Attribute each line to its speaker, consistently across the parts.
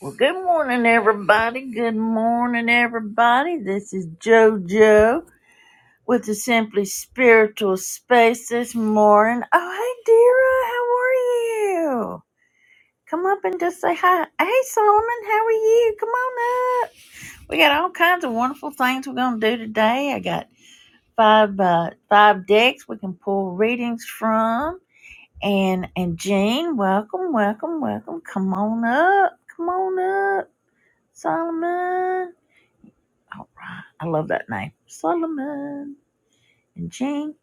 Speaker 1: Well, good morning, everybody. Good morning, everybody. This is JoJo with the Simply Spiritual Space this morning. Oh, hey, Dira, how are you? Come up and just say hi. Hey, Solomon, how are you? Come on up. We got all kinds of wonderful things we're gonna do today. I got five uh, five decks we can pull readings from. And and Jean, welcome, welcome, welcome. Come on up. Come on up, Solomon. All right. I love that name. Solomon and Jean.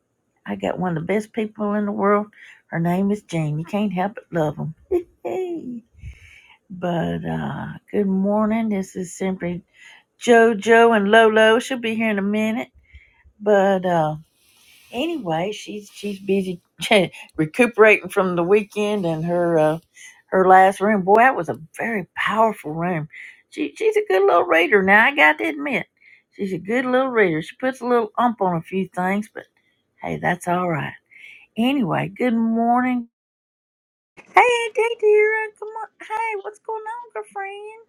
Speaker 1: I got one of the best people in the world. Her name is Jean. You can't help but love them. but uh, good morning. This is simply JoJo and Lolo. She'll be here in a minute. But uh, anyway, she's she's busy recuperating from the weekend and her uh, her last room. Boy, that was a very powerful room. She she's a good little reader. Now I got to admit, she's a good little reader. She puts a little ump on a few things, but hey, that's all right. Anyway, good morning. Hey, Dee dear, come on. Hey, what's going on, girlfriend?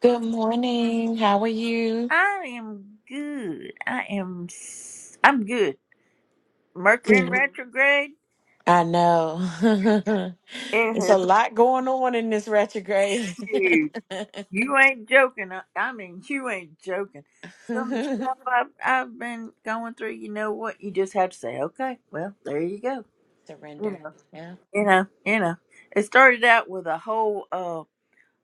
Speaker 2: Good morning. How are you?
Speaker 1: I am good. I am. s- I'm good. Mercury in
Speaker 2: Good.
Speaker 1: retrograde.
Speaker 2: I know.
Speaker 1: It
Speaker 2: it's a
Speaker 1: has
Speaker 2: lot going on in this retrograde.
Speaker 1: huge. You ain't joking. I I mean, you ain't joking. Some of the stuff I've, I've been going through, you know what? You just have to say, okay, well, there you go. You
Speaker 2: Surrender.
Speaker 1: know,
Speaker 2: Yeah.
Speaker 1: you know, you know. It started out with a whole uh,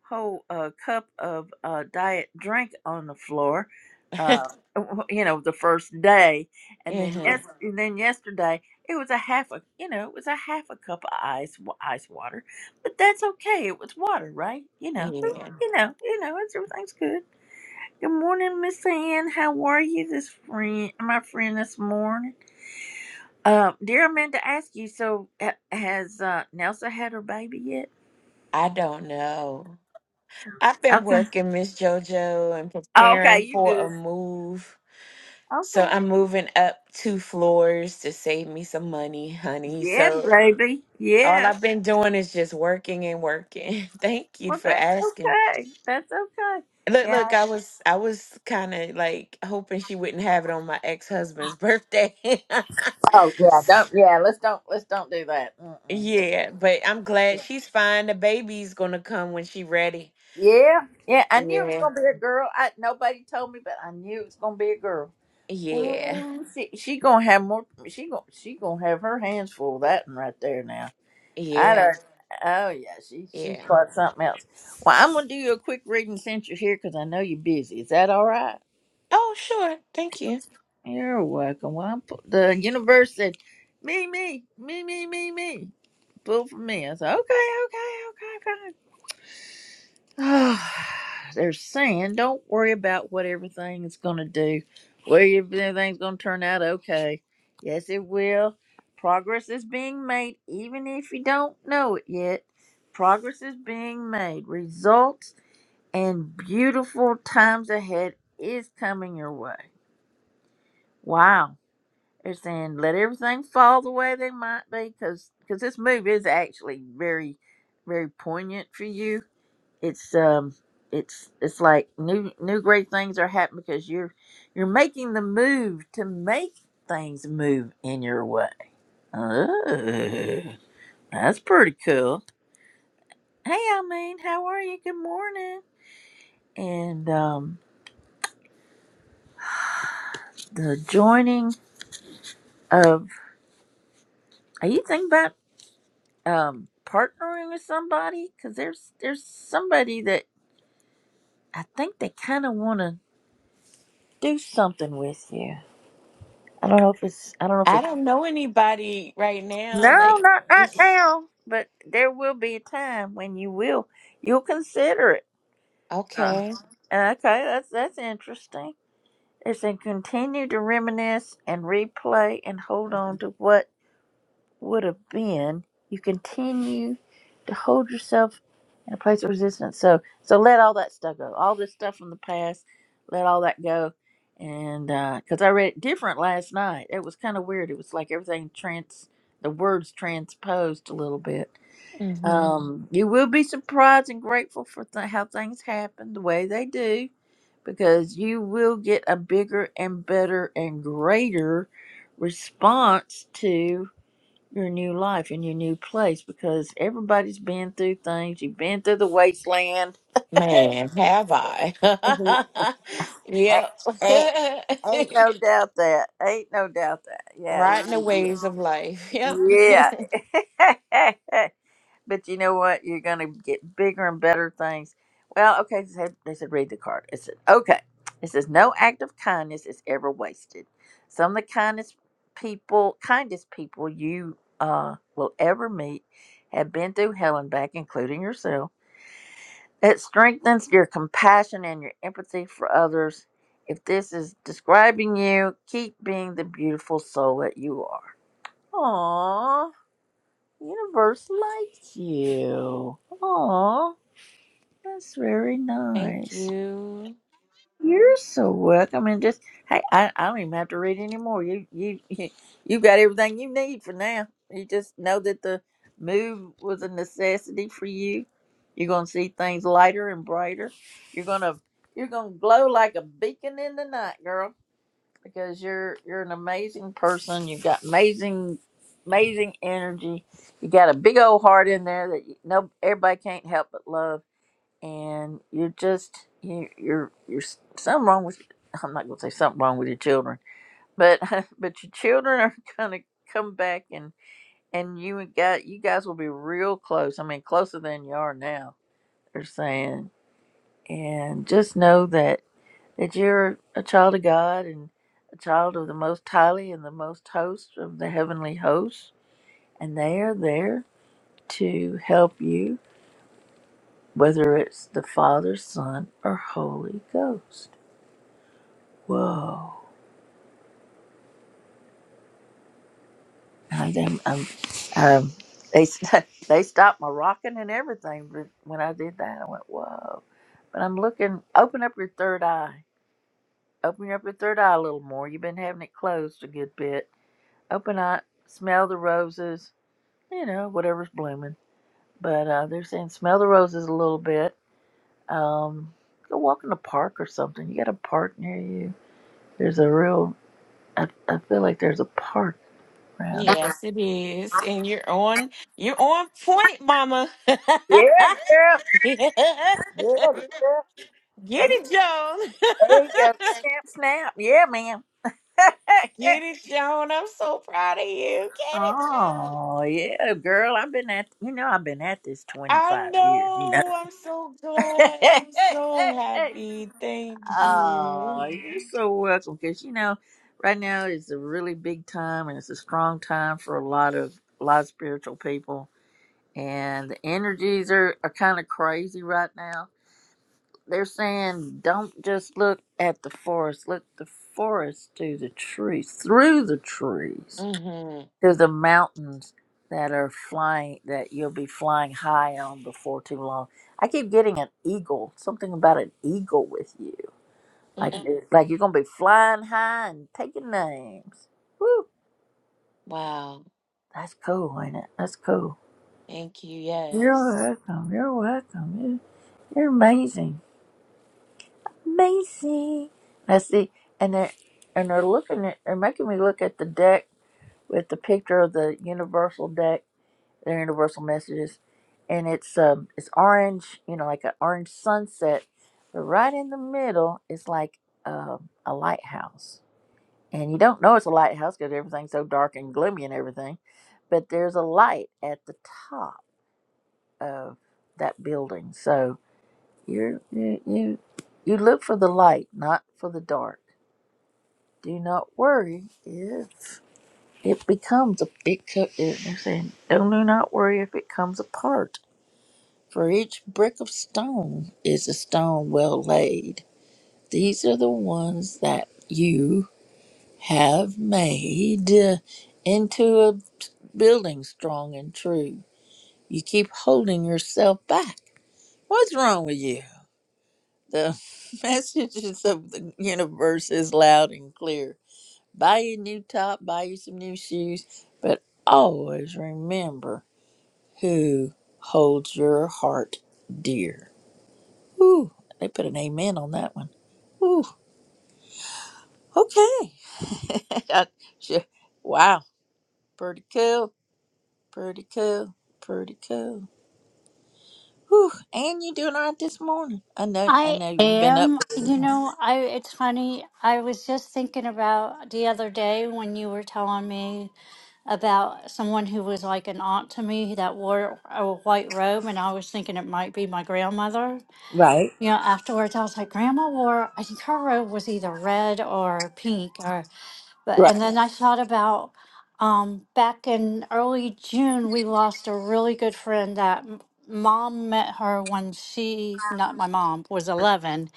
Speaker 1: whole uh, cup of uh, diet drink on the floor, uh, w- you know, the first day, and then
Speaker 2: yeah.
Speaker 1: yes, Mhm. and then yesterday it was a half a, you know, it was a half a cup of ice wa- ice water, but that's okay. It was water, right? You know, but, Mhm.
Speaker 2: Yeah.
Speaker 1: you know, you know, it's, everything's good. Good morning, Miss Ann. How are you this friend, my friend, this morning? Uh, dear, I meant to ask you. So, ha- has uh, Nelsa had her baby yet?
Speaker 2: I don't know. I've been
Speaker 1: Okay.
Speaker 2: working, Miss JoJo, and
Speaker 1: Okay,
Speaker 2: preparing
Speaker 1: you
Speaker 2: for
Speaker 1: good?
Speaker 2: a move. So
Speaker 1: Okay.
Speaker 2: I'm moving up two floors to save me some money, honey.
Speaker 1: Yeah,
Speaker 2: So
Speaker 1: baby.
Speaker 2: all
Speaker 1: Yeah.
Speaker 2: I've been doing is just working and working. Thank you
Speaker 1: Well,
Speaker 2: for
Speaker 1: that's
Speaker 2: asking.
Speaker 1: okay. That's okay.
Speaker 2: Look,
Speaker 1: Yeah.
Speaker 2: look, I was I was kind of like hoping she wouldn't have it on my ex-husband's birthday.
Speaker 1: Oh yeah, don't yeah. Let's don't let's don't do that. Mm-mm.
Speaker 2: Yeah, but I'm glad she's fine. The baby's gonna come when she ready.
Speaker 1: Yeah, yeah. I knew it was
Speaker 2: Yeah,
Speaker 1: gonna be a girl. I nobody told me, but I knew it was gonna be a girl.
Speaker 2: yeah,
Speaker 1: Ooh, she she gonna have more. She gonna she gonna have her hands full of that one right there now. I
Speaker 2: yeah,
Speaker 1: don't. Oh yeah, she she's
Speaker 2: yeah.
Speaker 1: got something else. Well, I'm gonna do you a quick reading since you're here because I know you're busy. Is that all right?
Speaker 2: Oh, sure. Thank you.
Speaker 1: You're welcome. Well, I'm, pu- the universe said, me, me, me, me, me, me. Pull for me. I said, okay, okay, okay, okay. Oh, They're saying, don't worry about what everything is going to do, whether if everything's going to turn out okay. Yes, it will. Progress is being made, even if you don't know it yet. Progress is being made. Results and beautiful times ahead is coming your way. Wow They're saying let everything fall the way they might be, because this move is actually very, very poignant for you. It's um, it's it's like new new great things are happening because you're you're making the move to make things move in your way. Oh, that's pretty cool. Hey, I mean, how are you? Good morning. And um, the joining of are you thinking about? um partnering with somebody because there's there's somebody that I think they kind of want to do something with you. I don't know if it's I don't know if
Speaker 2: I
Speaker 1: it's
Speaker 2: don't know anybody right now.
Speaker 1: no,
Speaker 2: Like
Speaker 1: not not
Speaker 2: it's
Speaker 1: now, but there will be a time when you will you'll consider it. Uh,
Speaker 2: okay.
Speaker 1: okay, that's that's interesting. It's said continue to reminisce and replay and hold on to what would have been, you continue to hold yourself in a place of resistance. So, so let all that stuff go. All this stuff from the past, let all that go. And because I read it different last night, it was kind of weird. It was like everything trans, the words transposed a little bit.
Speaker 2: hmm
Speaker 1: Um, you will be surprised and grateful for th- how things happen the way they do, because you will get a bigger and better and greater response to your new life and your new place because everybody's been through things. You've been through the wasteland.
Speaker 2: Man, have
Speaker 1: Mhm.
Speaker 2: I? Yep.
Speaker 1: ain't, ain't no doubt that. Ain't no doubt that.
Speaker 2: Riding
Speaker 1: Yeah.
Speaker 2: the
Speaker 1: you-
Speaker 2: waves of life. Yep.
Speaker 1: you- yeah. But you know what? You're gonna get bigger and better things. Well, okay, they said, they said read the card. It said, okay. It says no act of kindness is ever wasted. Some of the kindest people, kindest people you uh, will ever meet, have been through hell and back, including yourself. It strengthens your compassion and your empathy for others. If this is describing you, keep being the beautiful soul that you are. Aww. Universe likes you. Aw, that's very
Speaker 2: Thank
Speaker 1: nice.
Speaker 2: you.
Speaker 1: You're so welcome. And just hey, I, I don't even have to read anymore. You you you got everything you need for now. You just know that the move was a necessity for you. You're gonna see things lighter and brighter. You're gonna you're gonna glow like a beacon in the night, girl because you're you're an amazing person. You've got amazing amazing energy. You got a big old heart in there that you, no everybody can't help but love. And you're just you, you're you're s- something wrong with. I'm not gonna say something wrong with your children, but but your children are gonna come back and and you and got you guys will be real close. I mean closer than you are now. They're saying and just know that that you're a child of God and a child of the Most Highly and the Most Host of the Heavenly Hosts, and they are there to help you, whether it's the Father, Son, or Holy Ghost. Whoa! And I'm, I'm, um, they they stopped my rocking and everything, but when I did that, I went whoa. But I'm looking. Open up your third eye. Open up your third eye a little more. You've been having it closed a good bit. Open up. Smell the roses you know, whatever's blooming. But uh, they're saying smell the roses a little bit. Um, go walk in the park or something. You got a park near you. There's a real, I, I feel like there's a park around.
Speaker 2: Yes, it is. And you're on you're on point, mama.
Speaker 1: Yeah, girl.
Speaker 2: Get it,
Speaker 1: Yeah,
Speaker 2: Joan.
Speaker 1: girl. Take, take a snap, snap. Yeah, ma'am.
Speaker 2: Get it, Joan. I'm so proud of you. Get it, Joan.
Speaker 1: Oh, yeah, girl. I've been at, you know, I've been at this
Speaker 2: I
Speaker 1: 25 years, you know.
Speaker 2: know. I'm so glad. I'm so happy. Thank you.
Speaker 1: Oh, you're so welcome. Because you know, right now is a really big time, and it's a strong time for a lot of a lot of spiritual people. And the energies are are kind of crazy right now. They're saying, don't just look at the forest. Look the forest to the trees, through the trees,
Speaker 2: Mm-hmm.
Speaker 1: to the mountains that are flying. That you'll be flying high on before too long. I keep getting an eagle. Something about an eagle with you like
Speaker 2: Mm-hmm.
Speaker 1: Mhm. like you're gonna be flying high and taking names. Woo!
Speaker 2: Wow.
Speaker 1: That's cool, ain't it? That's cool.
Speaker 2: Thank you.
Speaker 1: You're
Speaker 2: Yes.
Speaker 1: welcome. You're welcome. You're, you're amazing. Amazing. I see, and they're and they're looking at they're making me look at the deck with the picture of the universal deck, their universal messages, and it's um it's orange, you know, like an orange sunset, but right in the middle is like um a lighthouse and you don't know it's a lighthouse because everything's so dark and gloomy and everything. But there's a light at the top of that building, so you're, you you you look for the light, not for the dark. Do not worry if it becomes a it. co- it I'm saying, don't do not worry if it comes apart. For each brick of stone is a stone well laid. These are the ones that you have made into a building strong and true. You keep holding yourself back. What's wrong with you? The messages of the universe is loud and clear. Buy you a new top, buy you some new shoes, but always remember who holds your heart dear. Ooh, they put an amen on that one. Ooh, okay. I- sure. Wow, pretty cool Pretty cool. Pretty cool. Whew. And you doing all right this morning. I know I
Speaker 3: I
Speaker 1: know you've been up.
Speaker 3: am. You know, I it's funny. I was just thinking about the other day when you were telling me about someone who was like an aunt to me that wore a white robe, and I was thinking it might be my grandmother.
Speaker 1: Right.
Speaker 3: You know, afterwards I was like, Grandma wore. I think her robe was either red or pink, or but. And
Speaker 1: Right.
Speaker 3: then I thought about um, back in early June, we lost a really good friend that m- mom met her when she, not my mom, was 11.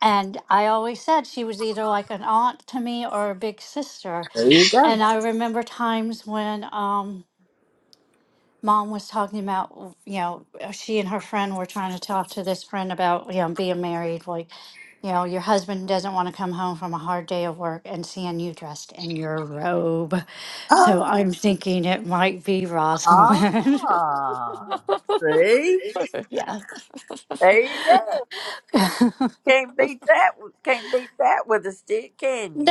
Speaker 3: And I always said she was either like an aunt to me or a big sister.
Speaker 1: Here you go.
Speaker 3: And I remember times when um, mom was talking about, w- you know, uh, she and her friend were trying to talk to this friend about, you know, being married. Like, you know, your husband doesn't want to come home from a hard day of work and seeing you dressed in your robe. So
Speaker 1: Ah,
Speaker 3: I'm thinking it might be Rosalind.
Speaker 1: ah, see?
Speaker 3: yeah.
Speaker 1: There you go. Can't beat that w- can't beat that with a stick, can you?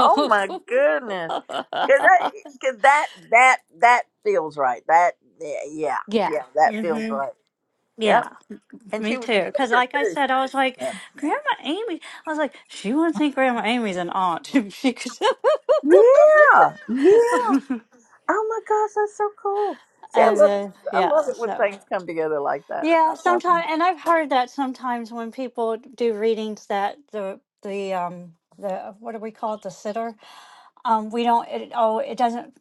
Speaker 1: Oh my goodness. Cause that, cause that that that feels right. That yeah, yeah,
Speaker 3: yeah.
Speaker 1: yeah, that feels
Speaker 3: hmm
Speaker 1: right.
Speaker 3: Yeah.
Speaker 1: Yep. And she
Speaker 3: Me
Speaker 1: was a
Speaker 3: too. Because,
Speaker 1: cooker
Speaker 3: like I
Speaker 1: too.
Speaker 3: said, I was like,
Speaker 1: Yeah.
Speaker 3: Grandma Amy. I was like, she wouldn't think Grandma Amy's an aunt. if she could.
Speaker 1: Yeah. Yeah.
Speaker 3: and
Speaker 1: Oh my gosh, that's so cool. See, I love
Speaker 3: then,
Speaker 1: I
Speaker 3: yeah,
Speaker 1: love it when
Speaker 3: so.
Speaker 1: things come together like that.
Speaker 3: Yeah,
Speaker 1: That's
Speaker 3: sometimes,
Speaker 1: awesome.
Speaker 3: and I've heard that sometimes when people do readings that the, the, um, the, what do we call it, the sitter, um, we don't, it, oh, it doesn't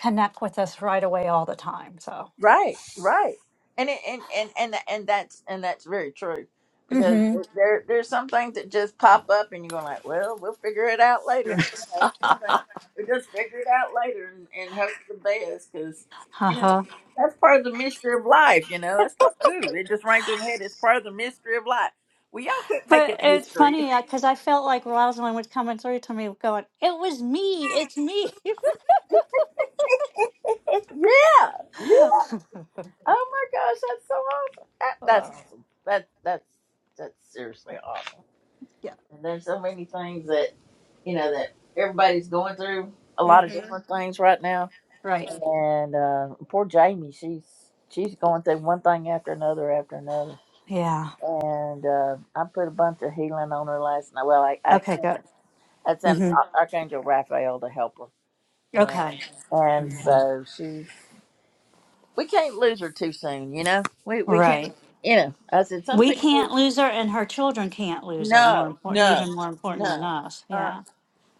Speaker 3: connect with us right away all the time. So,
Speaker 1: Right, right. And it, and, and and and that's and that's very true
Speaker 3: mm
Speaker 1: because there there's some things that just pop up and you're going like, well, we'll figure it out
Speaker 3: hmm.
Speaker 1: later. You know,
Speaker 3: Uh
Speaker 1: something we just figure it out later and, and hope for the best because you know
Speaker 3: huh.
Speaker 1: that's part of the mystery of life. You know, that's part. Ooh, it just rang through my head. It's part of the mystery of life. Well, y'all can't make
Speaker 3: But
Speaker 1: it
Speaker 3: it's
Speaker 1: mystery.
Speaker 3: funny because I felt like Rosalind was coming through to me, going, "It was me. It's me."
Speaker 1: yeah, yeah. Oh my gosh, that's so awesome. That,
Speaker 3: Uh,
Speaker 1: that's awesome. That that's that's seriously awesome.
Speaker 3: yeah.
Speaker 1: And there's so many things that you know that everybody's going through a lot of
Speaker 3: hmm
Speaker 1: different things right now.
Speaker 3: Right.
Speaker 1: And uh, poor Jamie, she's she's going through one thing after another after another.
Speaker 3: Yeah.
Speaker 1: And uh, I put a bunch of healing on her last night. Well, I I
Speaker 3: Okay.
Speaker 1: sent
Speaker 3: Good.
Speaker 1: I sent
Speaker 3: hmm
Speaker 1: Archangel Raphael to help her, and
Speaker 3: Okay.
Speaker 1: and so she we can't lose her too soon, you know. We we can't,
Speaker 3: Right.
Speaker 1: you know. I said some
Speaker 3: We can't
Speaker 1: people,
Speaker 3: lose her, and her children can't lose her. More
Speaker 1: no,
Speaker 3: important,
Speaker 1: no,
Speaker 3: even more important than
Speaker 1: no,
Speaker 3: us.
Speaker 1: uh,
Speaker 3: Yeah.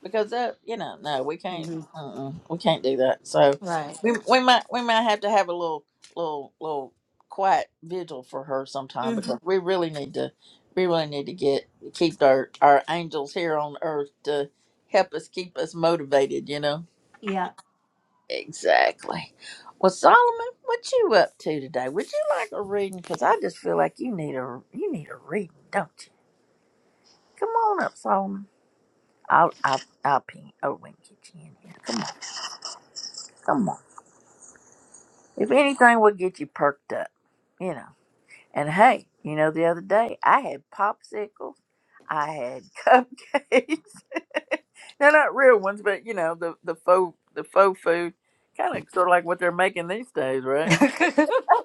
Speaker 1: because that, you know, no, we can't,
Speaker 3: hmm
Speaker 1: uh-uh, we can't do that. So
Speaker 3: Right.
Speaker 1: we we might we might have to have a little little little quiet vigil for her sometime
Speaker 3: Mhm.
Speaker 1: because we really need to we really need to get keep our our angels here on earth to help us keep us motivated, you know.
Speaker 3: Yeah.
Speaker 1: Exactly. Well, Solomon, what you up to today? Would you like a reading? Because I just feel like you need a you need a reading, don't you? Come on up, Solomon. I'll I'll I'll ping Owen get you in here. Come on, come on. If anything, we'll get you perked up, you know. And hey, you know the other day I had popsicles, I had cupcakes. They're not real ones, but you know the the faux the faux food, kind of sort of like what they're making these days, right?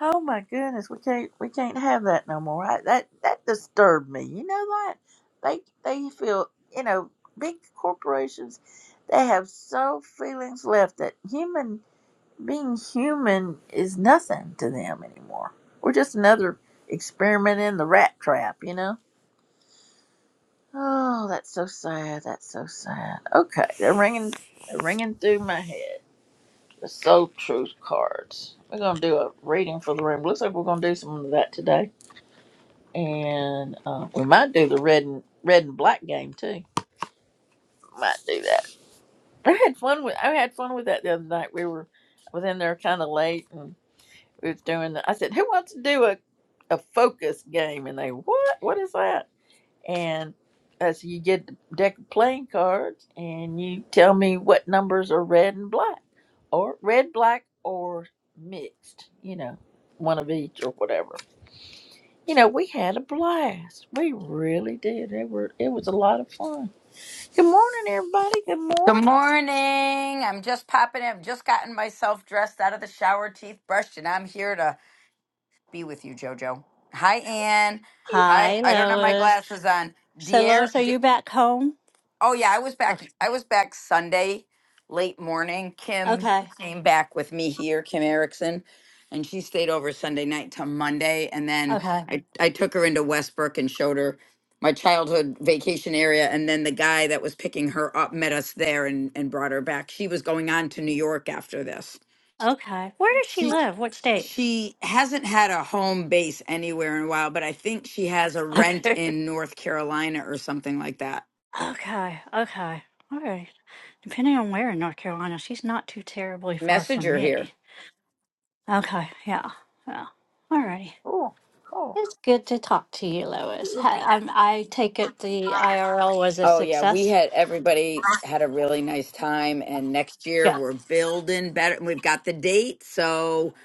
Speaker 1: Oh my goodness, we can't we can't have that no more. I, that that disturbed me. You know that they they feel you know big corporations they have so feelings left that human being human is nothing to them anymore. We're just another experiment in the rat trap. You know. Oh, that's so sad. That's so sad. Okay, they're ringing they're ringing through my head. The soul truth cards. We're gonna do a reading for the room. Looks like we're gonna do some of that today and uh, we might do the red and red and black game too. Might do that. I had fun with I had fun with that the other night. We were I was in there kind of late and we was doing. The, I said, "Who wants to do a a focus game?" And they, "What? What is that?" And I said, "You get the deck of playing cards and you tell me what numbers are red and black, or red, black, or mixed. You know, one of each or whatever." you know, we had a blast. We really did. It were it was a lot of fun. Good morning, everybody. Good
Speaker 4: Good
Speaker 1: morning.
Speaker 4: morning. I'm just popping in. I've just gotten myself dressed out of the shower, teeth brushed, and I'm here to be with you, JoJo. Hi, Ann. Hi.
Speaker 3: Hi,
Speaker 4: I don't have my
Speaker 3: Lois.
Speaker 4: glasses on.
Speaker 3: So,
Speaker 4: Dear.
Speaker 3: Lois, are you back home?
Speaker 4: Oh yeah, I was back.
Speaker 3: Okay.
Speaker 4: I was back Sunday late morning. Kim came back with me here, Kim Erickson, and she stayed over Sunday night till Monday. And then
Speaker 3: Okay.
Speaker 4: I I took her into Westbrook and showed her my childhood vacation area. And then the guy that was picking her up met us there and and brought her back. She was going on to New York after this.
Speaker 3: Okay. Where does she
Speaker 4: She
Speaker 3: live? What state?
Speaker 4: she hasn't had a home base anywhere in a while, but I think she has a rent
Speaker 3: Okay.
Speaker 4: in North Carolina or something like that.
Speaker 3: Okay. Okay. All right. Depending on where in North Carolina, she's not too terribly far
Speaker 4: Message
Speaker 3: from
Speaker 4: her here.
Speaker 3: me. Okay. Yeah. Yeah. All righty.
Speaker 1: Oh, cool.
Speaker 3: It's good to talk to you, Lois. Hi, I'm, I take it the IRL was a
Speaker 4: Oh yeah, we
Speaker 3: success?
Speaker 4: had everybody had a really nice time, and next year
Speaker 3: Good.
Speaker 4: we're building better. and We've got the date, so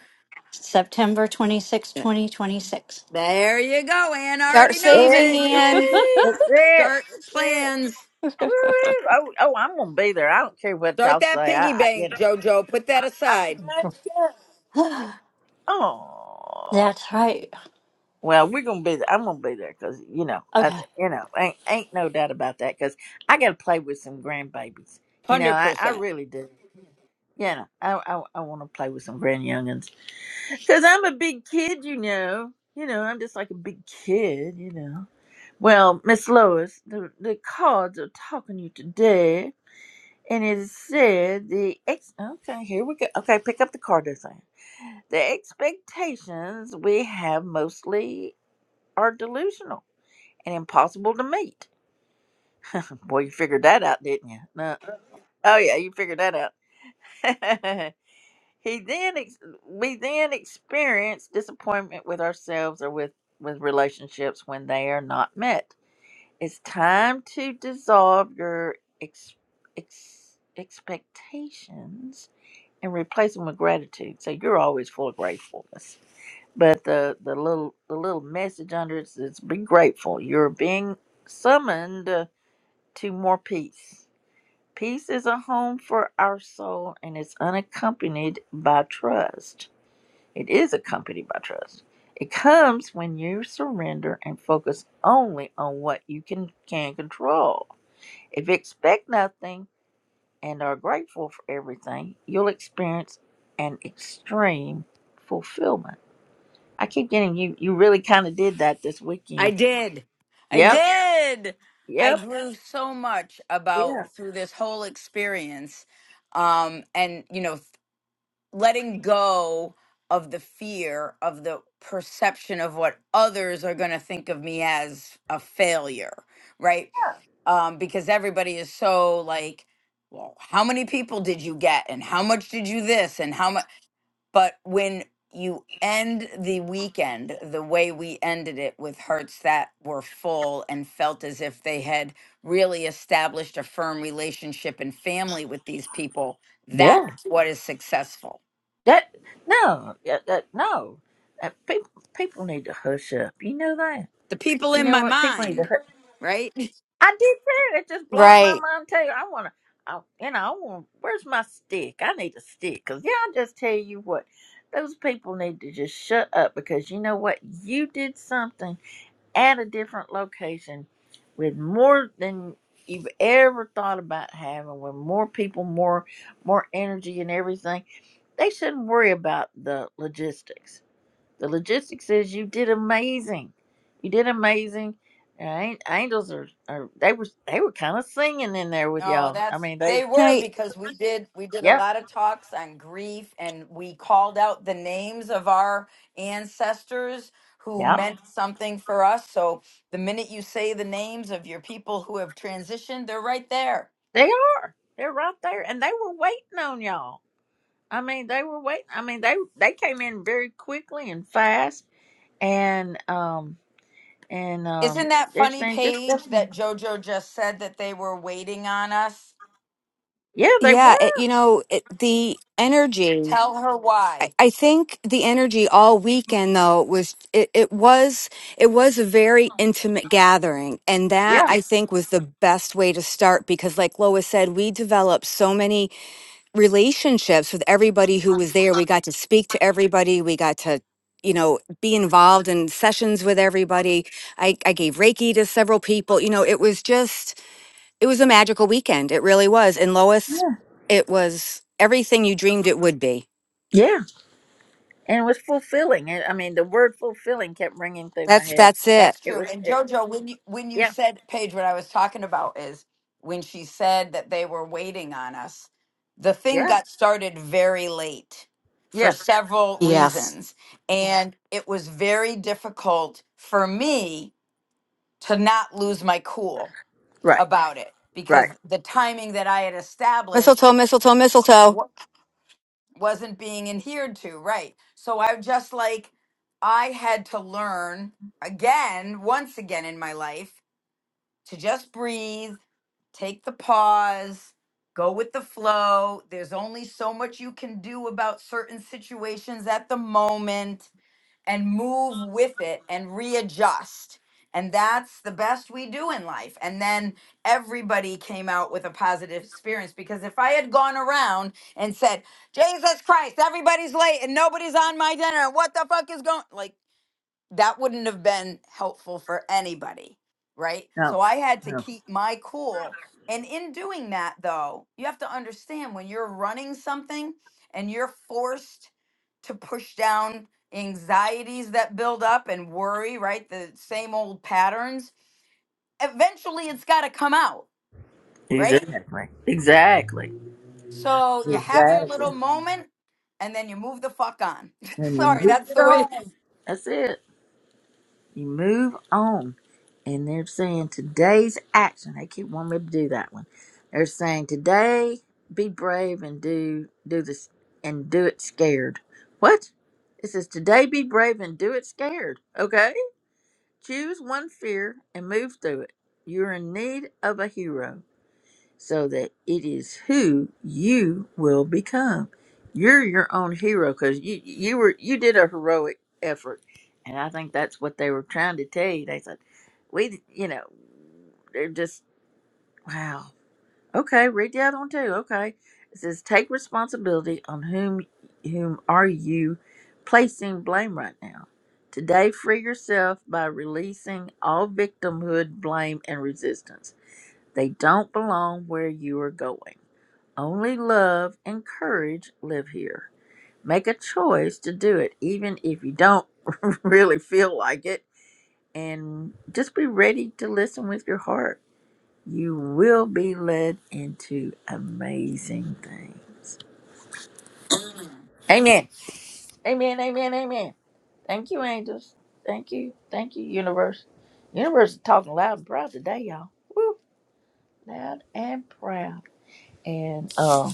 Speaker 3: September twenty sixth,
Speaker 4: eh,
Speaker 3: 2026.
Speaker 4: there you go. Ann
Speaker 5: Start
Speaker 4: already
Speaker 1: That's
Speaker 4: knows
Speaker 1: it.
Speaker 5: saving,
Speaker 4: it.
Speaker 5: in
Speaker 1: That's
Speaker 4: Yay!
Speaker 1: it.
Speaker 4: Start
Speaker 1: That's it.
Speaker 4: plans.
Speaker 1: woo Oh, oh, I'm gonna be there. I don't care what
Speaker 4: Start
Speaker 1: y'all
Speaker 4: that
Speaker 1: say. I,
Speaker 4: piggy
Speaker 1: I you
Speaker 4: bank,
Speaker 1: know,
Speaker 4: Jojo. Put that
Speaker 1: I'm
Speaker 4: aside.
Speaker 1: glad to go. I'm- Oh,
Speaker 3: That's right.
Speaker 1: well, we're gonna be there. I'm gonna be there because you know, I,
Speaker 3: Okay.
Speaker 1: you know, ain't ain't no doubt about that. Because I got to play with some grandbabies. You know,
Speaker 4: Hundred
Speaker 1: I I
Speaker 4: percent.
Speaker 1: really do. You know, I I, I want to play with some grand youngins Because I'm a big kid, you know. You know, I'm just like a big kid, you know. Well, Miss Lois, the, the cards are talking to you today. And it said the ex. Okay, here we go. Okay, pick up the card they're saying. The expectations we have mostly are delusional and impossible to meet. Boy, you figured that out, didn't you? No. Oh, yeah, you figured that out. He then ex- we then experience disappointment with ourselves or with with relationships when they are not met. It's time to dissolve your ex- ex- expectations and replace them with gratitude. So you're always full of gratefulness. But the the little the little message under it is be grateful. You're being summoned to more peace. Peace is a home for our soul and it's unaccompanied by trust. It is accompanied by trust. It comes when you surrender and focus only on what you can, can control. If you expect nothing and are grateful for everything, you'll experience an extreme fulfillment. I keep getting you, you really kind of did that this weekend.
Speaker 4: I did. I
Speaker 1: Yep,
Speaker 4: did. I
Speaker 1: yep,
Speaker 4: grew so much
Speaker 1: yeah.
Speaker 4: about through this whole experience, um, and you know. letting go of the fear of the perception of what others are going to think of me as a failure, right? Um, because everybody is so like, well, how many people did you get and how much did you this and how much? But when you end the weekend the way we ended it with hearts that were full and felt as if they had really established a firm relationship and family with these people,
Speaker 1: Yeah.
Speaker 4: that's what is successful
Speaker 1: That no, yeah, that no. That, people people need to hush up. You know that.
Speaker 4: the people
Speaker 1: You
Speaker 4: in
Speaker 1: know
Speaker 4: my
Speaker 1: what? People need
Speaker 4: mind,
Speaker 1: to.
Speaker 4: right?
Speaker 1: I did too. It's just blowing my
Speaker 5: Right.
Speaker 1: mind too. I wanna, I, you know, I want. Where's my stick? I need a stick. Cause yeah, I just tell you what, those people need to just shut up because you know what, you did something at a different location with more than you've ever thought about having, with more people, more, more energy and everything. They shouldn't worry about the logistics the logistics says you did amazing. You did amazing. Uh, an- Angels are, are they were they were kind of singing in there with
Speaker 4: Oh,
Speaker 1: y'all. I
Speaker 4: that's
Speaker 1: mean they
Speaker 4: they were
Speaker 5: right,
Speaker 4: because we did we did a
Speaker 1: yeah
Speaker 4: lot of talks on grief and we called out the names of our ancestors who
Speaker 1: yeah
Speaker 4: meant something for us. So the minute you say the names of your people who have transitioned, they're right there.
Speaker 1: they are they're right there and they were waiting on y'all. I mean they were waiting. I mean they they came in very quickly and fast and um and um
Speaker 4: Isn't that
Speaker 1: they're
Speaker 4: funny
Speaker 1: saying just
Speaker 4: Paige? that Jojo just said that they were waiting on us?
Speaker 1: yeah they were
Speaker 5: yeah. It, you know, it, the energy.
Speaker 4: Tell her
Speaker 5: I,
Speaker 4: why.
Speaker 5: I think the energy all weekend though was it, it was it was a very intimate gathering, and that
Speaker 1: yeah
Speaker 5: I think was the best way to start because, like Lois said, we developed so many relationships with everybody who was there. We got to speak to everybody. We got to you know be involved in sessions with everybody. I, I gave Reiki to several people. You know, it was just It was a magical weekend. It really was. And Lois,
Speaker 1: yeah
Speaker 5: it was everything you dreamed it would be.
Speaker 1: yeah and it was fulfilling. I I mean the word fulfilling kept ringing through my
Speaker 5: That's
Speaker 1: head.
Speaker 5: that's it.
Speaker 4: That's
Speaker 1: It
Speaker 4: true.
Speaker 1: was
Speaker 4: And
Speaker 1: it,
Speaker 4: Jojo, when you when you
Speaker 1: yeah.
Speaker 4: said Paige, what I was talking about is when she said that they were waiting on us, the thing
Speaker 1: Yeah.
Speaker 4: got started very late for
Speaker 1: Yeah.
Speaker 4: several reasons. And it was very difficult for me to not lose my cool
Speaker 1: Right.
Speaker 4: about it
Speaker 1: Right.
Speaker 4: because the timing that I had
Speaker 5: Mistletoe,
Speaker 4: established
Speaker 5: mistletoe, mistletoe.
Speaker 4: wa- wasn't being adhered to, right? So I just like I had to learn again, once again in my life to just breathe, take the pause, go with the flow. There's only so much you can do about certain situations at the moment and move with it and readjust. And that's the best we do in life. And then everybody came out with a positive experience because if I had gone around and said, Jesus Christ, everybody's late and nobody's on my dinner, what the fuck is going? Like, that wouldn't have been helpful for anybody, right?
Speaker 1: No.
Speaker 4: So I had to
Speaker 1: No.
Speaker 4: keep my cool. And in doing that, though, you have to understand when you're running something and you're forced to push down anxieties that build up and worry, right? The same old patterns, eventually it's got to come out, right?
Speaker 1: Exactly. Exactly.
Speaker 4: So you have your little moment and then you move the fuck on.
Speaker 1: And you
Speaker 4: Sorry,
Speaker 1: move,
Speaker 4: that's the way.
Speaker 1: that's it. You move on. And they're saying today's action. They keep wanting me to do that one. They're saying today, be brave and do do this and do it scared. What? It says today be brave and do it scared. Okay? Choose one fear and move through it. You're in need of a hero. so that it is who you will become. You're your own hero because you you were you did a heroic effort, and I think that's what they were trying to tell you. They said, "We, you know, they're just wow. Okay, read the other one too. Okay, it says take responsibility on whom whom are you placing blame right now." Today, free yourself by releasing all victimhood, blame, and resistance. They don't belong where you are going. Only love and courage live here. Make a choice to do it, even if you don't really feel like it, and just be ready to listen with your heart. You will be led into amazing things. Amen. Amen. Amen. Amen. Thank you, angels. Thank you. Thank you, universe. Universe is talking loud and proud today, y'all. Woo! Loud and proud. And um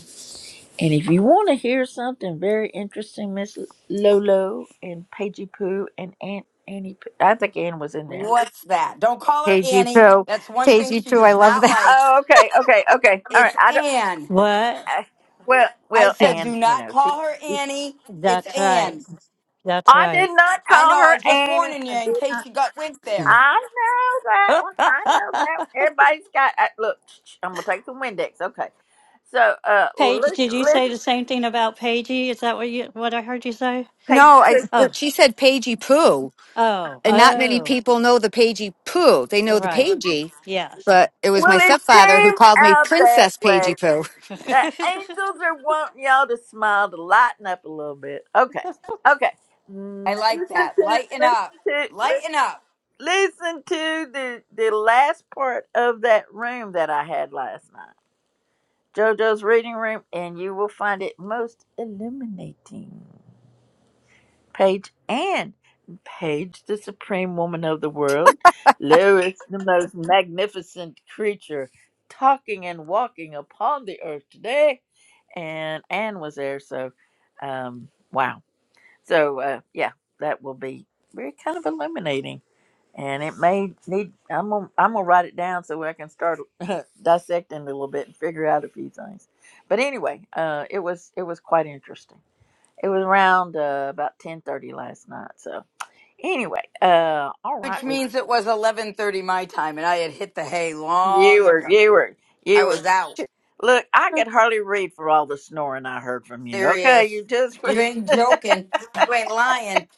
Speaker 1: And if you want to hear something very interesting, Miss Lolo and Paigey Poo and Aunt Annie, Pooh, I think Ann was in there.
Speaker 4: What's that? Don't call her
Speaker 5: Pagey
Speaker 4: Annie.
Speaker 5: poo,
Speaker 4: That's one thing
Speaker 5: pagey
Speaker 4: she
Speaker 5: poo. I
Speaker 4: does
Speaker 5: love
Speaker 4: not
Speaker 5: that.
Speaker 4: like.
Speaker 1: Oh, okay, okay, okay. All right.
Speaker 4: It's
Speaker 1: I don't.
Speaker 4: Ann.
Speaker 3: What?
Speaker 1: I, well,
Speaker 4: I
Speaker 1: well,
Speaker 4: said,
Speaker 3: Yes.
Speaker 4: do
Speaker 1: Ann, you
Speaker 4: not
Speaker 1: know she.
Speaker 4: call her Annie. It's
Speaker 3: That's right.
Speaker 4: Ann.
Speaker 3: That's
Speaker 1: I
Speaker 3: right.
Speaker 1: did not
Speaker 4: I
Speaker 1: call
Speaker 4: know.
Speaker 1: her
Speaker 4: I was just
Speaker 1: Annie.
Speaker 4: warning
Speaker 1: I
Speaker 4: you
Speaker 1: did
Speaker 4: in case
Speaker 1: not.
Speaker 4: you got winked there.
Speaker 1: I know that one. I know that one. Everybody's got. I, look, I'm gonna take some Windex. Okay. So, uh,
Speaker 3: Paige,
Speaker 1: li-
Speaker 3: did you say
Speaker 1: listen,
Speaker 3: the same thing about Paigey? Is that what you what I heard you say?
Speaker 1: Paigey
Speaker 5: No, I,
Speaker 1: Poo.
Speaker 3: Oh,
Speaker 5: but she said pagey poo,
Speaker 3: oh,
Speaker 5: and not many
Speaker 3: oh,
Speaker 5: people know the pagey poo. They know the
Speaker 3: right.
Speaker 5: pagey,
Speaker 3: Yes.
Speaker 5: but it was
Speaker 1: Well,
Speaker 5: my
Speaker 1: it
Speaker 5: stepfather who
Speaker 1: came
Speaker 5: called me
Speaker 1: out that
Speaker 5: Princess
Speaker 1: way.
Speaker 5: Pagey Poo.
Speaker 1: The angels are wanting y'all to smile to lighten up a little bit. Okay. Okay. Mm,
Speaker 4: I like
Speaker 1: Listen
Speaker 4: that.
Speaker 1: to
Speaker 4: Lighten
Speaker 1: listen
Speaker 4: up.
Speaker 1: to li-
Speaker 4: Lighten up.
Speaker 1: listen to the the last part of that room that I had last night. JoJo's reading room, and you will find it most illuminating. Page and Page, the supreme woman of the world, Lois, the most magnificent creature, talking and walking upon the earth today and Anne was there. So, um, wow. So, uh, yeah, that will be very kind of illuminating, and it may need. I'm gonna I'm gonna write it down so I can start dissecting it a little bit and figure out a few things. But anyway, uh, it was it was quite interesting. It was around uh, about ten thirty last night. So anyway, uh, all
Speaker 4: Which
Speaker 1: right, we
Speaker 4: means it was 11:30 my time, and I had hit the hay
Speaker 1: you
Speaker 4: long
Speaker 1: were
Speaker 4: ago.
Speaker 1: you were
Speaker 4: I
Speaker 1: you were.
Speaker 4: was out.
Speaker 5: J-
Speaker 1: Look, I could hardly read for all the snoring I heard from you. Okay,
Speaker 4: Serious.
Speaker 1: you just
Speaker 4: You ain't joking. You ain't lying.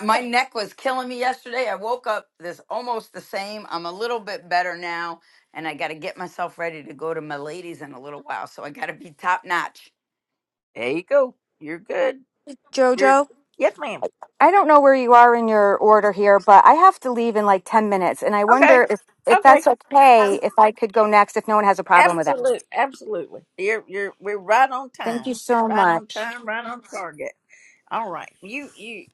Speaker 4: My neck was killing me yesterday. I woke up this almost the same. I'm a little bit better now, and I got to get myself ready to go to my ladies in a little while. So I got to be top notch.
Speaker 1: there you go. You're good You're
Speaker 5: Jojo.
Speaker 1: yes, ma'am.
Speaker 5: I don't know where you are in your order here, but I have to leave in like 10 minutes. And I
Speaker 1: Okay.
Speaker 5: wonder if, if
Speaker 1: Okay.
Speaker 5: that's okay, if I could go next, if no one has a problem with that.
Speaker 1: Absolute. Absolutely. You're you're we're right on
Speaker 5: Thank
Speaker 1: time.
Speaker 5: you so
Speaker 1: Right on
Speaker 5: much.
Speaker 1: time. Right on target. All right. You you.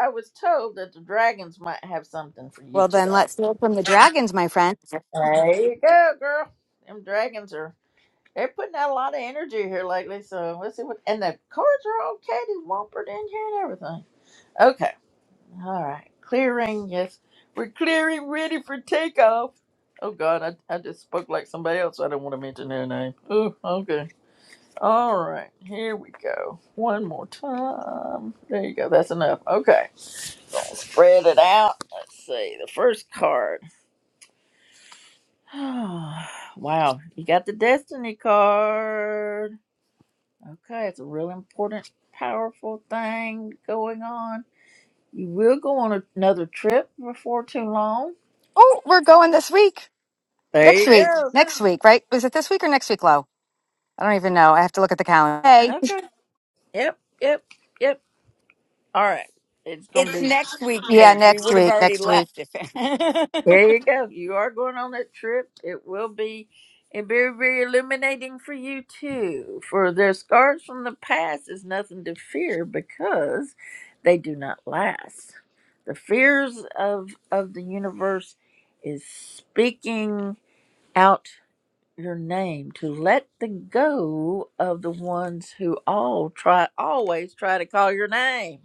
Speaker 1: I was told that the dragons might have something for you
Speaker 5: Well, then
Speaker 1: today.
Speaker 5: let's hear from the dragons, my friend.
Speaker 1: There you go, girl. Them dragons are they're putting out a lot of energy here lately. So let's see what. And the cards are all catty wampered in here and everything. Okay. All right. Clearing, yes. We're clearing, ready for takeoff. Oh, God, I, I just spoke like somebody else. so I don't want to mention their name. Ooh, okay. All right. Here we go. One more time. There you go. That's enough. Okay. Gonna spread it out. Let's see. The first card. wow. You got the Destiny card. Okay. It's a real important, powerful thing going on. You will go on another trip before too long
Speaker 5: Oh, we're going this week.
Speaker 1: There
Speaker 5: Next
Speaker 1: you
Speaker 5: week.
Speaker 1: go.
Speaker 5: Next week, right? Is it this week or next week, Lo? I don't even know. I have to look at the calendar. Hey.
Speaker 1: Okay. Yep. Yep. Yep. All right. It's gonna
Speaker 4: It's
Speaker 1: be.
Speaker 4: next week,
Speaker 5: Yeah,
Speaker 4: Paige. We
Speaker 5: next
Speaker 4: would have
Speaker 5: week.
Speaker 4: already
Speaker 5: Next week.
Speaker 4: left if
Speaker 1: There you go. You are going on that trip. It will be eh, very, very illuminating for you too. For their scars from the past is nothing to fear because they do not last. The fears of of the universe is speaking out your name to let the go of the ones who all try always try to call your name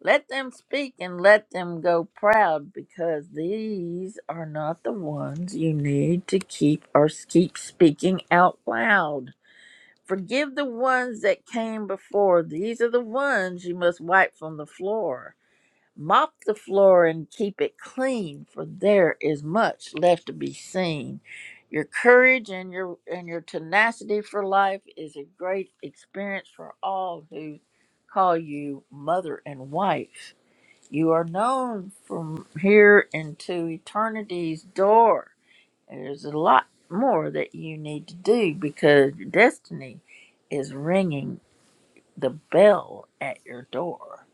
Speaker 1: Let them speak and let them go proud because these are not the ones you need to keep or keep speaking out loud. Forgive the ones that came before. These are the ones you must wipe from the floor. Mop the floor and keep it clean, for there is much left to be seen. Your courage and your and your tenacity for life is a great experience for all who call you mother and wife. You are known from here into eternity's door. There's a lot more that you need to do because your destiny is ringing the bell at your door.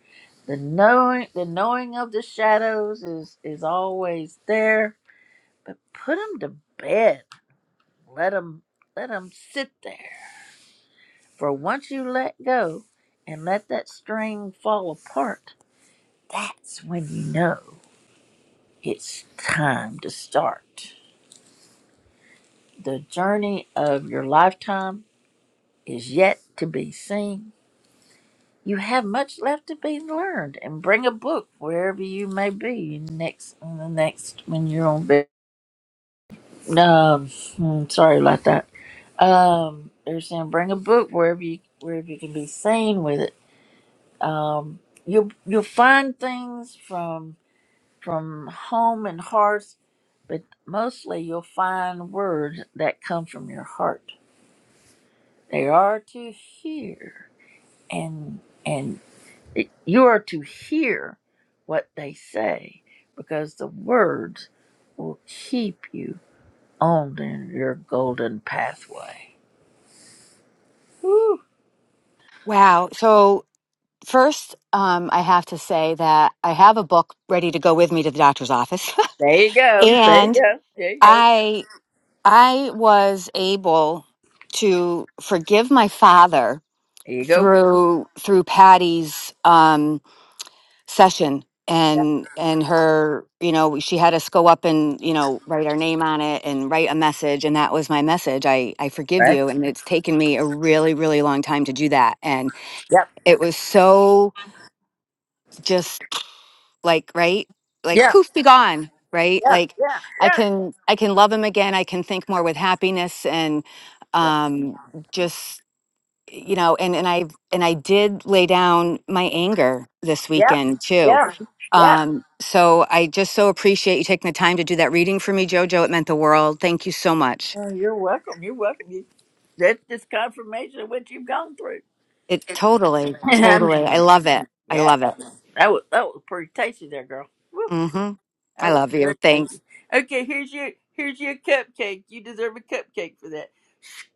Speaker 1: The knowing, the knowing of the shadows is is always there, but put them to bed. Let them let them sit there. For once you let go and let that string fall apart, that's when you know. It's time to start. The journey of your lifetime is yet to be seen. You have much left to be learned, and bring a book wherever you may be next. The next when you're on bed. Um, hmm, sorry about that. Um, they're saying bring a book wherever you wherever you can be seen with it. Um, you'll you'll find things from from home and hearth, but mostly you'll find words that come from your heart. They are to hear, and and it, you are to hear what they say, because the words will keep you on the- your golden pathway. Woo.
Speaker 5: Wow. So, first, um, I have to say that I have a book ready to go with me to the doctor's office.
Speaker 1: There you go. There you
Speaker 5: and.
Speaker 1: go. There you go.
Speaker 5: I. I was able to forgive my father
Speaker 1: There you go.
Speaker 5: through through Patty's um, session
Speaker 1: Yep.
Speaker 5: and and her you know she had us go up and you know write our name on it and write a message and that was my message i i forgive
Speaker 1: Right.
Speaker 5: you and it's taken me a really really long time to do that and
Speaker 1: Yep.
Speaker 5: it was so just. like right like
Speaker 1: Yeah.
Speaker 5: poof be gone right
Speaker 1: Yeah.
Speaker 5: like
Speaker 1: Yeah.
Speaker 5: i
Speaker 1: Yeah.
Speaker 5: can i can love him again i can think more with happiness and
Speaker 1: Right.
Speaker 5: um just you know and and i and i did lay down my anger this
Speaker 1: Yep.
Speaker 5: weekend too
Speaker 1: Yeah. Yeah.
Speaker 5: um so i just so appreciate you taking the time to do that reading for me jojo it meant the world thank you so much
Speaker 1: Oh, you're welcome. You're welcome. You, that's just confirmation of what you've gone through.
Speaker 5: it totally
Speaker 1: I
Speaker 5: totally i
Speaker 1: mean,
Speaker 5: love it i
Speaker 1: yeah,
Speaker 5: love it
Speaker 1: that was that was pretty tasty, there, girl. Woo,
Speaker 5: mhm i
Speaker 1: that was
Speaker 5: love you
Speaker 1: very
Speaker 5: thanks
Speaker 1: tasty. Okay, here's your here's your cupcake. You deserve a cupcake for that.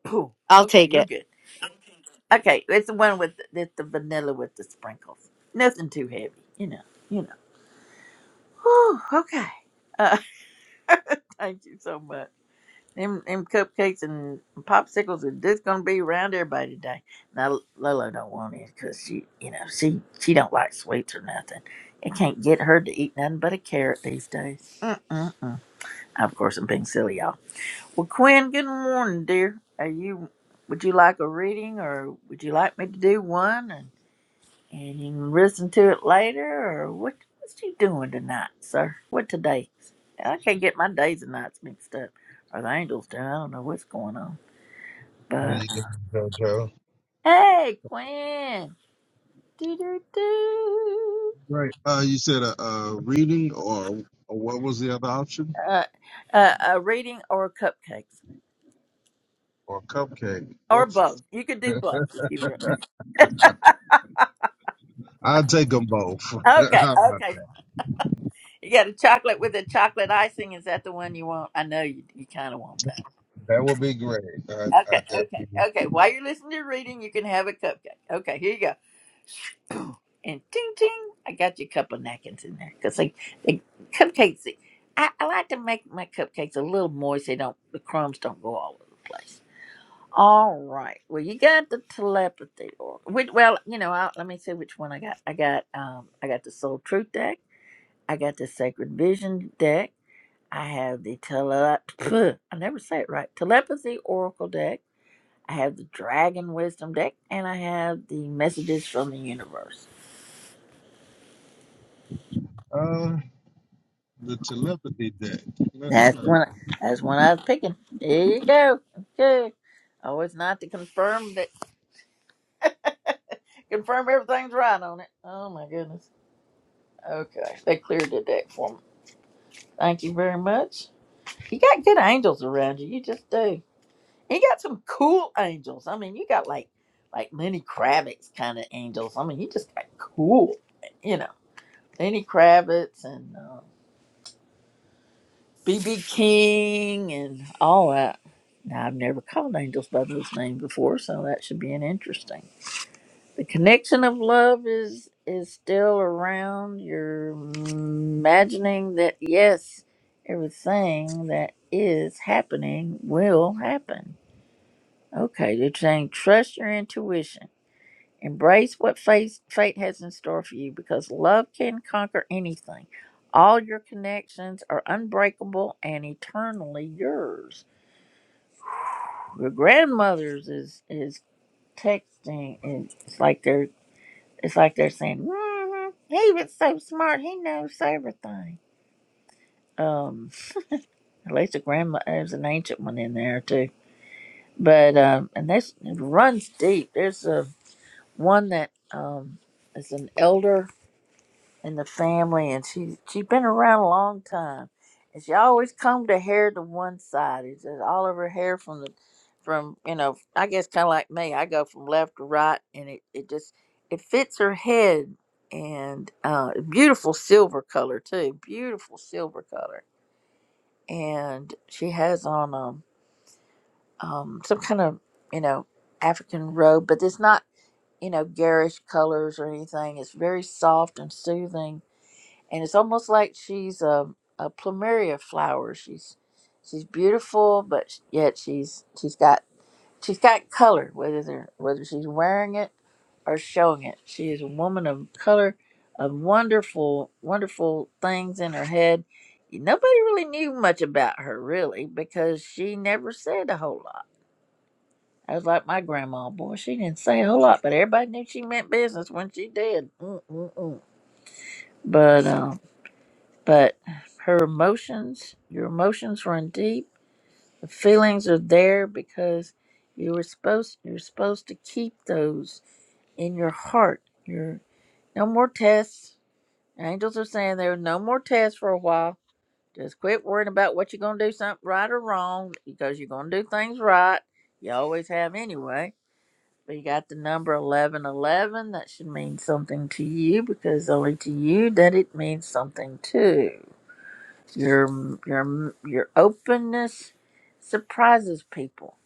Speaker 1: Pooh.
Speaker 5: i'll
Speaker 1: Okay,
Speaker 5: take it
Speaker 1: you're good. Okay, it's the one with that's the vanilla with the sprinkles. Nothing too heavy, you know. You know. Whew, okay. Uh, thank you so much. Them, them cupcakes and popsicles are just gonna be around everybody today. Now Lolo don't want it because she, you know, she she don't like sweets or nothing. It can't get her to eat nothing but a carrot these days. Mm-mm-mm. Of course, I'm being silly, y'all. Well, Quinn, good morning, dear. Are you? Would you like a reading, or would you like me to do one? And you can listen to it later, or what? What's you doing tonight, sir? What today? I can't get my days and nights mixed up, or the angels do. I don't know what's going on.
Speaker 6: How
Speaker 1: But
Speaker 6: you doing, JoJo?
Speaker 1: hey, Quinn, do do do.
Speaker 6: Right. Uh, you said a, a reading or, or what was the other option?
Speaker 1: Uh, uh, uh, reading or cupcakes
Speaker 6: Or cupcake?
Speaker 1: or
Speaker 6: What's
Speaker 1: both. You could do both if you were.
Speaker 6: I'll take them both.
Speaker 1: Okay,
Speaker 6: How about
Speaker 1: okay. You got a chocolate with a chocolate icing. Is that the one you want? I know you. You kind of want that.
Speaker 6: that would be great. I, I
Speaker 1: Okay,
Speaker 6: definitely.
Speaker 1: okay, okay.
Speaker 6: would take
Speaker 1: While
Speaker 6: that.
Speaker 1: you're listening to your reading, you can have a cupcake. Okay, here you go. and ting ting, I got you a couple of napkins in there because they, they cupcakes. I, I like to make my cupcakes a little moist. They don't the crumbs don't go all over the place. All right. Well, you got the telepathy, or which, well, you know, i let me see which one I got. I got um, I got the Soul Truth deck. I got the Sacred Vision deck. I have the tele. I never say it right. Telepathy Oracle deck. I have the Dragon Wisdom deck, and I have the Messages from the Universe.
Speaker 6: uh, the telepathy deck. Let's
Speaker 1: That's
Speaker 6: try. it.
Speaker 1: one. That's one I was picking. There you go. Okay. Always not to confirm that. Confirm everything's right on it. Oh my goodness. Okay, they cleared the deck for me. Thank you very much. You got good angels around you. You just do. You got some cool angels. I mean, you got like like Lenny Kravitz kind of angels. I mean, you just got cool. You know, Lenny Kravitz and. uh, BB King and all that. Now, I've never called angels by those names before, so that should be an interesting. The connection of love is is still around. You're imagining that yes, everything that is happening will happen. Okay, you're saying trust your intuition Embrace what fate, fate has in store for you because love can conquer anything. All your connections are unbreakable and eternally yours. Your grandmother's is is texting and it's like they're it's like they're saying, hmm "He was so smart. He knows everything." Um, at least a grandma there's an ancient one in there too. But um, and this it runs deep. There's a one that um is an elder and the family, and she she's been around a long time, and she always combed her hair to one side. It's just all of her hair from the from you know I guess kind of like me. I go from left to right, and it it just it fits her head, and uh, beautiful silver color too, beautiful silver color, and she has on um um some kind of you know African robe, but it's not you know garish colors or anything. It's very soft and soothing and it's almost like she's a, a plumeria flower. She's she's beautiful, but sh- yet she's she's got she's got color. Whether they're, whether she's wearing it or showing it, she is a woman of color, of wonderful wonderful things in her head. Nobody really knew much about her really because she never said a whole lot. I was like my grandma, boy, she didn't say a whole lot, but everybody knew she meant business when she did. Mm-mm-mm. But um but her emotions, your emotions run deep. The feelings are there because you were supposed you're supposed to keep those in your heart. You're no more tests. Angels are saying there are no more tests for a while. Just quit worrying about what you're gonna do something right or wrong because you're gonna do things right. You always have anyway. But you got the number eleven eleven. That should mean something to you because only to you that it means something too your your your openness surprises people.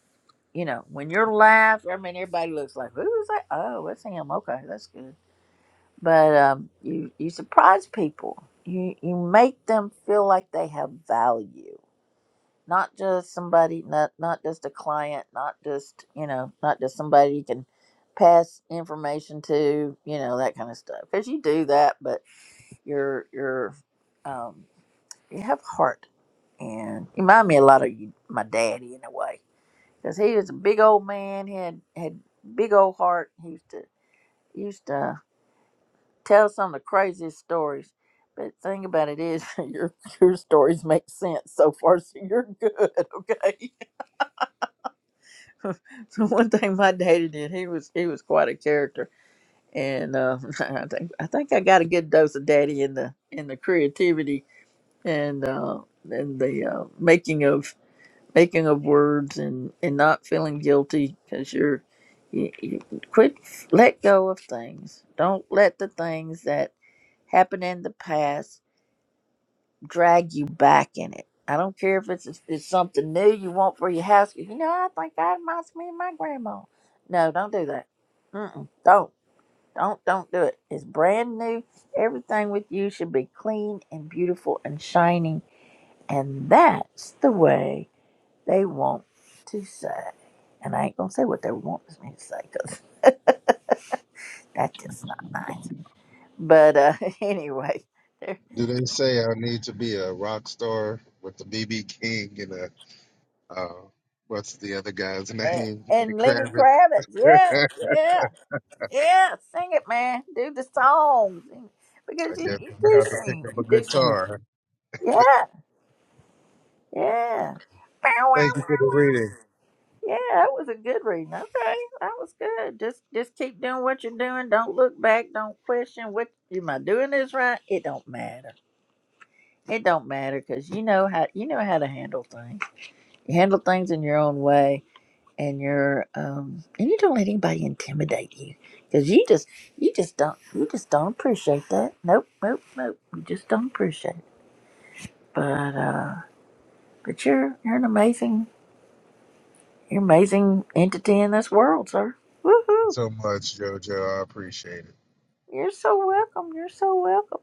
Speaker 1: You know, when you're laugh, I mean, everybody looks like, "Who is that?" Oh, it's him. Okay, that's good. But um, you you surprise people. You you make them feel like they have value, not just somebody, not not just a client, not just you know, not just somebody you can pass information to, you know, that kind of stuff. Because you do that, but you're you're you have heart. And you remind me a lot of you, my daddy in a way, because he was a big old man. He had had big old heart. He used to used to tell some of the craziest stories. But the thing about it is, your your stories make sense so far, so you're good. Okay. so one thing my daddy did, he was he was quite a character, and uh, I think I think I got a good dose of daddy in the in the creativity and uh, and the uh, making of making of words and and not feeling guilty because you're you, you quit let go of things don't let the things that happen in the past drag you back in it i don't care if it's it's it's something new you want for your house you know i think that reminds me of my grandma no don't do that Mm-mm, don't don't don't do it it's brand new everything with you should be clean and beautiful and shining and that's the way they want to say, and I ain't gonna say what they want me to say because that's just not nice. But uh, anyway, they
Speaker 6: Do they say I need to be a rock star with the BB King and a uh, what's the other guy's
Speaker 1: and,
Speaker 6: name? Lenny
Speaker 1: and Lenny
Speaker 6: Kravitz.
Speaker 1: Kravitz, yeah,
Speaker 6: I
Speaker 1: yeah, yeah, sing it, man. Do the song Sing- because you,
Speaker 6: guess
Speaker 1: you
Speaker 6: I'm gonna
Speaker 1: do
Speaker 6: have to pick
Speaker 1: sing,
Speaker 6: up a
Speaker 1: you do sing.
Speaker 6: guitar.
Speaker 1: Yeah, yeah. Bow, wow,
Speaker 6: Thank
Speaker 1: wow,
Speaker 6: you for the
Speaker 1: wow.
Speaker 6: reading.
Speaker 1: Yeah, that was a good reading. Okay, that was good. Just just keep doing what you're doing. Don't look back. Don't question what am I doing this right. It don't matter. It don't matter because you know how you know how to handle things. You handle things in your own way, and you're um, and you don't let anybody intimidate you because you just you just don't you just don't appreciate that. Nope, nope, nope. You just don't appreciate it. But uh, but you're you're an amazing you're an amazing entity in this world, sir. Woohoo!
Speaker 6: so much, JoJo. I appreciate it.
Speaker 1: You're so welcome. You're so welcome.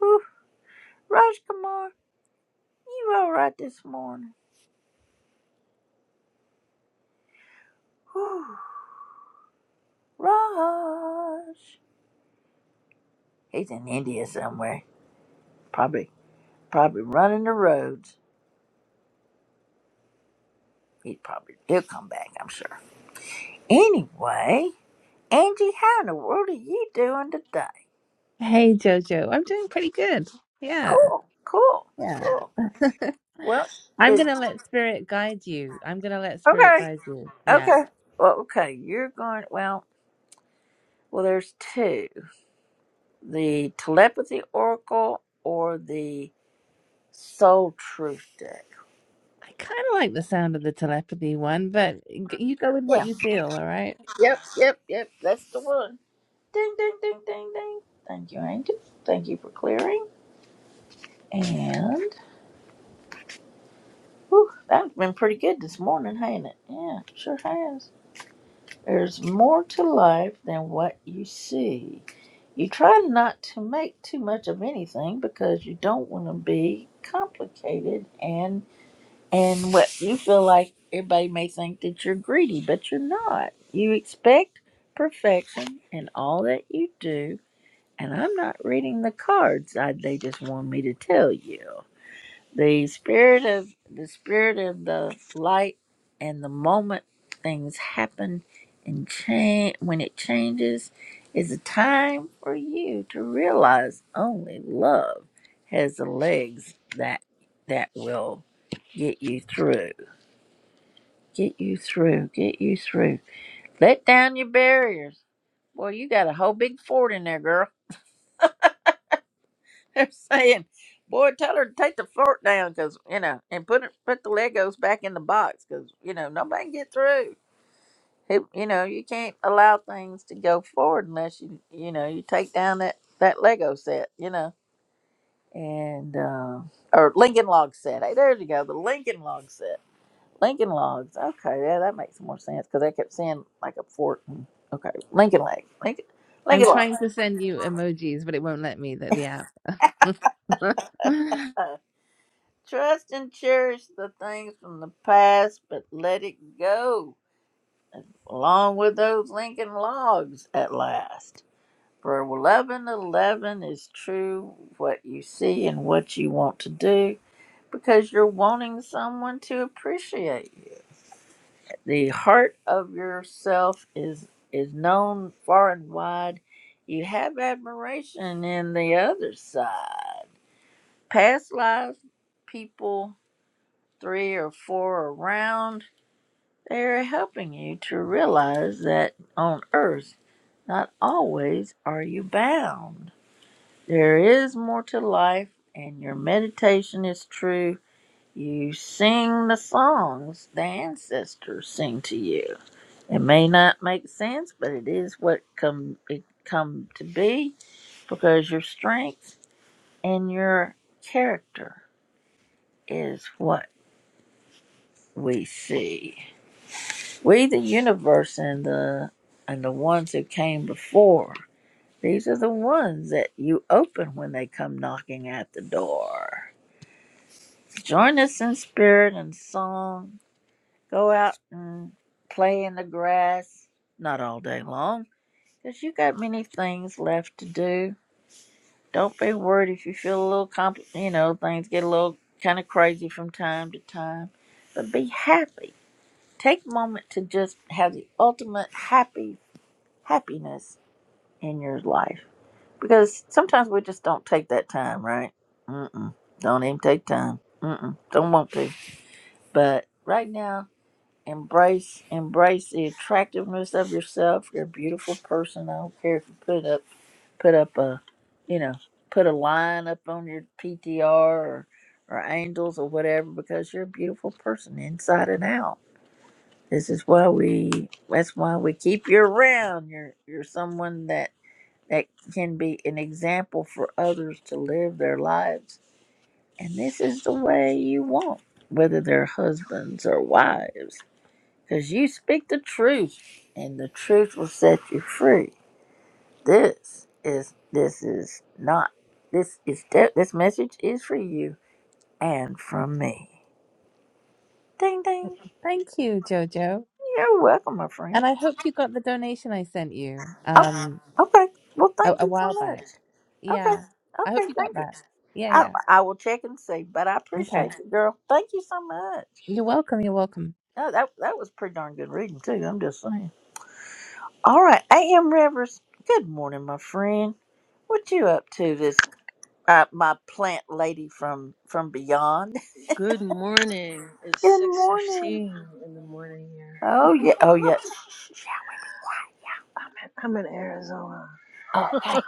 Speaker 1: Whew. Raj Kumar, you all right this morning? Whew. Raj. He's in India somewhere. Probably probably running the roads. He probably he'll come back, I'm sure. Anyway, Angie, how in the world are you doing today?
Speaker 7: Hey Jojo, I'm doing pretty good. Yeah,
Speaker 1: Cool, cool,
Speaker 7: yeah.
Speaker 1: cool. Well,
Speaker 7: I'm
Speaker 1: is
Speaker 7: gonna let spirit guide you. I'm gonna let spirit
Speaker 1: okay,
Speaker 7: guide you. Yeah.
Speaker 1: okay. Well, okay, you're going well well there's two. The telepathy oracle or the soul truth deck.
Speaker 7: I kind of like the sound of the telepathy one, but g- you go with what
Speaker 1: Yeah.
Speaker 7: you feel, all right?
Speaker 1: Yep, yep, yep. That's the one. Ding ding ding ding ding. Thank you, Angie. Thank you for clearing. And whew, that's been pretty good this morning, hasn't it? Yeah, sure has. There's more to life than what you see. You try not to make too much of anything because you don't want to be complicated and and what you feel like everybody may think that you're greedy, but you're not. You expect perfection in all that you do, and I'm not reading the cards I, they just want me to tell you. The spirit of the spirit of the light and the moment things happen and change when it changes is a time for you to realize only love has the legs that that will get you through. Get you through. Get you through. Let down your barriers. Boy, you got a whole big fort in there, girl. They're saying, "Boy, tell her to take the fork down, cause you know, and put it, put the Legos back in the box, cause you know nobody can get through. Who- You know, you can't allow things to go forward unless you, you know, you take down that that Lego set, you know, and uh, or Lincoln Log set. Hey, there you go, the Lincoln Log set. Lincoln Logs. Okay, yeah, that makes more sense, cause I kept seeing like a fork. and- Okay, Lincoln Log. Lincoln,
Speaker 7: I'm
Speaker 1: Lincoln Log.
Speaker 7: trying to send you emojis, but it won't let me, the, the app.
Speaker 1: Uh, Trust and cherish the things from the past, but let it go, along with those Lincoln logs at last. For 1111 is true what you see and what you want to do because you're wanting someone to appreciate you. The heart of yourself is is known far and wide. You have admiration in the other side. Past lives people three or four around, they are helping you to realize that on earth, not always are you bound. There is more to life, and your meditation is true. You sing the songs the ancestors sing to you. It may not make sense, but it is what come it come to be because your strength and your character is what we see. We, the universe, and the and the ones who came before. These are the ones that you open when they come knocking at the door. Join us in spirit and song. Go out and play in the grass, not all day long, 'cause you got many things left to do. Don't be worried if you feel a little compl- you know, things get a little kind of crazy from time to time, but be happy. Take a moment to just have the ultimate happy happiness in your life because sometimes we just don't take that time, right? Mm-mm. Don't even take time. Mm-mm. Don't want to. But right now, embrace embrace the attractiveness of yourself. You're a beautiful person. I don't care if you put up put up a, you know, put a line up on your PTR or or angels or whatever because you're a beautiful person inside and out. This is why we. That's why we keep you around. You're you're someone that that can be an example for others to live their lives. And this is the way you want, whether they're husbands or wives, because you speak the truth and the truth will set you free. This is, this is not, this is, de- this message is for you and from me. Ding, ding.
Speaker 7: Thank you, Jojo.
Speaker 1: You're welcome, my friend.
Speaker 7: And I hope you got the donation I sent you
Speaker 1: Oh,
Speaker 7: um
Speaker 1: okay. Well,
Speaker 7: a,
Speaker 1: thank
Speaker 7: a
Speaker 1: you so
Speaker 7: while
Speaker 1: much.
Speaker 7: back.
Speaker 1: Okay.
Speaker 7: Yeah. I hope
Speaker 1: Okay.
Speaker 7: you
Speaker 1: Thank
Speaker 7: got
Speaker 1: you.
Speaker 7: that. Yeah,
Speaker 1: I
Speaker 7: yeah.
Speaker 1: I will check and see, but I
Speaker 7: Okay.
Speaker 1: appreciate you, girl. Thank you so much.
Speaker 7: You're welcome. You're welcome.
Speaker 1: No, that that was pretty darn good reading too. I'm just saying. All right, A.M. Rivers. Good morning, my friend. What you up to, this uh, my plant lady from from beyond?
Speaker 8: Good morning. It's
Speaker 1: Good
Speaker 8: six
Speaker 1: morning.
Speaker 8: fifteen in the morning here.
Speaker 1: Oh yeah, oh yeah. Shh, shh, shh,
Speaker 8: I'm in, I'm in Arizona.
Speaker 1: yeah. Okay.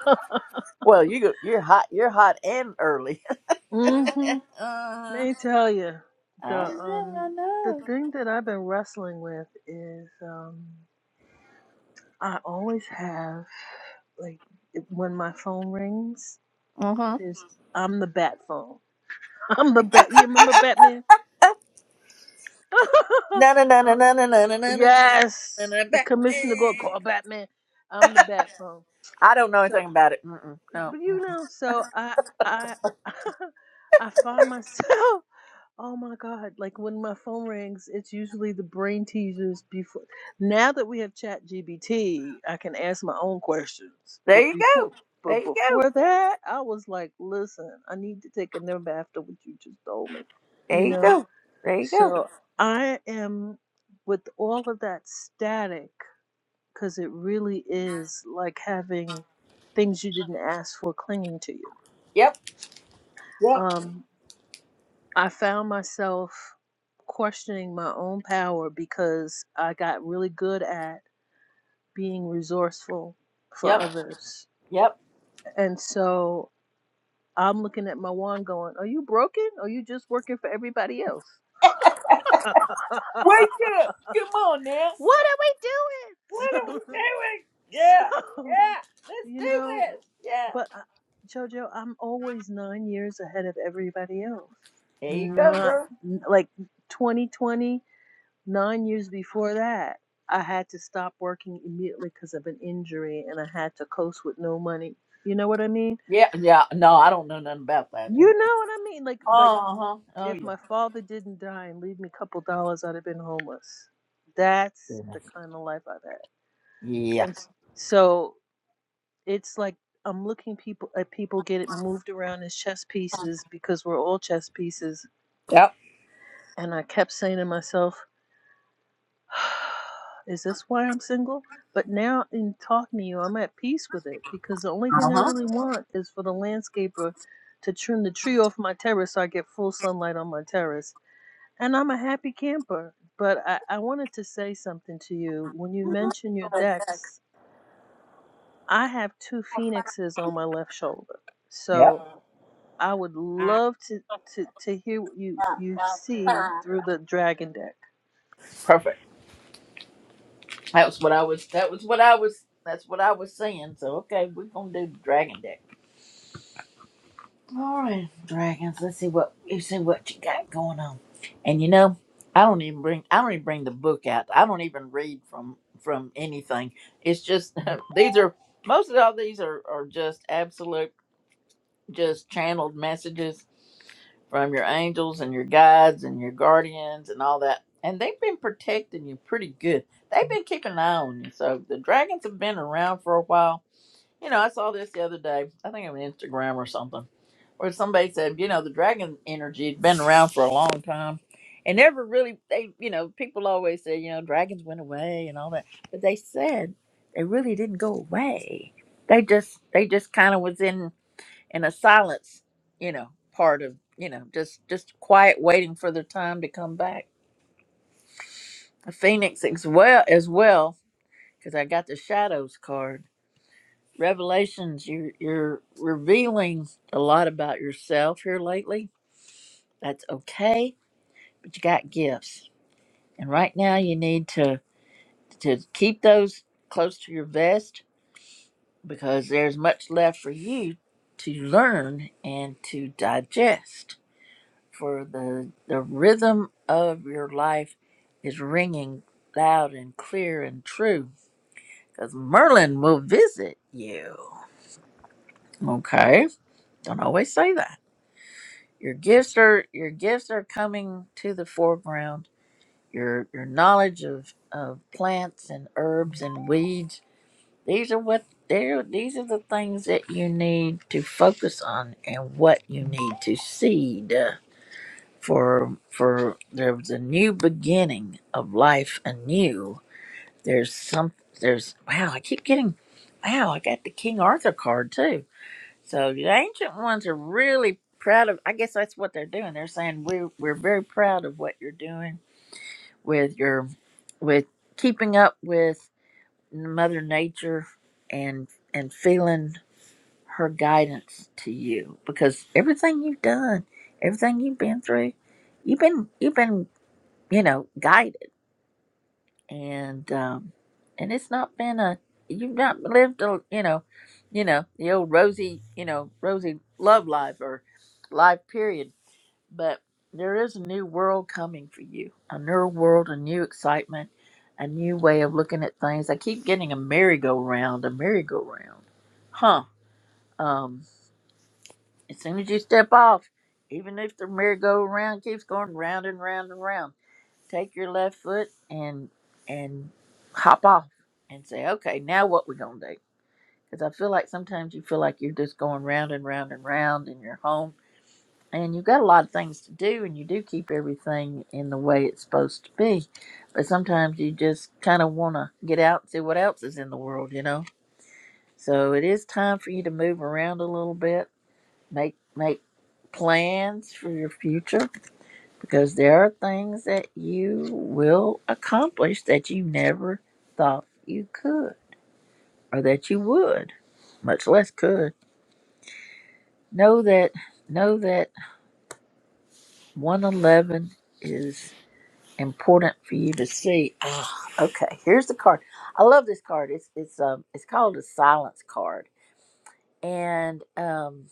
Speaker 1: Well, you go, you're hot. You're hot and early. uh,
Speaker 8: hmm
Speaker 1: I
Speaker 8: May tell you the
Speaker 1: know.
Speaker 8: um
Speaker 1: I
Speaker 8: the
Speaker 1: know.
Speaker 8: thing that I've been wrestling with is um I always have like it- when my phone rings,
Speaker 1: Mm-hmm.
Speaker 8: there's I'm the bat phone. I'm the bat. You remember Batman?
Speaker 1: Na na na na
Speaker 8: uh,
Speaker 1: na na na na na na na
Speaker 8: yes,
Speaker 1: na na.
Speaker 8: the commissioner go call Batman. I'm the bat phone.
Speaker 1: I don't know
Speaker 8: So.
Speaker 1: anything about it. Mm-mm, no.
Speaker 8: But you know, so I I I find myself oh my god, like when my phone rings, it's usually the brain teasers before now that we have chat GBT, I can ask my own questions.
Speaker 1: There
Speaker 8: But
Speaker 1: you
Speaker 8: before
Speaker 1: go. There
Speaker 8: but
Speaker 1: you go.
Speaker 8: before that, I was like, listen, I need to take a nap after what you just told me.
Speaker 1: There
Speaker 8: You
Speaker 1: you
Speaker 8: know?
Speaker 1: go. There you go.
Speaker 8: So I am with all of that static because it really is like having things you didn't ask for clinging to you
Speaker 1: Yep. Yep.
Speaker 8: um, I found myself questioning my own power because I got really good at being resourceful
Speaker 1: Yep.
Speaker 8: for others.
Speaker 1: Yep.
Speaker 8: And so I'm looking at my wand going, Are you broken? Or you just working for everybody else?
Speaker 1: Wake up! Come on now.
Speaker 8: what are
Speaker 1: What are
Speaker 8: we
Speaker 1: we
Speaker 8: doing?
Speaker 1: doing?
Speaker 8: So,
Speaker 1: Yeah.
Speaker 8: so
Speaker 1: Yeah. Let's
Speaker 8: you
Speaker 1: do
Speaker 8: know,
Speaker 1: this. Yeah.
Speaker 8: but I- JoJo, I'm always nine years ahead of everybody else.
Speaker 1: There you go,
Speaker 8: Not
Speaker 1: girl.
Speaker 8: n- like 2020. Nine years before that, I had to stop working immediately because of an injury and I had to coast with no money. You know what I mean?
Speaker 1: Yeah. Yeah. No, I don't know nothing about that. Uh
Speaker 8: You know what I mean? Like like
Speaker 1: huh. Oh
Speaker 8: if
Speaker 1: yeah.
Speaker 8: my father didn't die and leave me a couple dollars, I'd have been homeless. That's the
Speaker 1: Goodness.
Speaker 8: kind of life I've had.
Speaker 1: Yeah.
Speaker 8: And s- so it's like I'm looking people at people get it moved around as chess pieces because we're all chess pieces.
Speaker 1: Yep.
Speaker 8: And I kept saying to myself, Is this why I'm single? But now, in talking to you, I'm at peace with it because the only thing I
Speaker 1: Uh
Speaker 8: really want is for the landscaper to trim the tree off my terrace so I get full sunlight on my terrace. And I'm a happy camper. But I, I wanted to say something to you. When you mention your
Speaker 1: huh.
Speaker 8: decks, I have two phoenixes on my left shoulder. So I would love to, to, to hear what you, you see through the dragon deck.
Speaker 1: Yep. That was what I was. That was what I was. That's what I was saying. So okay, we're gonna do the dragon deck. All right, dragons. Let's see what you see what you got going on. And you know, I don't even bring. I don't even bring the book out. I don't even read from from anything. It's just these are most of all these are are just absolute just channeled messages from your angels and your guides and your guardians and all that. And they've been protecting you pretty good. They've been keeping an eye on you. So the dragons have been around for a while. You know, I saw this the other day. I think on Instagram or something, where somebody said, you know, the dragon energy had been around for a long time. And never really, they, you know, people always say, you know, dragons went away and all that. But they said they really didn't go away. They just, they just kind of was in and a silence, you know, part of you know just just quiet waiting for the time to come back. A Phoenix as well as well because I got the shadows card. Revelations, you you're revealing a lot about yourself here lately. That's okay, but you got gifts, and right now you need to to keep those close to your vest because there's much left for you to learn and to digest for the the rhythm of your life is ringing loud and clear and true because merlin will visit you okay don't always say that your gifts are your gifts are coming to the foreground your your knowledge of of plants and herbs and weeds these are what they're these are the things that you need to focus on and what you need to seed for for there's a new beginning of life anew. There's some there's wow, I keep getting wow, I got the King Arthur card too. So the ancient ones are really proud of I guess that's what they're doing. They're saying we're we're very proud of what you're doing with your with keeping up with Mother Nature and and feeling her guidance to you because everything you've done, everything you've been through, you've been you've been you know, guided. And um and it's not been a you've not lived a you know, you know, the old rosy, you know, rosy love life or life period. But there is a new world coming for you. A new world, a new excitement, a new way of looking at things. I keep getting a merry-go-round, a merry-go-round. Huh. Um as soon as you step off, even if the merry-go-round keeps going round and round and round take your left foot and and hop off and say, okay, now what we gonna do? Because I feel like sometimes you feel like you're just going round and round and round in your home, and you've got a lot of things to do, and you do keep everything in the way it's supposed to be, but sometimes you just kind of want to get out and see what else is in the world, you know. So it is time for you to move around a little bit, make make plans for your future because there are things that you will accomplish that you never thought you could or that you would much less could know that know that 111 is important for you to see Ah, okay here's the card i love this card it's it's um it's called a silence card and um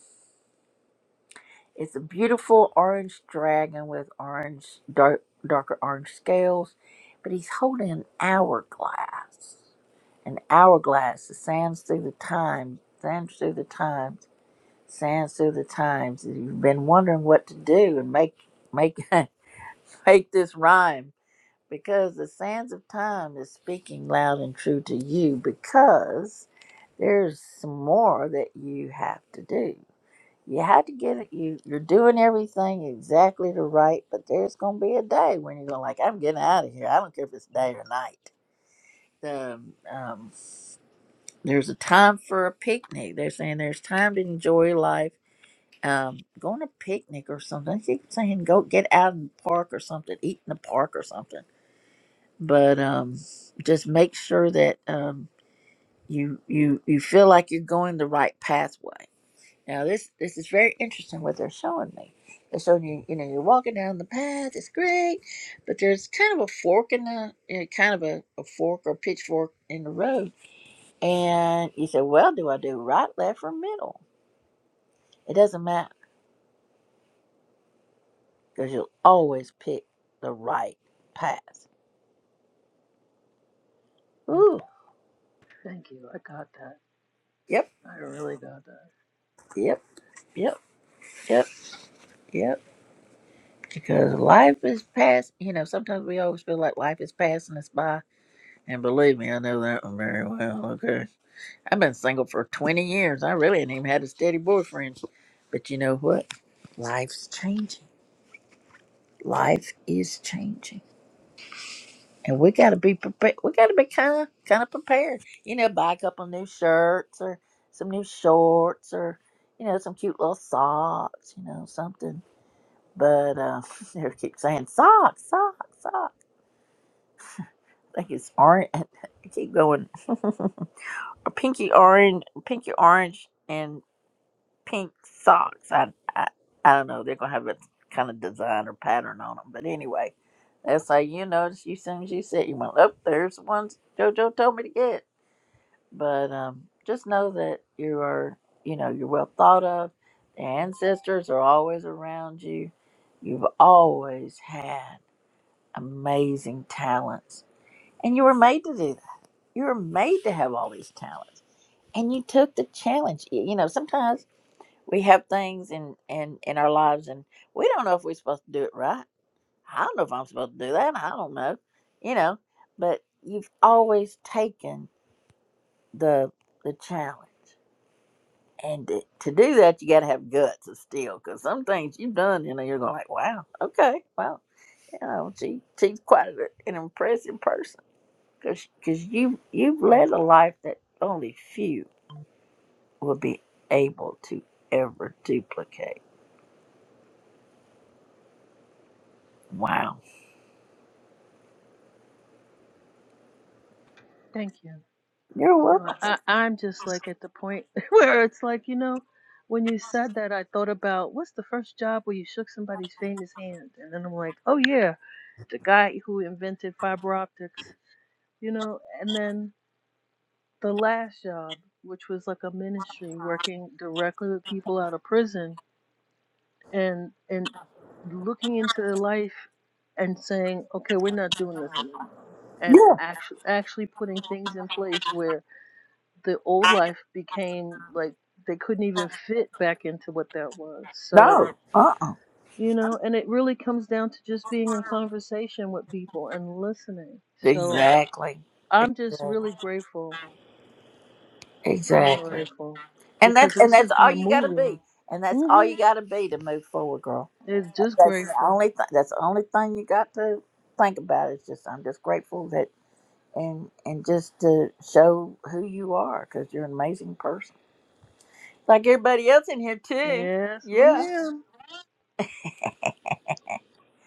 Speaker 1: it's a beautiful orange dragon with orange dark darker orange scales but he's holding an hourglass an hourglass that sands through the time, sands through the times, sands through the times. You've been wondering what to do and make make make this rhyme because the sands of time is speaking loud and true to you because there's some more that you have to do. You have to get it. You you're doing everything exactly the right, but there's gonna be a day when you're gonna like, I'm getting out of here. I don't care if it's day or night. The Um, There's a time for a picnic. They're saying there's time to enjoy life. Um, going a picnic or something. I keep saying go get out in the park or something, eat in the park or something. But um, just make sure that um, you you you feel like you're going the right pathway. Now this this is very interesting what they're showing me. They're showing you you know you're walking down the path. It's great, but there's kind of a fork in the you know, kind of a, a fork or pitchfork in the road and you say, well, do I do right, left, or middle? It doesn't matter because you'll always pick the right path. Ooh,
Speaker 8: Thank you. I got that.
Speaker 1: yep,
Speaker 8: I really got that.
Speaker 1: yep, yep, yep, yep. Because life is past. You know, sometimes we always feel like life is passing us by. And believe me, I know that one very well. Okay. I've been single for 20 years. I really ain't even had a steady boyfriend. But you know what? Life's changing. Life is changing And we gotta be prepared. We gotta be kind of kind of prepared. You know, buy a couple new shirts or some new shorts or you know some cute little socks. You know something. But uh, they keep saying socks, socks, socks. I think it's orange. I keep going pinky orange, pinky orange, and pink socks. I I, I don't know. They're gonna have a kind of design or pattern on them. But anyway, that's how you notice. You soon as you see it, you went, oh, there's the ones JoJo told me to get. but um, just know that you are, you know, you're well thought of. The ancestors are always around you. You've always had amazing talents, and you were made to do that. You were made to have all these talents, and you took the challenge. Y- You know, sometimes we have things in in in our lives, and we don't know if we're supposed to do it right. I don't know if I'm supposed to do that. I don't know, you know, but you've always taken the the challenge And to to do that, you got to have guts to steal, because some things you've done, you know, you're going like, wow, okay, well, you know, she, she's quite a- an impressive person, because you you've led a life that only few will be able to ever duplicate. Wow,
Speaker 8: Thank you.
Speaker 1: you're
Speaker 8: You know,
Speaker 1: welcome.
Speaker 8: I, I'm just like at the point where it's like, you know, when you said that, I thought about what's the first job where you shook somebody's famous hand? And then I'm like, oh, yeah, the guy who invented fiber optics, you know, and then the last job, which was like a ministry working directly with people out of prison and, and looking into their life and saying, okay, we're not doing this anymore. And
Speaker 1: Yeah,
Speaker 8: actually, actually putting things in place where the old life became like they couldn't even fit back into what that was. So,
Speaker 1: no, uh, uh
Speaker 8: you know, and it really comes down to just being in conversation with people and listening. So
Speaker 1: exactly,
Speaker 8: I'm just
Speaker 1: exactly,
Speaker 8: really grateful. I'm
Speaker 1: exactly,
Speaker 8: grateful
Speaker 1: and
Speaker 8: because
Speaker 1: that's and
Speaker 8: this
Speaker 1: that's
Speaker 8: has been
Speaker 1: all
Speaker 8: a
Speaker 1: you got to
Speaker 8: movie.
Speaker 1: be, and that's all
Speaker 8: hmm
Speaker 1: you got to be to move forward, girl.
Speaker 8: It's just
Speaker 1: That's the
Speaker 8: grateful.
Speaker 1: only thing. That's the only thing you got to think about. Is just I'm just grateful that and and just to show who you are because you're an amazing person, like everybody else in here too.
Speaker 8: Yes,
Speaker 1: Yeah.
Speaker 8: ma'am.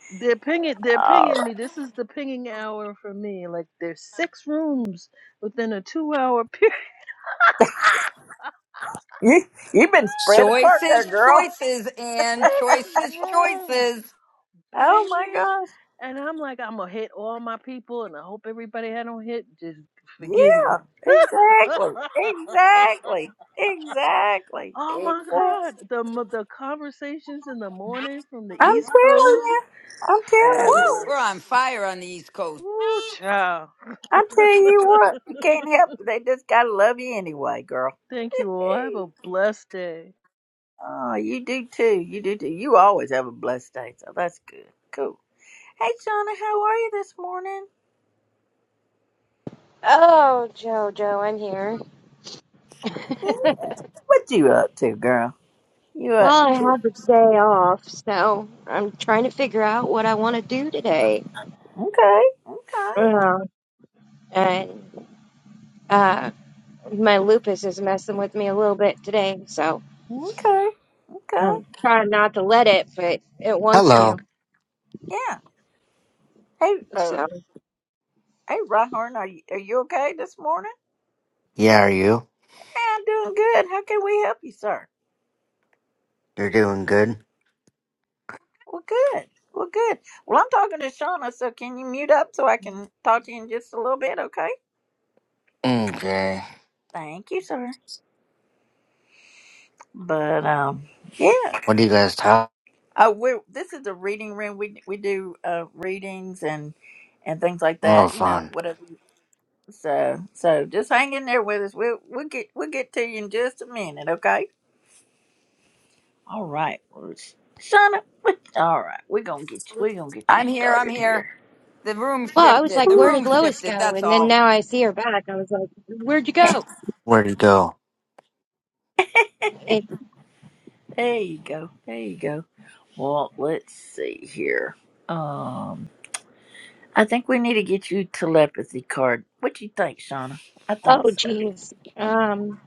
Speaker 8: They're pinging. They're
Speaker 1: All
Speaker 8: pinging
Speaker 1: right.
Speaker 8: me. This is the pinging hour for me. Like there's six rooms within a two-hour period.
Speaker 1: You you've been spread apart there,
Speaker 4: choices,
Speaker 1: girl.
Speaker 4: choices, and
Speaker 8: Six
Speaker 4: choices,
Speaker 8: rooms.
Speaker 4: choices.
Speaker 1: Oh my
Speaker 8: baby.
Speaker 1: gosh.
Speaker 8: And I'm like, I'm gonna hit all my people, and I hope everybody I don't hit just forgive me.
Speaker 1: Yeah. Exactly. Exactly. Exactly.
Speaker 8: oh my
Speaker 1: Exactly.
Speaker 8: God, the mo- the conversations in the morning from the
Speaker 1: I'm
Speaker 8: East
Speaker 1: telling
Speaker 8: Coast,
Speaker 1: you. I'm
Speaker 4: Woo!
Speaker 1: telling you.
Speaker 8: fabulous.
Speaker 4: We're on fire on the East Coast.
Speaker 8: Woo, child.
Speaker 1: I tell you what, you can't help. it. They just gotta love you anyway, girl.
Speaker 8: Thank you all. Have
Speaker 1: Hey.
Speaker 8: a blessed day.
Speaker 1: Oh, you do too. You do too. You always have a blessed day, so that's good. Cool. Hey, Shauna, how are you this morning?
Speaker 9: Oh, Jojo, I'm here.
Speaker 1: Mhm. What you up to, girl? You up?
Speaker 9: Well, I
Speaker 1: You,
Speaker 9: have a day off, so I'm trying to figure out what I want to do today.
Speaker 1: okay, okay,
Speaker 9: Yeah. And uh, my lupus is messing with me a little bit today, so
Speaker 1: okay, okay.
Speaker 9: I'm trying not to let it, but it wants
Speaker 10: Hello.
Speaker 9: to.
Speaker 1: Yeah. Hey, uh,
Speaker 9: So,
Speaker 1: hey, Rahorn, are you are you okay this morning?
Speaker 10: Yeah, are you?
Speaker 1: Hey, I'm doing good. How can we help you, sir?
Speaker 10: You're doing good?
Speaker 1: Well, good. Well, good. Well, I'm talking to Shauna, so can you mute up so I can talk to you in just a little bit, okay?
Speaker 10: Okay.
Speaker 1: Thank you, sir. But um, yeah.
Speaker 10: What do you guys talk?
Speaker 1: Uh, we this is the reading room. We we do uh readings and and things like
Speaker 10: Oh,
Speaker 1: that. You know,
Speaker 10: fun.
Speaker 1: whatever. So so just hang in there with us. We'll we'll get we'll get to you in just a minute. Okay. All right. Well, Sh- Shauna. What, all right. We're gonna get you. We're gonna get you
Speaker 4: I'm here. I'm
Speaker 1: started
Speaker 4: here.
Speaker 1: here.
Speaker 4: The room
Speaker 9: well, I was
Speaker 4: shifted.
Speaker 9: like,
Speaker 4: The
Speaker 9: where
Speaker 4: room
Speaker 9: did Lois
Speaker 4: shifted.
Speaker 9: go?
Speaker 4: That's
Speaker 9: And then
Speaker 4: all.
Speaker 9: now I see her back. I was like, where'd you go?
Speaker 10: Where'd you go?
Speaker 9: It,
Speaker 1: There you go. There you go. Well, let's see here. Um, I think we need to get you telepathy card. What you think, Shauna? I
Speaker 9: oh,
Speaker 1: think so.
Speaker 9: jeez. Um.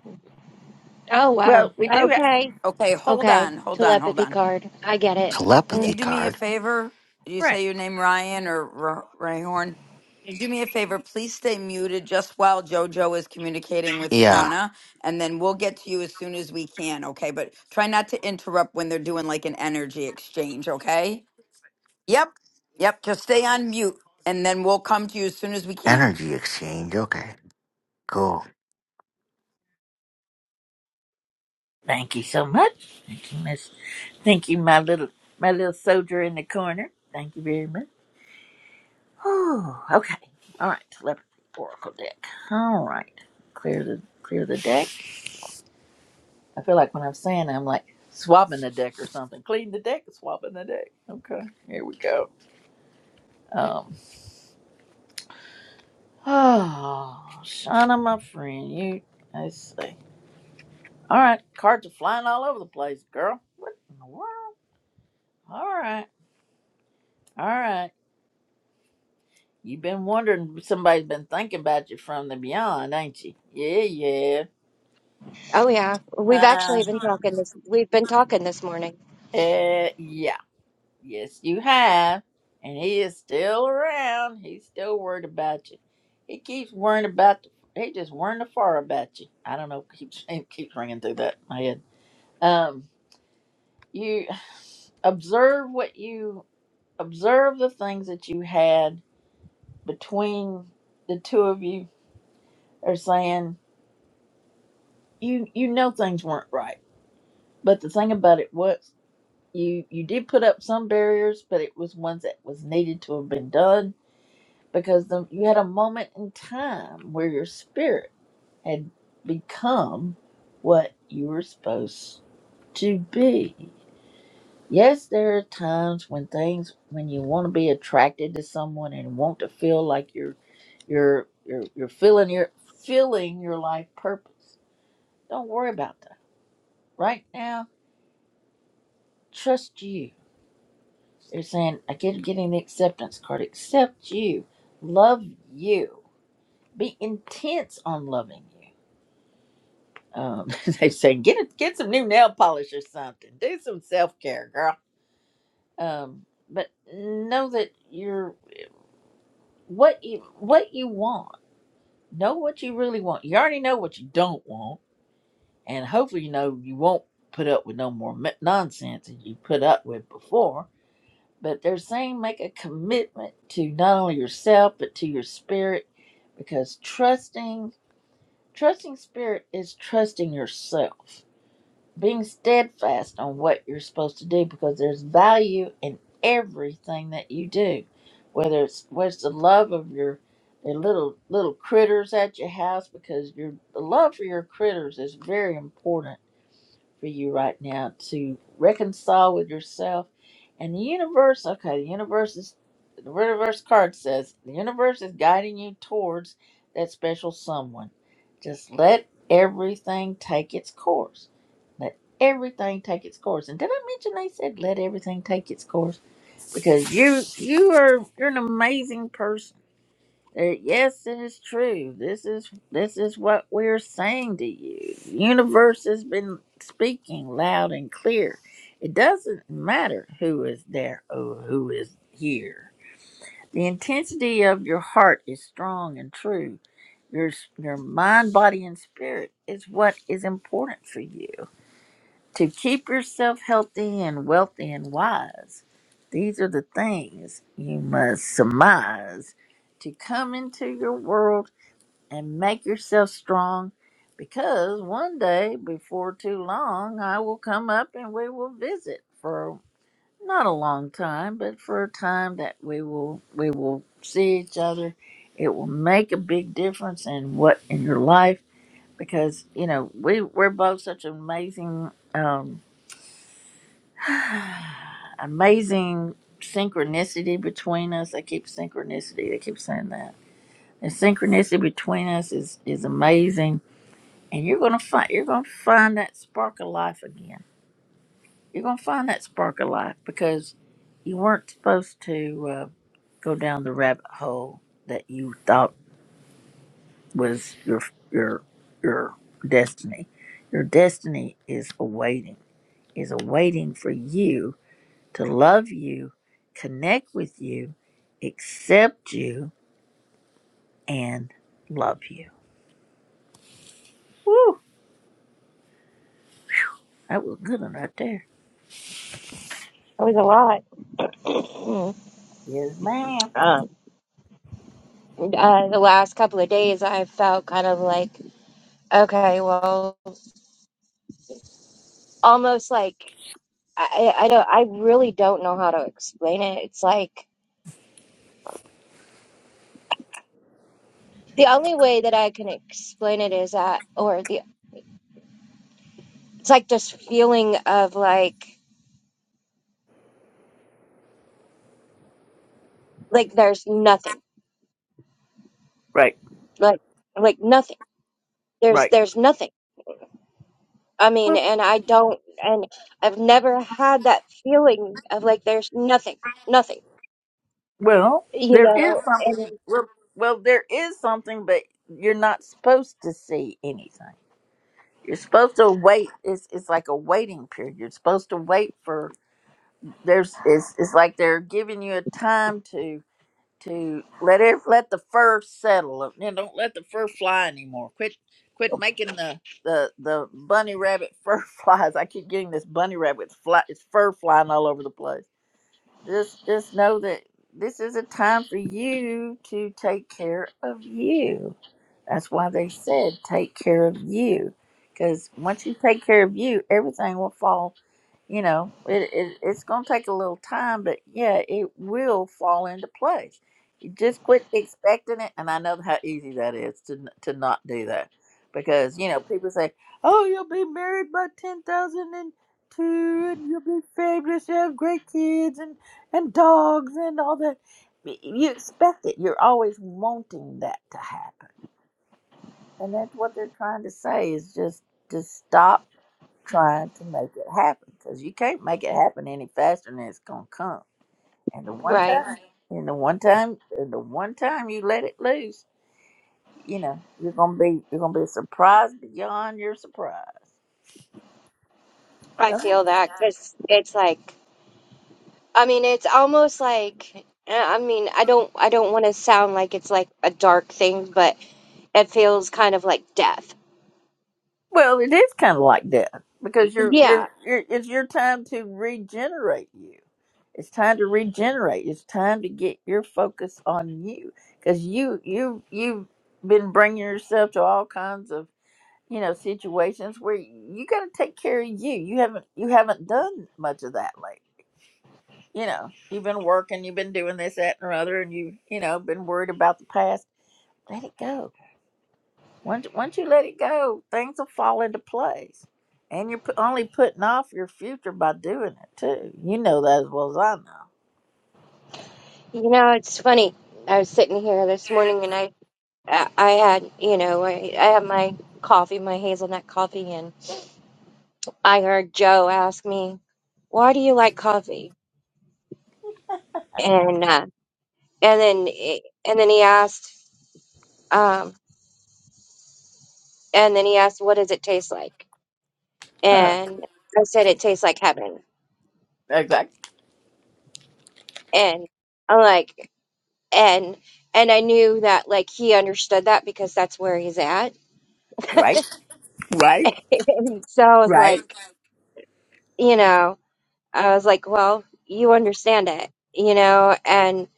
Speaker 9: Oh, wow.
Speaker 1: Well, we do have.
Speaker 9: Okay.
Speaker 4: Okay, hold
Speaker 9: Okay.
Speaker 4: on, hold on, hold
Speaker 9: Telepathy
Speaker 4: on.
Speaker 9: card. I get it.
Speaker 4: Can
Speaker 9: Mm.
Speaker 10: Telepathy
Speaker 4: you do me a
Speaker 10: card?
Speaker 4: favor? You
Speaker 1: Right.
Speaker 4: say your name Ryan or R- Rayhorn. Can you Do me a favor, please stay muted just while JoJo is communicating with
Speaker 10: Yeah.
Speaker 4: Shauna, and then we'll get to you as soon as we can, okay? But try not to interrupt when they're doing like an energy exchange, okay? Yep, yep, just stay on mute, and then we'll come to you as soon as we can.
Speaker 10: Energy exchange. Okay. Cool.
Speaker 1: Thank you so much. Thank you, Miss. Thank you, my little my little soldier in the corner. Thank you very much. Oh, okay. All right. Telepathy Oracle deck. All right. Clear the clear the deck. I feel like when I'm saying it, I'm like swabbing the deck or something. Clean the deck, swabbing the deck. Okay. Here we go. Um. Oh, Shauna, my friend, you. I see. All right. Cards are flying all over the place, girl. What in the world? All right. All right. You've been wondering, somebody's been thinking about you from the beyond, ain't you? Yeah, yeah.
Speaker 9: Oh yeah, we've actually
Speaker 1: Uh,
Speaker 9: been talking this. We've been talking this morning. It
Speaker 1: uh, yeah. Yes, you have. And he is still around. He's still worried about you. He keeps worrying about, the. he just worrying the far about you. I don't know. Keeps, it keeps ringing through that in my head. Um, you observe what you, observe the things that you had between the two of you are saying, you, you know things weren't right But the thing about it was, you you did put up some barriers, but it was ones that was needed to have been done because the, you had a moment in time where your spirit had become what you were supposed to be. Yes, there are times when things when you want to be attracted to someone and want to feel like you're you're you're, you're feeling your feeling your life purpose. Don't worry about that. Right now, trust you They're saying, I keep getting the acceptance card. Accept you. Love you. Be intense on loving you. Um, they say, get a, get some new nail polish or something. Do some self care, girl. Um, but know that you're what you what you want. Know what you really want. You already know what you don't want, and hopefully, you know you won't put up with no more m- nonsense that you put up with before But they're saying make a commitment to not only yourself but to your spirit because trusting trusting spirit is trusting yourself. Being steadfast on what you're supposed to do because there's value in everything that you do. Whether it's whether it's the love of your the little little critters at your house because your the love for your critters is very important for you right now to reconcile with yourself and the universe. Okay, the universe is the reverse card says the universe is guiding you towards that special someone. Just let everything take its course. Let everything take its course. And did I mention they said let everything take its course? Because you you are you're an amazing person uh, yes, it is true. This is this is what we're saying to you. The universe has been speaking loud and clear. It doesn't matter who is there or who is here. The intensity of your heart is strong and true. Your s- your mind, body, and spirit is what is important for you. To keep yourself healthy and wealthy and wise, these are the things you must surmise to come into your world and make yourself strong because one day before too long I will come up and we will visit for not a long time but for a time that we will we will see each other it will make a big difference in what in your life because you know we we're both such amazing um amazing synchronicity between us I keep synchronicity I keep saying that the synchronicity between us is is amazing and you're gonna find you're gonna find that spark of life again. You're gonna find that spark of life because you weren't supposed to uh, go down the rabbit hole that you thought was your your your destiny. Your destiny is awaiting is awaiting for you to love you, connect with you, accept you, and love you. Woo! That was good one right there.
Speaker 9: was a lot.
Speaker 1: Yes, ma'am.
Speaker 9: Um, uh, the last couple of days, I felt kind of like, okay, well, almost like I, I I don't, I really don't know how to explain it. It's like the only way that I can explain it is that, or the, it's like this feeling of like, like there's nothing,
Speaker 1: Right,
Speaker 9: like, like nothing. There's,
Speaker 1: right.
Speaker 9: there's nothing. I mean, and I don't, and I've never had that feeling of like there's nothing, nothing,
Speaker 1: Well,
Speaker 9: you
Speaker 1: there is
Speaker 9: know, and
Speaker 1: something. Well, well, there is something, but you're not supposed to see anything. You're supposed to wait. It's it's like a waiting period. You're supposed to wait for there's. It's it's like they're giving you a time to to let it let the fur settle. You know, don't let the fur fly anymore. Quit quit making the the the bunny rabbit fur flies. I keep getting this bunny rabbit fly. It's fur flying all over the place. Just just know that this is a time for you to take care of you. That's why they said take care of you, because once you take care of you, everything will fall. You know, it, it it's gonna take a little time, but yeah, it will fall into place. You just quit expecting it, and I know how easy that is to n- to not do that, because you know people say, "Oh, you'll be married by ten thousand and two, and you'll be fabulous, you have great kids and and dogs and all that." Y- You expect it. You're always wanting that to happen and that's what they're trying to say is just to stop trying to make it happen because you can't make it happen any faster than it's gonna come. And the one time,
Speaker 9: right.
Speaker 1: Right. and the one time, and the one time you let it loose, you know you're gonna be you're gonna be surprised beyond your surprise.
Speaker 9: I
Speaker 1: Some
Speaker 9: feel that because it's like, I mean, it's almost like, eh, I mean, I don't, I don't want to sound like it's like a dark thing, but it feels kind of like death.
Speaker 1: Well, it is kind of like that because you're
Speaker 9: Yeah.
Speaker 1: you're, you're it's your time to regenerate you. It's time to regenerate. It's time to get your focus on you because you you you've been bringing yourself to all kinds of you know situations where you got to take care of you. You haven't you haven't done much of that lately. You know you've been working, you've been doing this, that, and the other, and you you know been worried about the past. Let it go. Once once you let it go, things will fall into place. And you're p- only putting off your future by doing it too. You know that as well as I
Speaker 9: You know, it's funny. I was sitting here this morning and I, I I had, you know, I, I had my coffee, my hazelnut coffee, I heard Joe ask me, "Why do you like coffee?" And uh, and then he- and then he asked, um, and then he asked, "What does it taste like?"
Speaker 1: know. Huh.
Speaker 9: And I said, "It tastes like heaven."
Speaker 1: Exactly.
Speaker 9: And I'm like, and and I knew that like he understood that because that's where he's at.
Speaker 1: Right. Right?
Speaker 9: And so I was
Speaker 1: Right?
Speaker 9: like, you know, I was like, well, you understand it, you know, and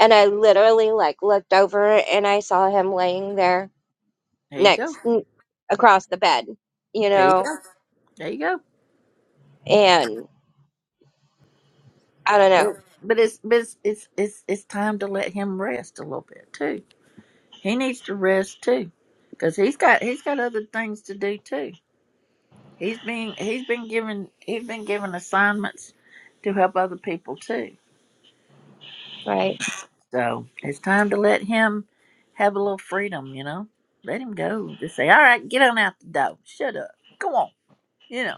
Speaker 9: and I literally like looked over and I saw him laying there
Speaker 1: There you go.
Speaker 9: next n- across the bed, you
Speaker 1: There you
Speaker 9: know,
Speaker 1: go. There you go.
Speaker 9: and I don't
Speaker 1: But
Speaker 9: know,
Speaker 1: but it's but it's it's it's, it's time to let him rest a little bit too. He needs to rest too, because he's got he's got other things to do too. He's been he's been given he's been given assignments to help other people too.
Speaker 9: right?
Speaker 1: So it's time to let him have a little freedom. You know, let him go. Just say, all right, get on out the door. Shut up. Come on. You know.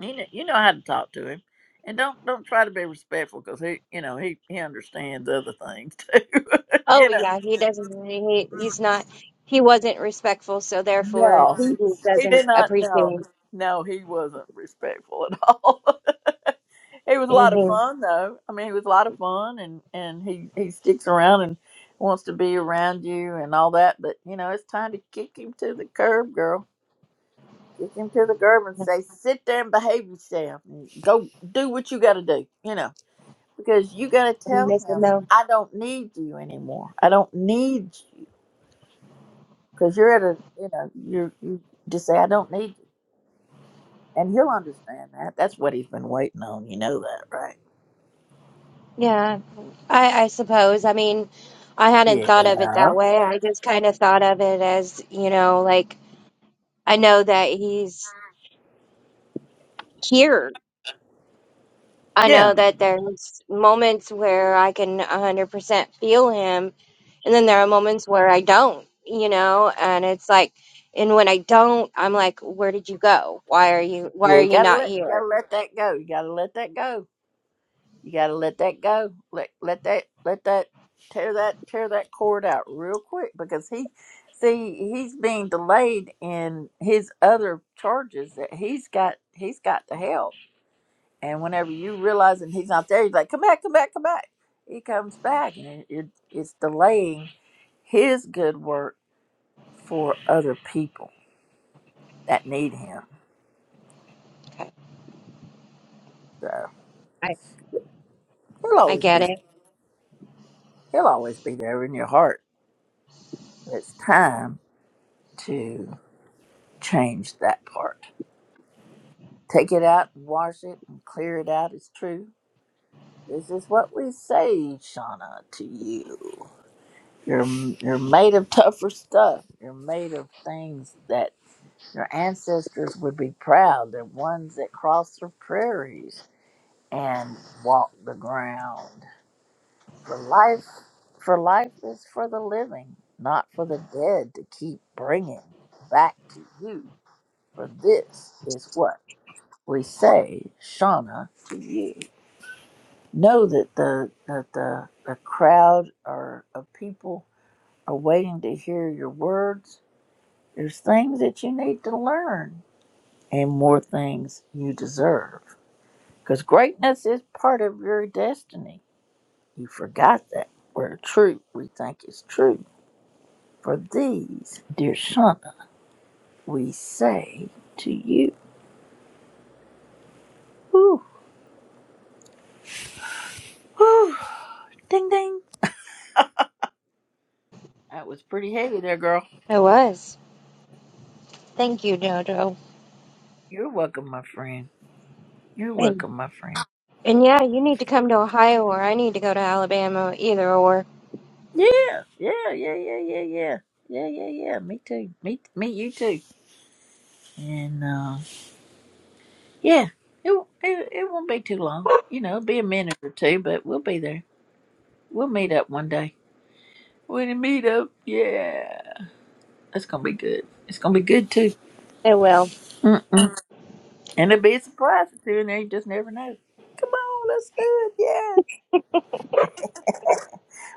Speaker 1: He, kn- you know how to talk to him, and don't don't try to be respectful because he, you know, he he understands other things too.
Speaker 9: Oh
Speaker 1: you know,
Speaker 9: yeah, he doesn't. He he's not. He wasn't respectful, so therefore
Speaker 1: no, he
Speaker 9: he
Speaker 1: he did
Speaker 9: doesn't
Speaker 1: not. No,
Speaker 9: appreciate.
Speaker 1: no, he wasn't respectful at all. he was a lot of
Speaker 9: hmm
Speaker 1: fun though. I mean, he was a lot of fun, and and he he sticks around and wants to be around you and all that. But you know, it's time to kick him to the curb, girl. Kick him to the curb and
Speaker 9: I
Speaker 1: say, sit there and behave yourself. Go do what you got to do. You know. because you got to tell
Speaker 9: miss him
Speaker 1: him
Speaker 9: though.
Speaker 1: i don't need you anymore i don't need you because you're at a you know you're you just say i don't need you and he'll understand that that's what he's been waiting on you know that right
Speaker 9: Yeah, I I suppose. I mean, I hadn't
Speaker 1: yeah
Speaker 9: thought of it
Speaker 1: yeah
Speaker 9: that way. I just kind of thought of it as you know, like I know that he's here I
Speaker 1: yeah
Speaker 9: know that there's moments where I can 100% feel him, and then there are moments where I don't, you know, and it's like, and when I don't, I'm like, where did you go? Why are you, why are
Speaker 1: you
Speaker 9: you
Speaker 1: gotta
Speaker 9: not
Speaker 1: let you
Speaker 9: here?
Speaker 1: gotta let that go you gotta let that go you gotta let that go let let that let that tear that tear that cord out real quick because he see he's being delayed in his other charges that he's got he's got to help And whenever you realize that he's not there, he's like, come back, come back, come back. He comes back, and it, it, it's delaying his good work for other people that need him.
Speaker 9: Okay.
Speaker 1: So
Speaker 9: I,
Speaker 1: he'll
Speaker 9: I
Speaker 1: always be
Speaker 9: get
Speaker 1: there.
Speaker 9: it.
Speaker 1: He'll always be there in your heart. It's time to change that part. Take it out, wash it, and clear it out. It's true. This is what we say, Shauna, to you. You're you're made of tougher stuff. You're made of things that Their ancestors would be proud. They're ones that crossed the prairies and walked the ground. For life, for life is for the living, not for the dead to keep bringing back to you. For this is what we say, Shauna, to you. Know that the that the the crowd or of people are waiting to hear your words. There's things that you need to learn, and more things you deserve. Because greatness is part of your destiny. You forgot that. Where truth we think is true. For these, dear son, we say to you. Whew, whew. Ding ding. That was pretty heavy there, girl.
Speaker 9: I was. Thank you, Jojo.
Speaker 1: You're welcome, my friend. You're
Speaker 9: And,
Speaker 1: welcome, my friend.
Speaker 9: and yeah, you need to come to Ohio or I need to go to Alabama, either or.
Speaker 1: Yeah, yeah, yeah, yeah, yeah, yeah. Yeah, yeah, yeah. Me too. Me, me, you too. And uh, yeah, it, it it won't be too long. You know, it'll be a minute or two, but we'll be there. We'll meet up one day. When you meet up, yeah, it's gonna be good. It's gonna be good too,
Speaker 9: I will.
Speaker 1: Mm-mm. and it'll be a surprise too. And they just never know. Come on, let's do it. Yeah,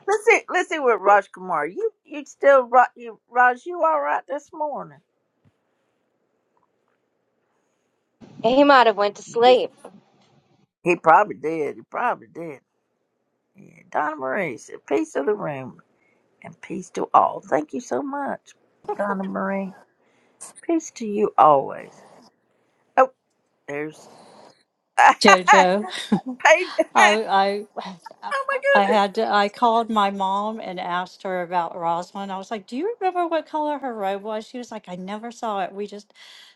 Speaker 1: let's see. Let's see what Raj Kumar. You you still Ra- you, Raj? You all right this morning?
Speaker 9: He might have went to
Speaker 1: You just
Speaker 9: sleep.
Speaker 1: he probably did. He probably did. Yeah, Donna Marie said, "Peace to the room and peace to all." Thank you so much, Donna Marie. Peace to you always. Oh, there's Paige.
Speaker 3: Jojo. I
Speaker 1: oh
Speaker 3: I
Speaker 1: my
Speaker 3: I
Speaker 1: goodness.
Speaker 3: had to, I called my mom and asked her about Rosalind. I was like, "Do you remember what color her robe was?" She was like, "I never saw it. We just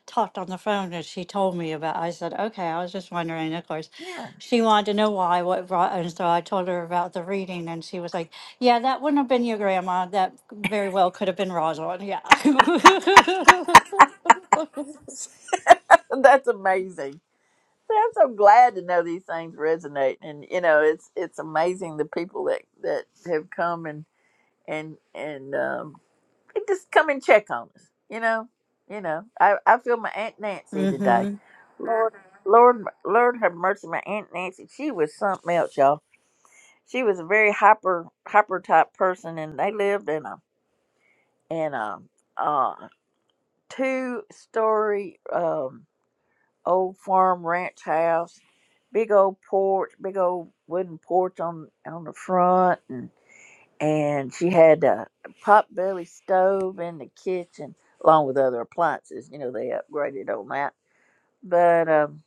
Speaker 3: talked on the phone and she told me about." I said, "Okay, I was just wondering." Of course,
Speaker 1: Yeah.
Speaker 3: she wanted to know why what brought and so I told her about the reading and she was like, "Yeah, that wouldn't have been your grandma. That very well could have been Rosalind." Yeah.
Speaker 1: That's amazing. See, I'm so glad to know these things resonate, and you know, it's it's amazing the people that that have come and and and um, they just come and check on us. You know, you know, I I feel my aunt Nancy today.
Speaker 3: mhm.
Speaker 1: Lord, Lord, Lord, have mercy, my aunt Nancy. She was something else, y'all. She was a very hyper hyper type person, and they lived in a in a uh, two story. Um, old farm ranch house, big old porch, big old wooden porch on on the front, and and she had a pot belly stove in the kitchen along with other appliances. You know they upgraded on that, but um,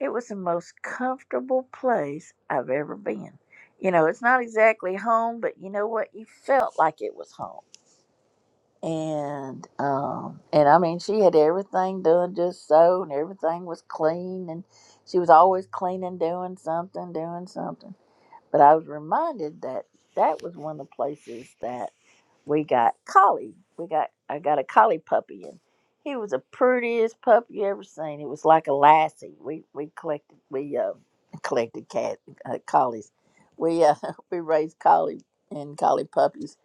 Speaker 1: it was the most comfortable place I've ever been. You know, it's not exactly home, but you know what? You felt like it was home and um and I mean she had everything done just so and everything was clean and she was always cleaning doing something doing something but I was reminded that that was one of the places that we got collie. We got I got a collie puppy and he was the prettiest puppy you ever seen. It was like a lassie. We we collected we uh collected cat uh, collies. We uh we raised collie and collie puppies,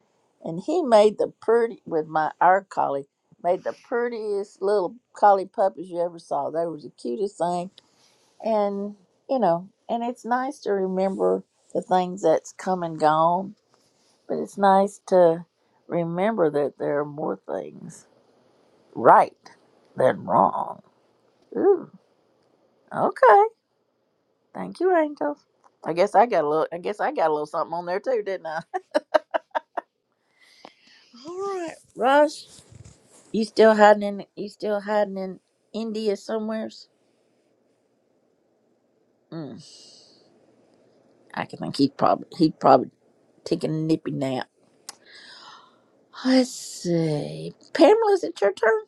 Speaker 1: and he made the pretty with my our collie made the prettiest little collie puppies you ever saw. They were the cutest thing, and you know, and it's nice to remember the things that's come and gone but it's nice to remember that there are more things right than wrong. Ooh, okay. Thank you, angels. I guess I got a little. I guess I got a little something on there too, didn't I? All right, Raj. You still hiding in? You still hiding in India somewheres? Mm, I can think he'd probably he'd probably taking a nippy nap. Let's see. Pamela, is it your turn?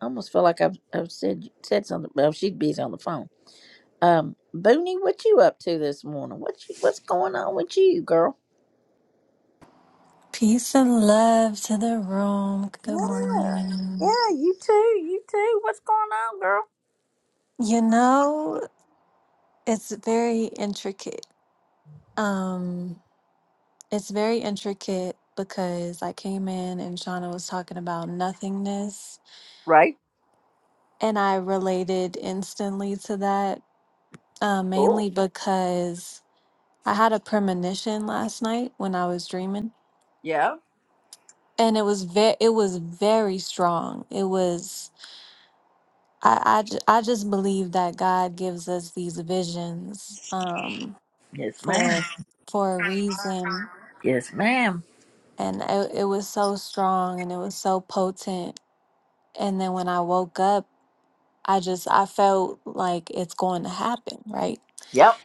Speaker 1: I almost feel like I've, I've said said something. Well, she'd be on the phone. Um, Booney, what you up to this morning? What you, what's going on with you, girl?
Speaker 11: Peace and love to the room. Good
Speaker 1: Yeah,
Speaker 11: morning.
Speaker 1: yeah, you too, you too. What's going on, girl?
Speaker 11: You know, it's very intricate. Um, it's very intricate because I came in and Shauna was talking about nothingness,
Speaker 1: Right.
Speaker 11: and I related instantly to that, uh,
Speaker 1: Cool.
Speaker 11: mainly because I had a premonition last night when I was dreaming,
Speaker 1: Yeah.
Speaker 11: and it was very, it was very strong. It was I, I, ju- I just believe that God gives us these visions um,
Speaker 1: Yes, ma'am.
Speaker 11: for for a reason,
Speaker 1: Yes, ma'am.
Speaker 11: and it, it was so strong and it was so potent. And then when I woke up, I just I felt like it's going to happen, right?
Speaker 1: Yep.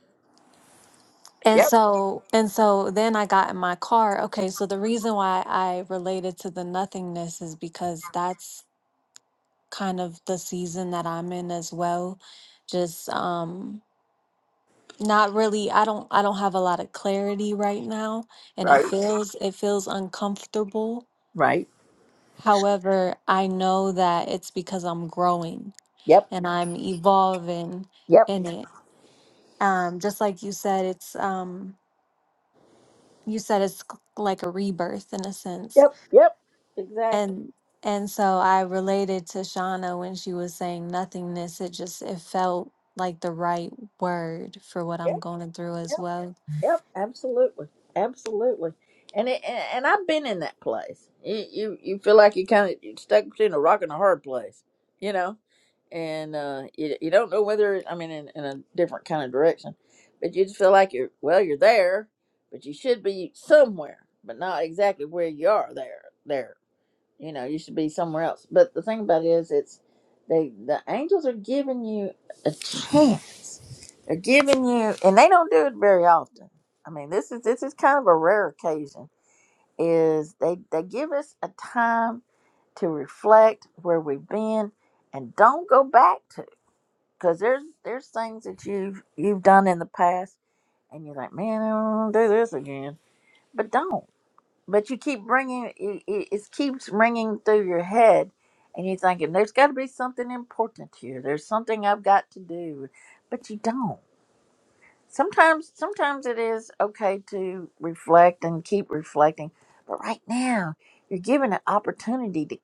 Speaker 11: And
Speaker 1: Yep.
Speaker 11: so and so then I got in my car. Okay, so the reason why I related to the nothingness is because that's kind of the season that I'm in as well. Just um Not really. I don't I don't have a lot of clarity right now and it
Speaker 1: Right.
Speaker 11: feels it feels uncomfortable.
Speaker 1: Right.
Speaker 11: However, I know that it's because I'm growing
Speaker 1: Yep.
Speaker 11: and I'm evolving
Speaker 1: Yep.
Speaker 11: in it. Um just like you said it's um you said it's c- like a rebirth in a sense.
Speaker 1: Yep. Yep. Exactly.
Speaker 11: And and so I related to Shauna when she was saying nothingness. It just it felt like the right word for what
Speaker 1: Yep.
Speaker 11: I'm going through
Speaker 1: yep.
Speaker 11: as well.
Speaker 1: Yep, absolutely, absolutely. And it, and and I've been in that place. You you, you feel like you kind of stuck between a rock and a hard place, you know, and uh, you you don't know whether I mean in, in a different kind of direction, but you just feel like you're well, you're there, but you should be somewhere, but not exactly where you are there there you know you should be somewhere else but the thing about it is it's they the angels are giving you a chance they're giving you and they don't do it very often i mean this is this is kind of a rare occasion is they they give us a time to reflect where we've been and don't go back to because there's there's things that you've you've done in the past and you're like man i don't want to do this again but don't but you keep bringing it, it, it keeps ringing through your head and you're thinking there's got to be something important here there's something i've got to do but you don't sometimes sometimes it is okay to reflect and keep reflecting but right now you're given an opportunity to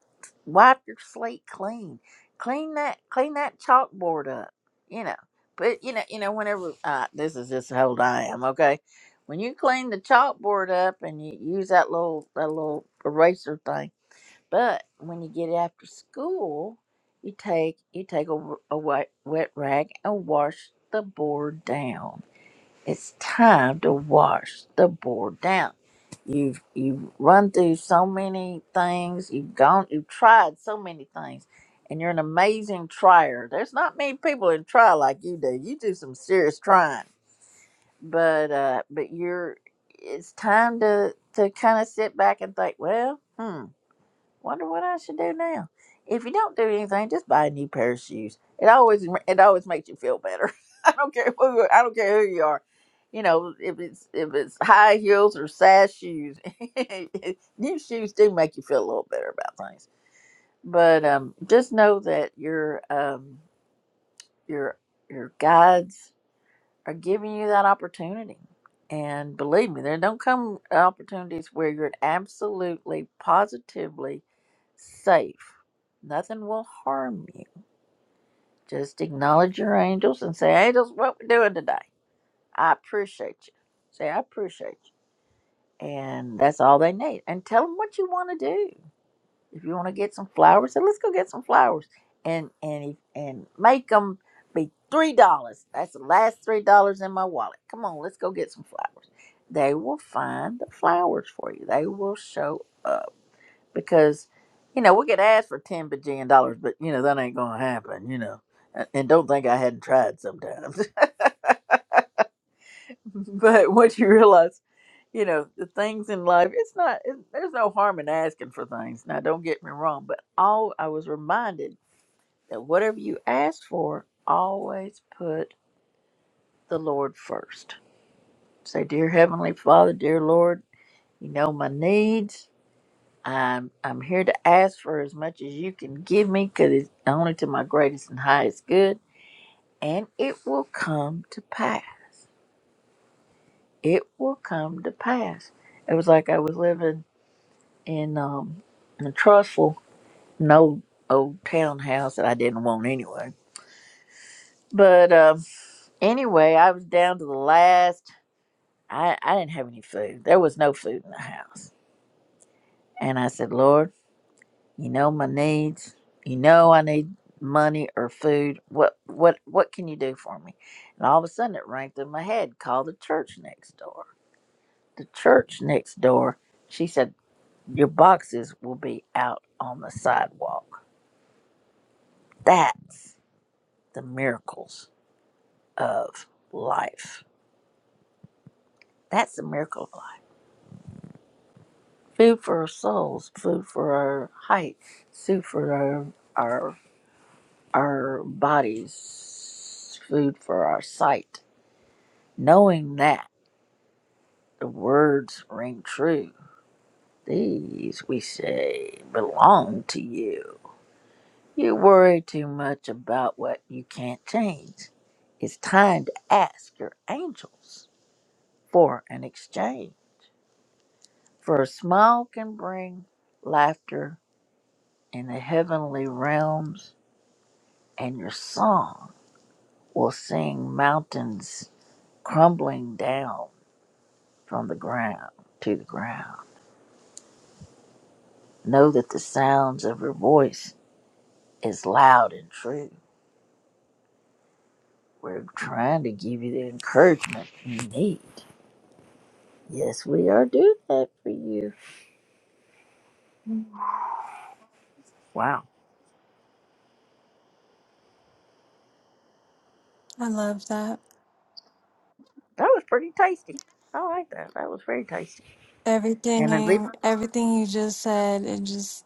Speaker 1: wipe your slate clean clean that clean that chalkboard up you know but you know you know whenever uh, this is just how old i am okay when you clean the chalkboard up and you use that little that little eraser thing but when you get after school you take you take a, w- a wet, wet rag and wash the board down it's time to wash the board down. You've you've run through so many things. You've gone. You've tried so many things, and you're an amazing trier. There's not many people that try like you do. You do some serious trying, but uh, but you're. It's time to to kind of sit back and think. Well, hmm. Wonder what I should do now. If you don't do anything, just buy a new pair of shoes. It always it always makes you feel better. I don't care who I don't care who you are. You know, if it's if it's high heels or sash shoes, new shoes do make you feel a little better about things. But um, just know that your um your your guides are giving you that opportunity. And believe me, there don't come opportunities where you're absolutely, positively safe. Nothing will harm you. Just acknowledge your angels and say, Angels, what we're doing today. I appreciate you. Say, I appreciate you. And that's all they need. And tell them what you want to do. If you want to get some flowers, so let's go get some flowers and and and make them be three dollars. That's the last three dollars in my wallet. Come on, let's go get some flowers. They will find the flowers for you. They will show up because you know we could ask for ten bajillion dollars, but you know that ain't gonna happen. You know, and and don't think I hadn't tried sometimes. but once you realize. You know the things in life. It's not. It, there's no harm in asking for things. Now, don't get me wrong, but all I was reminded that whatever you ask for, always put the Lord first. Say, Dear Heavenly Father, dear Lord, you know my needs. I'm I'm here to ask for as much as you can give me, because it's only to my greatest and highest good, and it will come to pass. It will come to pass. It was like I was living in um in a trustful, an old old townhouse that I didn't want anyway. But um, anyway, I was down to the last. I, I didn't have any food. There was no food in the house. And I said, Lord, you know my needs. You know I need money or food. What what what can you do for me? And all of a sudden it rang through my head. Call the church next door. The church next door, she said, Your boxes will be out on the sidewalk. That's the miracles of life. That's the miracle of life. Food for our souls, food for our height, food for our our our bodies food for our sight. Knowing that the words ring true, these we say belong to you. You worry too much about what you can't change. It's time to ask your angels for an exchange. For a smile can bring laughter in the heavenly realms, and your song will sing mountains crumbling down from the ground to the ground. Know that the sounds of her voice is loud and true. We're trying to give you the encouragement you need. Yes, we are doing that for you. Wow,
Speaker 11: I love that.
Speaker 1: that was pretty tasty. I like that. That was very tasty. And then leave.
Speaker 11: Everything, everything you just said, it just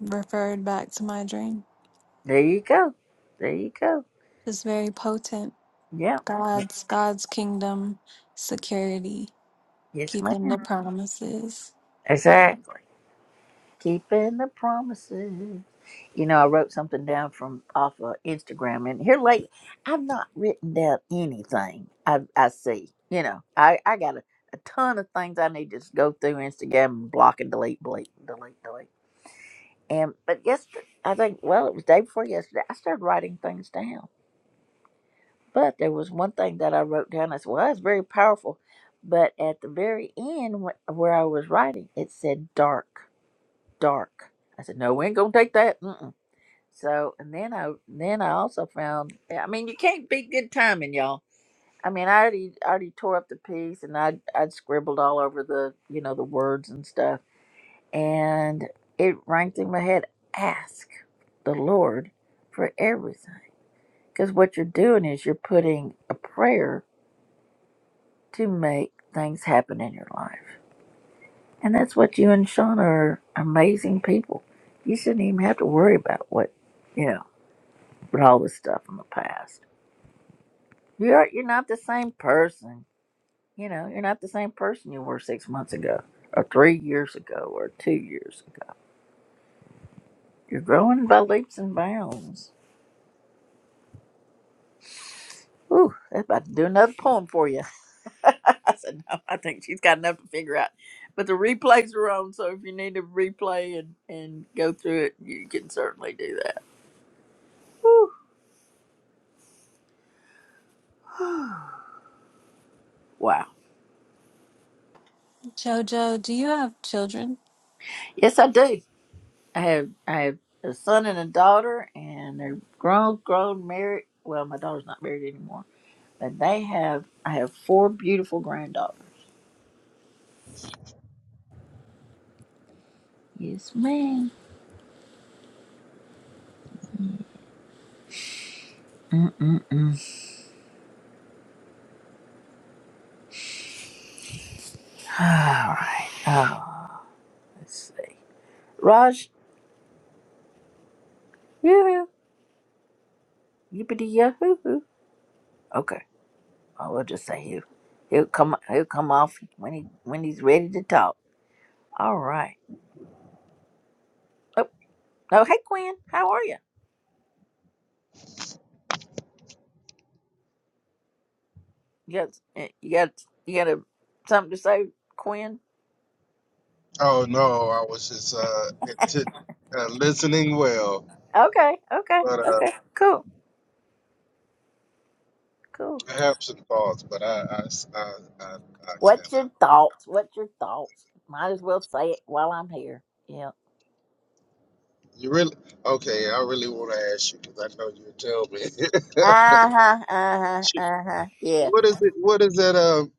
Speaker 11: referred back to my dream.
Speaker 1: There you go. There you go.
Speaker 11: It's very potent.
Speaker 1: Yeah.
Speaker 11: God's God's kingdom security,
Speaker 1: Yes, ma'am.
Speaker 11: keeping the promises.
Speaker 1: Exactly. Keeping the promises. You know, I wrote something down from off of Instagram, and here late, I've not written down anything I I see. You know, I I got a, a ton of things I need to just go through Instagram and block and delete, delete, delete, delete. And but yesterday, I think well, it was day before yesterday. I started writing things down, but there was one thing that I wrote down. I said, well, that's very powerful. But at the very end, wh- where I was writing, it said dark, dark. I said, no, we ain't gonna take that. Mm-mm. So, and then I then I also found. I mean, you can't beat good timing, y'all. I mean, I already I already tore up the piece, and I would I'd I'd scribbled all over the you know the words and stuff, and it rang through my head. Ask the Lord for everything, because what you're doing is you're putting a prayer to make things happen in your life, and that's what you and Sean are amazing people. You shouldn't even have to worry about what you know, but all this stuff in the past You're you're not the same person. You know, you're not the same person you were six months ago, or three years ago, or two years ago. You're growing by leaps and bounds. Ooh, that's about to do another poem for you. I said, no, I think she's got enough to figure out. But the replays are on, so if you need to replay and, and go through it, you can certainly do that. Whew. Wow.
Speaker 11: Jojo, do you have children?
Speaker 1: Yes, I do. I have I have a son and a daughter, and they're grown, grown, married. Well, my daughter's not married anymore But they have, I have four beautiful granddaughters. Yes, ma'am. Mm-mm-mm. All right. Oh, let's see. Raj, yoo-hoo, yippity yahoo. Okay, I will just say you. He'll come. He'll come off when he when he's ready to talk. All right. Oh, oh hey, Quinn. How are you? You got eh, you got you got a, something to say, Quinn?
Speaker 6: Oh no, I was just uh, intent, uh listening well,
Speaker 1: Okay, okay,
Speaker 6: but uh,
Speaker 1: okay. Cool, cool.
Speaker 6: I have some thoughts, but I I s- I, I, I
Speaker 1: What's
Speaker 6: can't.
Speaker 1: your thoughts? What's your thoughts? Might as well say it while I'm here. Yeah.
Speaker 6: You really okay? I really want to ask you because I know you'll tell me.
Speaker 1: Uh huh. Uh huh.
Speaker 6: Sh-
Speaker 1: Uh huh. Yeah.
Speaker 6: what is it? What is that? Um,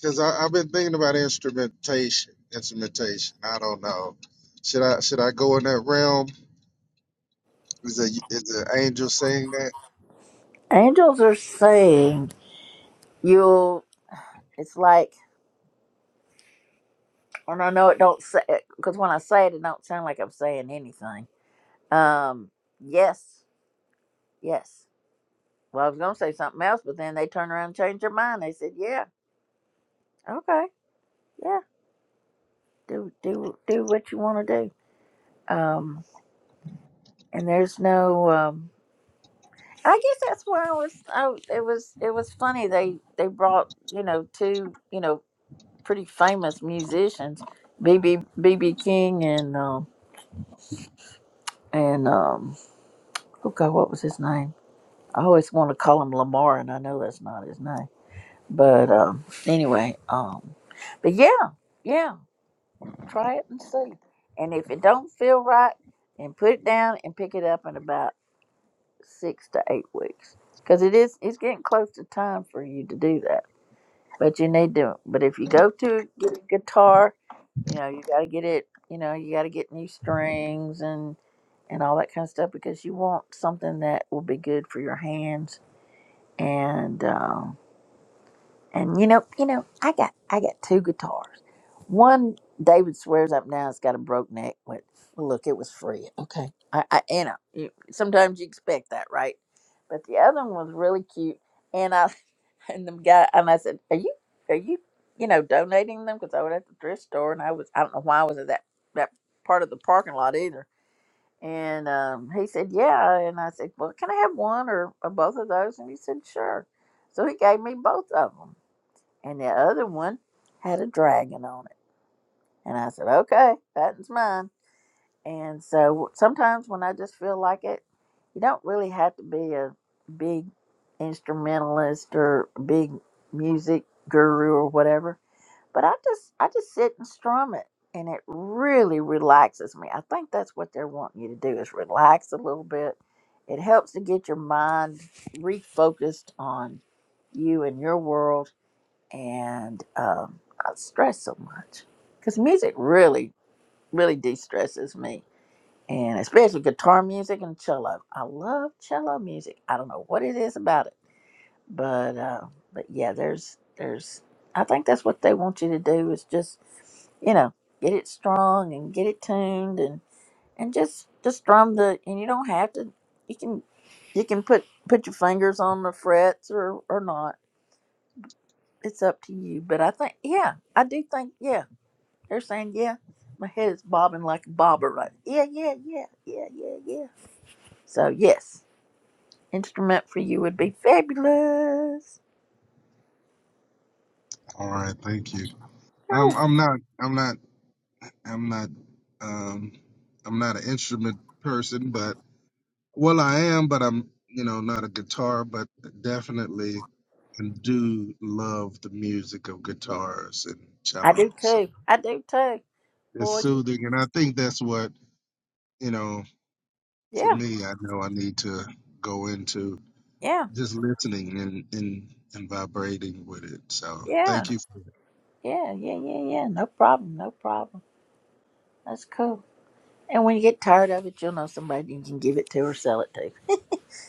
Speaker 6: because I've been thinking about instrumentation. Instrumentation. I don't know. Should I should I go in that realm? Is a is an angel saying that?
Speaker 1: Angels are saying you'll. It's like, and I know it don't say because when I say it, it don't sound like I'm saying anything. Um. Yes. Yes. Well, I was gonna say something else, but then they turn around and change their mind. They said, "Yeah. Okay. Yeah. Do do do what you want to do." Um. And there's no um. I guess that's where I was. I, it was it was funny. They they brought you know two you know pretty famous musicians, BB BB King and um and um oh god what was his name? I always want to call him Lamar, and I know that's not his name. But um anyway, um but yeah yeah try it and see. And if it don't feel right, then put it down and pick it up in about six to eight weeks because it is it's getting close to time for you to do that But you need to. But if you go to get a guitar, you know you got to get it. You know you got to get new strings and and all that kind of stuff because you want something that will be good for your hands. And um, and you know you know I got I got two guitars. One David swears up now it's got a broke neck, but look, it was free. Okay, I, I you know you, sometimes you expect that, right? But the other one was really cute, and I and the guy and I said, "Are you are you you know donating them?" Because I was at the thrift store and I was I don't know why I was at that that part of the parking lot either. And um, he said, "Yeah," and I said, "Well, can I have one or, or both of those?" And he said, "Sure." So he gave me both of them, and the other one had a dragon on it. And I said, "Okay, that's mine." And so sometimes when I just feel like it, you don't really have to be a big instrumentalist or big music guru or whatever. But I just I just sit and strum it and it really relaxes me. I think that's what they're wanting you to do is relax a little bit. It helps to get your mind refocused on you and your world and um, not stress so much because music really really de-stresses me and especially guitar music and cello. I love cello music. I don't know what it is about it, but uh, but yeah, there's there's. I think that's what they want you to do is just you know get it strong and get it tuned and and just just strum the and you don't have to you can you can put put your fingers on the frets or or not it's up to you but i think yeah i do think yeah they're saying yeah my head is bobbing like a bobber right yeah yeah yeah yeah yeah yeah so yes, instrument for you would be fabulous.
Speaker 6: All right, thank you. I'm
Speaker 1: Oh,
Speaker 6: I'm not. I'm not. I'm not um I'm not an instrument person, but well I am, but I'm you know not a guitar, but definitely and do love the music of guitars and
Speaker 1: I do
Speaker 6: cellos.
Speaker 1: too. I do too.
Speaker 6: It's
Speaker 1: Boy, you,
Speaker 6: soothing and I think that's what, you know, for
Speaker 1: yeah,
Speaker 6: me I know I need to go into
Speaker 1: yeah,
Speaker 6: just listening and and, and vibrating with it. So
Speaker 1: yeah,
Speaker 6: thank you for it.
Speaker 1: yeah, yeah, yeah, yeah. No problem. No problem. That's cool. And when you get tired of it, you'll know somebody you can give it to or sell it to.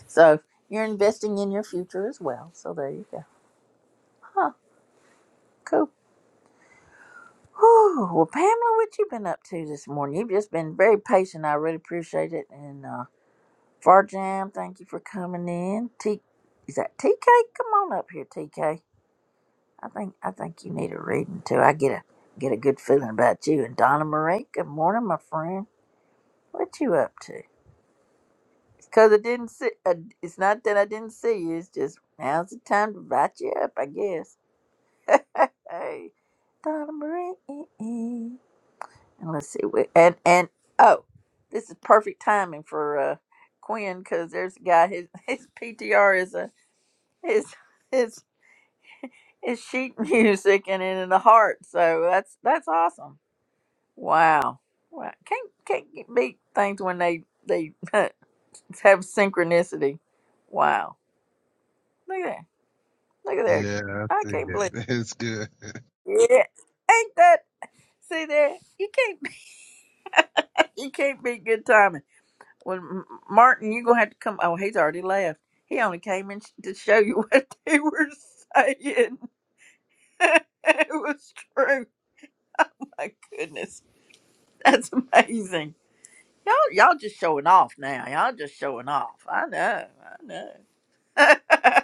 Speaker 1: So you're investing in your future as well. So there you go. Huh. Cool. Whew. Well, Pamela, what you been up to this morning? You've just been very patient. I really appreciate it. And uh, Far Jam, thank you for coming in. T is that TK? Come on up here, TK. I think I think you need a reading too. I get a get a good feeling about you. And Donna Marie, good morning, my friend. What you up to? It's cause I didn't see. Uh, it's not that I didn't see you. It's just now's the time to invite you up, I guess. Hey, Donna Marie. eh, eh. And let's see. What, and and oh, this is perfect timing for uh Quinn because there's a guy. His his PTR is a It's it's it's sheet music and in the heart. So that's that's awesome. Wow. Wow. Can't can't beat things when they they have synchronicity. Wow. Look at that. Look at there.
Speaker 6: Yeah, I
Speaker 1: I
Speaker 6: see
Speaker 1: can't believe.
Speaker 6: it. It's good.
Speaker 1: Yeah. Ain't that see there? You can't you can't beat good timing. When M- Martin, you gonna have to come. Oh, he's already left. He only came in sh- to show you what they were saying. it was true. My goodness. That's amazing. Y'all, y'all just showing off now. Y'all just showing off. I know. I know.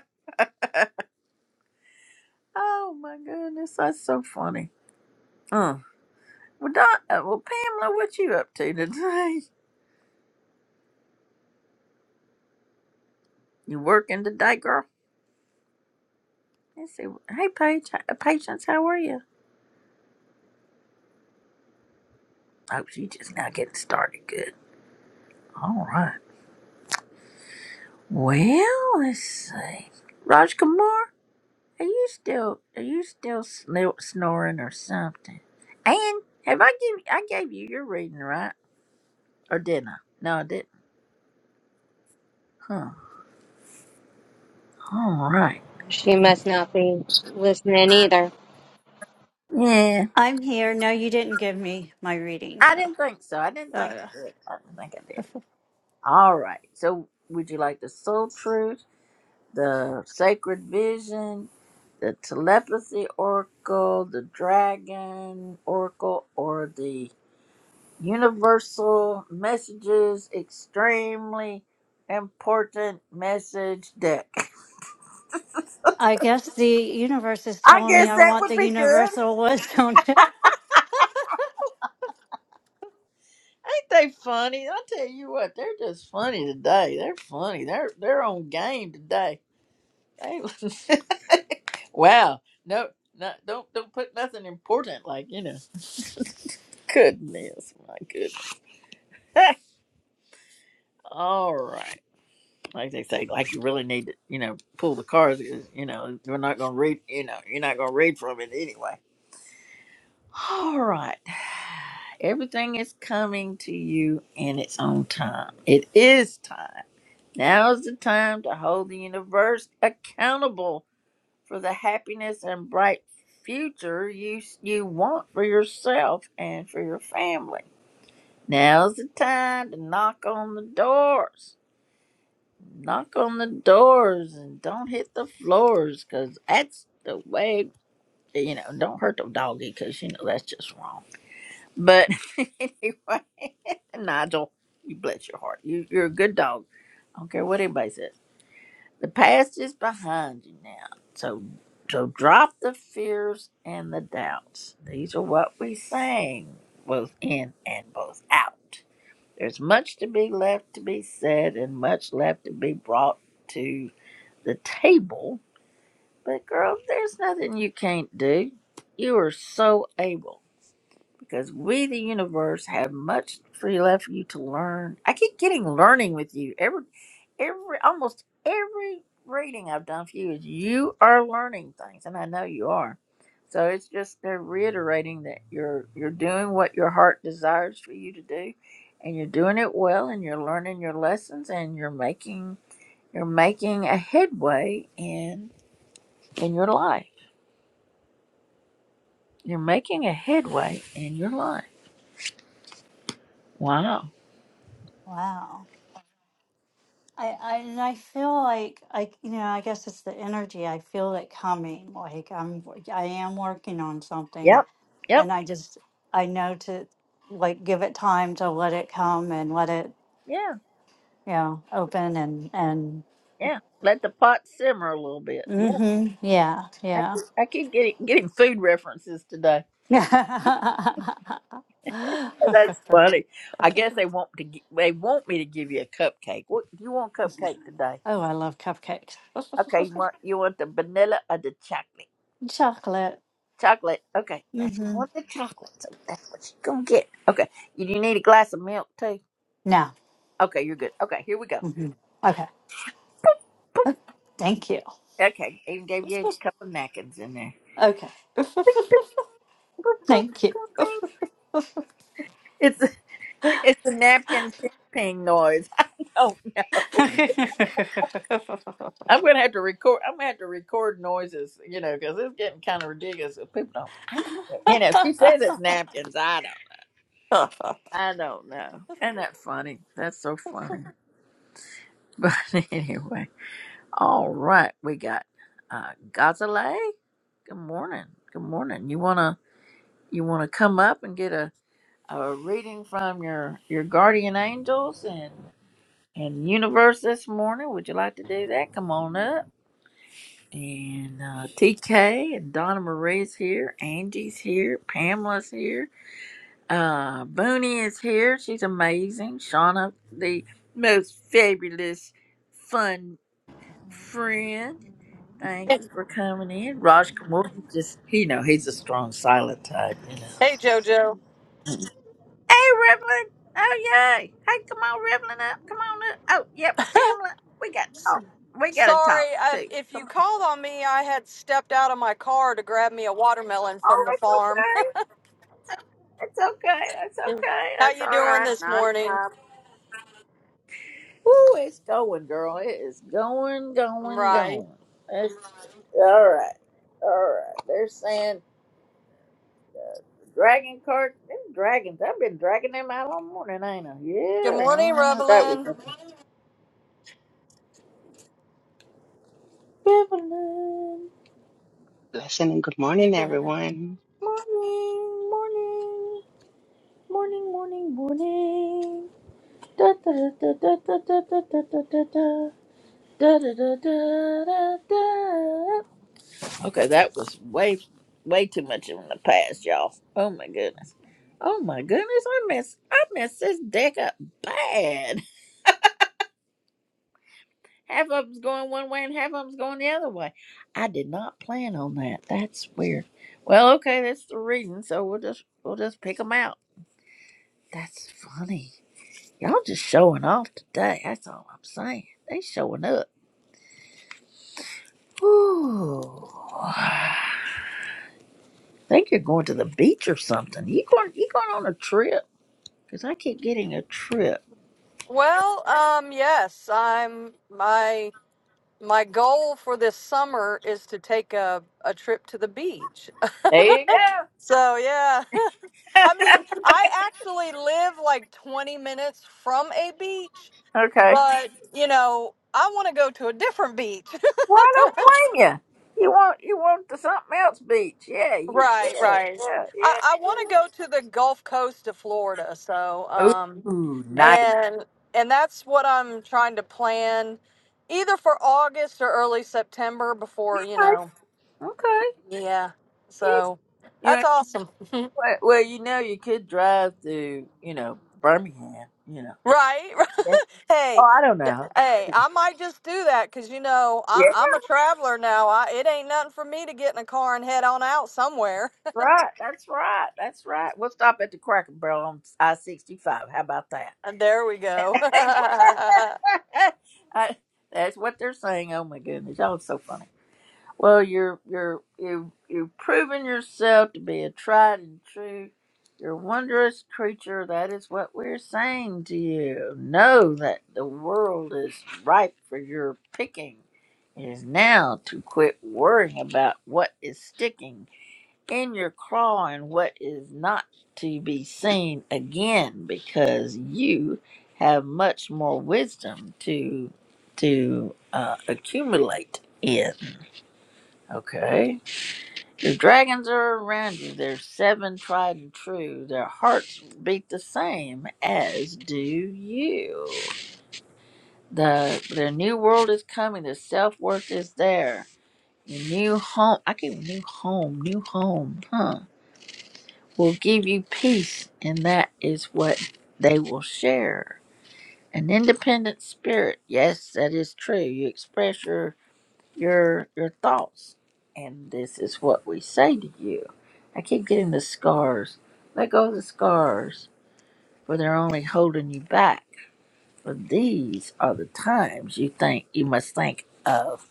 Speaker 1: oh my goodness, that's so funny. Huh. Well, Don, uh, well, Pamela, what you up to today? You working today, girl? Let's see. Hey, Paige, uh, patience, how are you? Oh, she just now getting started. Good. All right. Well, let's see. Raj Kumar. Are you still are you still snil- snoring or something? And have I give I gave you your reading right or didn't I? No, I didn't. Huh. All right.
Speaker 9: She must not be listening either.
Speaker 1: Yeah,
Speaker 3: I'm here. No, you didn't give me my reading,
Speaker 1: I didn't think so. I didn't think
Speaker 3: so.
Speaker 1: I did. I didn't think I did. All right. So would you like the soul truth, the sacred vision, the telepathy oracle, the dragon oracle, or the Universal Messages Extremely Important Message Deck.
Speaker 3: I guess the universe is
Speaker 1: I
Speaker 3: telling me
Speaker 1: guess
Speaker 3: I
Speaker 1: that
Speaker 3: want
Speaker 1: would
Speaker 3: the
Speaker 1: be good.
Speaker 3: universal wisdom.
Speaker 1: Ain't they funny? I tell you what, they're just funny today. They're funny. They're they're on game today. They- wow. No, no, don't don't put nothing important like you know. Goodness, my goodness. All right, like they say, like you really need to you know pull the cards. You know, we're not gonna read. You know, you're not gonna read from it anyway. All right. Everything is coming to you in its own time. It is time. Now is the time to hold the universe accountable for the happiness and bright future you you want for yourself and for your family. Now's the time to knock on the doors. Knock on the doors and don't hit the floors cuz that's the way you know, don't hurt the doggy cuz you know that's just wrong. But anyway, Nigel, you bless your heart. You, you're a good dog. I don't care what anybody says. The past is behind you now. So, so drop the fears and the doubts. These are what we sang, both in and both out. There's much to be left to be said and much left to be brought to the table. But girl, there's nothing you can't do. You are so able because we, the universe, have much free left for you to learn. I keep getting learning with you. Every, every, almost every reading I've done for you is you are learning things, and I know you are. So it's just they're reiterating that you're you're doing what your heart desires for you to do, and you're doing it well, and you're learning your lessons, and you're making you're making a headway in in your life. You're making a headway in your life. Wow.
Speaker 3: wow. I, I and I feel like I you know I guess it's the energy I feel it coming like I'm I am working on something
Speaker 1: Yep. Yep.
Speaker 3: and I just I know to like give it time to let it come and let it
Speaker 1: Yeah.
Speaker 3: you know open and and
Speaker 1: Yeah, let the pot simmer a little bit. Yeah,
Speaker 3: mhm yeah
Speaker 1: I,
Speaker 3: yeah
Speaker 1: I keep getting getting food references today. That's
Speaker 3: oh
Speaker 1: funny. I guess they want to gi- they want me to give you a cupcake. What do you want cupcake today?
Speaker 3: I love cupcakes
Speaker 1: Okay, you want you want the vanilla or the chocolate?
Speaker 3: chocolate
Speaker 1: Chocolate. Okay, that's you
Speaker 3: hmm
Speaker 1: want the chocolate. So that's what you're gonna get. Okay, you, you need a glass of milk too.
Speaker 3: No.
Speaker 1: Okay, you're good. Okay, here we go.
Speaker 3: hmm Okay.
Speaker 1: Boop.
Speaker 3: Thank you.
Speaker 1: Okay, even gave you a couple of napkins in there.
Speaker 3: Okay. Thank you.
Speaker 1: It's It's the napkin ping ping noise. I don't know. I'm gonna have to record. I'm gonna have to record noises, you know, because it's getting kind of ridiculous. If people don't, I don't, you know, she says it's napkins. I don't. I don't know. Isn't that funny? That's so funny. But anyway, all right, we got uh Gazale. Good morning. Good morning. You wanna you wanna come up and get a a reading from your your guardian angels and universe this morning. Would you like to do that? Come on up. And uh, TK and Donna Marie's here. Angie's here. Pamela's here. Uh, Booney is here. She's amazing. Shauna, the most fabulous, fun friend. Thank
Speaker 12: Hey,
Speaker 1: you for coming in. Raj Kumar, he just, you know, he's a strong silent type.
Speaker 12: JoJo.
Speaker 1: Hey, Rivlin. Oh, yay. Hey, come on, Rivlin, up. Come on up. Oh, yep, Pamela. We got to talk. We got to
Speaker 12: Sorry,
Speaker 1: talk,
Speaker 12: I,
Speaker 1: too.
Speaker 12: if
Speaker 1: Come
Speaker 12: you
Speaker 1: on.
Speaker 12: called on me, I had stepped out of my car to grab me a watermelon from
Speaker 1: Oh,
Speaker 12: the
Speaker 1: it's
Speaker 12: farm.
Speaker 1: okay. It's okay. That's okay.
Speaker 12: How
Speaker 1: That's
Speaker 12: you
Speaker 1: all
Speaker 12: doing
Speaker 1: right.
Speaker 12: this
Speaker 1: Not a
Speaker 12: morning?
Speaker 1: problem. Woo, it's going, girl. It is going, going,
Speaker 12: Right.
Speaker 1: going. It's, all right. All right. They're saying dragon card. Them dragons. I've been dragging them out all morning, ain't I?
Speaker 12: Good
Speaker 1: Yeah.
Speaker 12: morning,
Speaker 1: Uh, that was
Speaker 12: Revelyn.
Speaker 1: Rivlin. Morning.
Speaker 13: Blessing and good morning, everyone.
Speaker 1: Morning. Morning, morning, morning. Da da da da da da da da da da da. Da da da da da da. Okay, that was way, way too much in the past, y'all. Oh my goodness. Oh my goodness, I miss, I miss this deck up bad. Half of them's going one way and half of them's going the other way. I did not plan on that. That's weird. Well, okay, that's the reason. So we'll just, we'll just pick them out. That's funny. Y'all just showing off today. That's all I'm saying. They showing up. Ooh. think you're going to the beach or something. You going you going on a trip? Because I keep getting a trip.
Speaker 12: Well, um, yes, I'm my my goal for this summer is to take a, a trip to the beach.
Speaker 1: There you go.
Speaker 12: So yeah. I mean, I actually live like 20 minutes from a beach,
Speaker 1: okay.
Speaker 12: but you know, I want to go to a different beach.
Speaker 1: Why don't blame you? You want you want the something else beach. Yeah, you
Speaker 12: right,
Speaker 1: yeah,
Speaker 12: right.
Speaker 1: yeah,
Speaker 12: I,
Speaker 1: yeah.
Speaker 12: I want to go to the Gulf Coast of Florida. So, um,
Speaker 1: Ooh, nice.
Speaker 12: and and that's what I'm trying to plan, either for August or early September before you
Speaker 1: Okay.
Speaker 12: know.
Speaker 1: okay.
Speaker 12: Yeah.
Speaker 1: Yeah.
Speaker 12: So,
Speaker 1: You know,
Speaker 12: that's awesome.
Speaker 1: well, well, you know, you could drive through, you know, Birmingham, you know.
Speaker 12: Right.
Speaker 1: Yeah. Oh,
Speaker 12: Hey,
Speaker 1: I don't
Speaker 12: d- hey,
Speaker 1: know.
Speaker 12: I might just do that because you know I,
Speaker 1: Yeah,
Speaker 12: I'm a traveler now. I, it ain't nothing for me to get in a car and head on out somewhere.
Speaker 1: right. That's right. That's right. We'll stop at the Cracker Barrel on I sixty five. How about that?
Speaker 12: And there we go.
Speaker 1: I, that's what they're saying. Oh my goodness, y'all are so funny. Well, you're you're you you've proven yourself to be a tried and true. You're a wondrous creature. That is what we're saying to you. Know that the world is ripe for your picking. It is now to quit worrying about what is sticking in your clawing what is not to be seen again because you have much more wisdom to to uh, accumulate in okay the dragons are around you they're seven tried and true their hearts beat the same as do you the their new world is coming their self-worth is there your new home i keep new home new home huh will give you peace, and that is what they will share. An independent spirit, yes, that is true. You express your your your thoughts, and this is what we say to you. I keep getting the scars. Let go of the scars, for they're only holding you back. For these are the times you think you must think of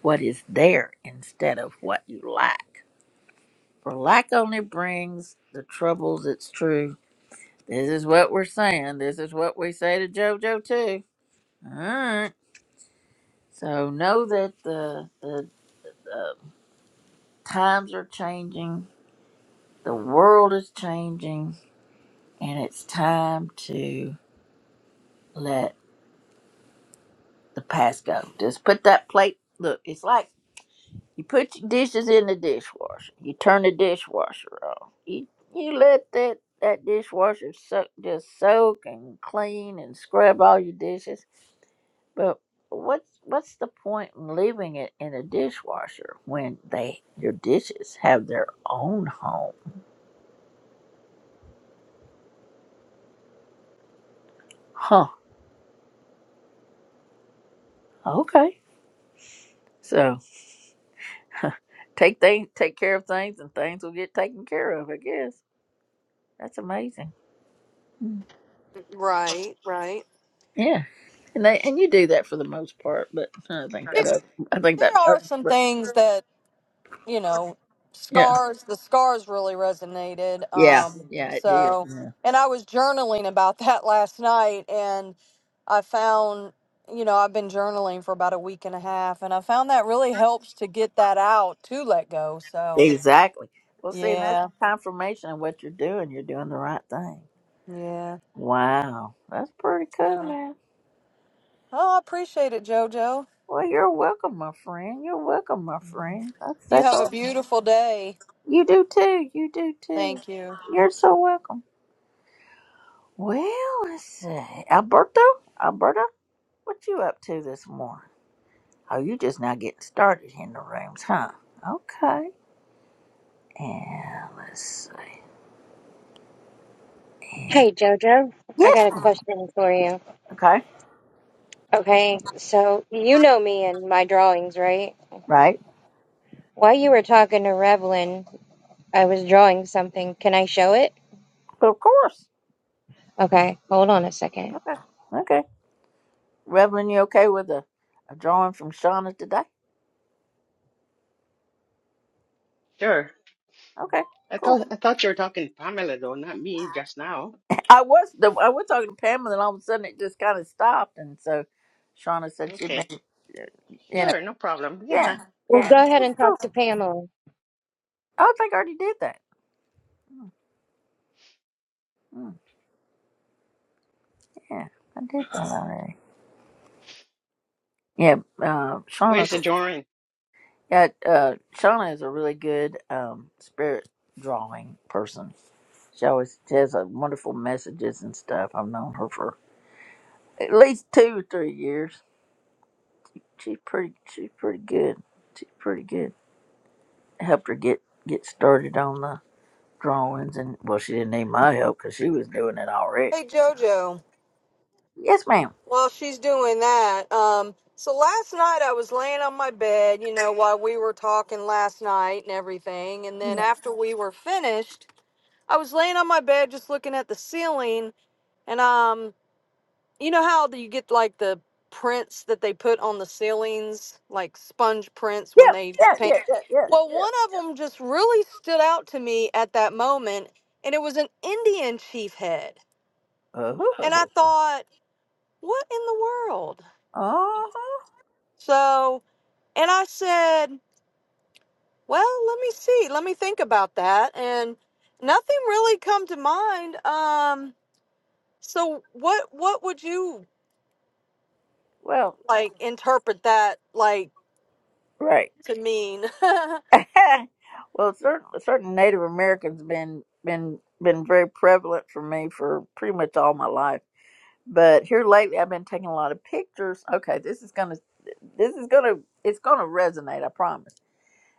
Speaker 1: what is there instead of what you lack. For lack only brings the troubles. It's true This is what we're saying. This is what we say to JoJo too. All right. So know that the the uh, times are changing. The world is changing, and it's time to let the past go. Just put that plate. Look, it's like you put your dishes in the dishwasher. You turn the dishwasher off. You you let that that dishwasher soak, just soak and clean and scrub all your dishes But what's what's the point in leaving it in a dishwasher when they your dishes have their own home? Huh. Okay. So take things take care of things and things will get taken care of, I guess. That's amazing. Mm.
Speaker 12: Right, right.
Speaker 1: Yeah. And they and you do that for the most part, but I think
Speaker 12: there
Speaker 1: that other, I think that
Speaker 12: there are
Speaker 1: other,
Speaker 12: some
Speaker 1: but
Speaker 12: things that you know,
Speaker 1: yeah.
Speaker 12: scars, the scars really resonated.
Speaker 1: Yeah.
Speaker 12: Um,
Speaker 1: Yeah, it did.
Speaker 12: so,
Speaker 1: Yeah.
Speaker 12: and I was journaling about that last night and I found, you know, I've been journaling for about a week and a half and I found that really helps to get that out to let go. So,
Speaker 1: Exactly. Well see and that's
Speaker 12: yeah,
Speaker 1: confirmation of what you're doing. You're doing the right thing.
Speaker 12: yeah.
Speaker 1: Wow. That's pretty cool,
Speaker 12: So,
Speaker 1: man.
Speaker 12: oh, I appreciate it, JoJo.
Speaker 1: Well, you're welcome, my friend. You're welcome, my friend. That's
Speaker 12: You
Speaker 1: that's
Speaker 12: have a
Speaker 1: all.
Speaker 12: beautiful day.
Speaker 1: You do too. You do too.
Speaker 12: Thank you.
Speaker 1: You're so welcome. Well, let's see. Alberto, Alberto, what you up to this morning? Oh, you just now getting started in the rooms, huh? Okay. And let's see.
Speaker 9: Hey, Jojo, I
Speaker 1: Yeah.
Speaker 9: got a question for you.
Speaker 1: Okay.
Speaker 9: Okay, so you know me and my drawings, right?
Speaker 1: Right.
Speaker 9: While you were talking to Revlon, I was drawing something. Can I show it?
Speaker 1: of course.
Speaker 9: Okay, hold on a second.
Speaker 1: Okay. Okay. Revelin, you okay with a, a drawing from Shauna today?
Speaker 13: Sure.
Speaker 1: Okay.
Speaker 13: I
Speaker 1: Cool.
Speaker 13: thought I thought you were talking to Pamela though, not me just now.
Speaker 1: I was the I was talking to Pamela, and all of a sudden it just kind of stopped, and so Shauna said she'd been,
Speaker 13: Okay.
Speaker 1: uh, you know,
Speaker 13: Sure, no problem. Yeah.
Speaker 1: yeah,
Speaker 9: Well,
Speaker 1: yeah,
Speaker 9: go
Speaker 1: that's
Speaker 9: ahead and
Speaker 1: cool.
Speaker 9: talk to Pamela.
Speaker 1: I don't think I already did that. Hmm, Yeah, I did that already. Yeah, uh, Shauna.
Speaker 13: Where's the drawing?
Speaker 1: Yeah, uh, Shauna is a really good um, spirit drawing person. She always she has uh, wonderful messages and stuff. I've known her for at least two or three years. She's pretty. She's pretty good. She's pretty good. Helped her get get started on the drawings, and well, she didn't need my help because she was doing it already.
Speaker 12: Hey,
Speaker 1: So
Speaker 12: JoJo.
Speaker 1: yes, ma'am.
Speaker 12: While she's doing that, um, so last night I was laying on my bed, you know, while we were talking last night and everything. And then
Speaker 1: Yeah.
Speaker 12: after we were finished, I was laying on my bed just looking at the ceiling. And, um, you know how you get like the prints that they put on the ceilings, like sponge prints when
Speaker 1: Yeah,
Speaker 12: they
Speaker 1: yeah,
Speaker 12: paint?
Speaker 1: yeah, yeah, yeah,
Speaker 12: Well, one of them just really stood out to me at that moment, and it was an Indian chief head.
Speaker 1: yeah. Uh huh.
Speaker 12: And I thought, what in the world?
Speaker 1: Uh huh.
Speaker 12: So. And I said, "Well, let me see. Let me think about that." And nothing really come to mind. Um, so what what would you
Speaker 1: Well,
Speaker 12: like interpret that like
Speaker 1: right.
Speaker 12: to mean?
Speaker 1: well, certain certain Native Americans been been been very prevalent for me for pretty much all my life. But here lately, I've been taking a lot of pictures. Okay, this is gonna this is gonna it's gonna resonate. I promise.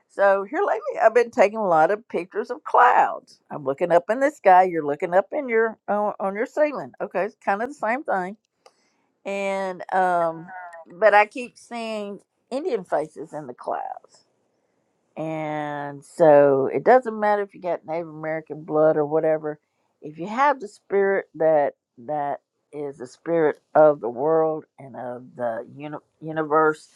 Speaker 1: So here lately, I've been taking a lot of pictures of clouds. I'm looking up in the sky. You're looking up in your on, on your ceiling. Okay, it's kind of the same thing. And um, but I keep seeing Indian faces in the clouds. And so it doesn't matter if you got Native American blood or whatever. If you have the spirit that that is the spirit of the world and of the uni- universe,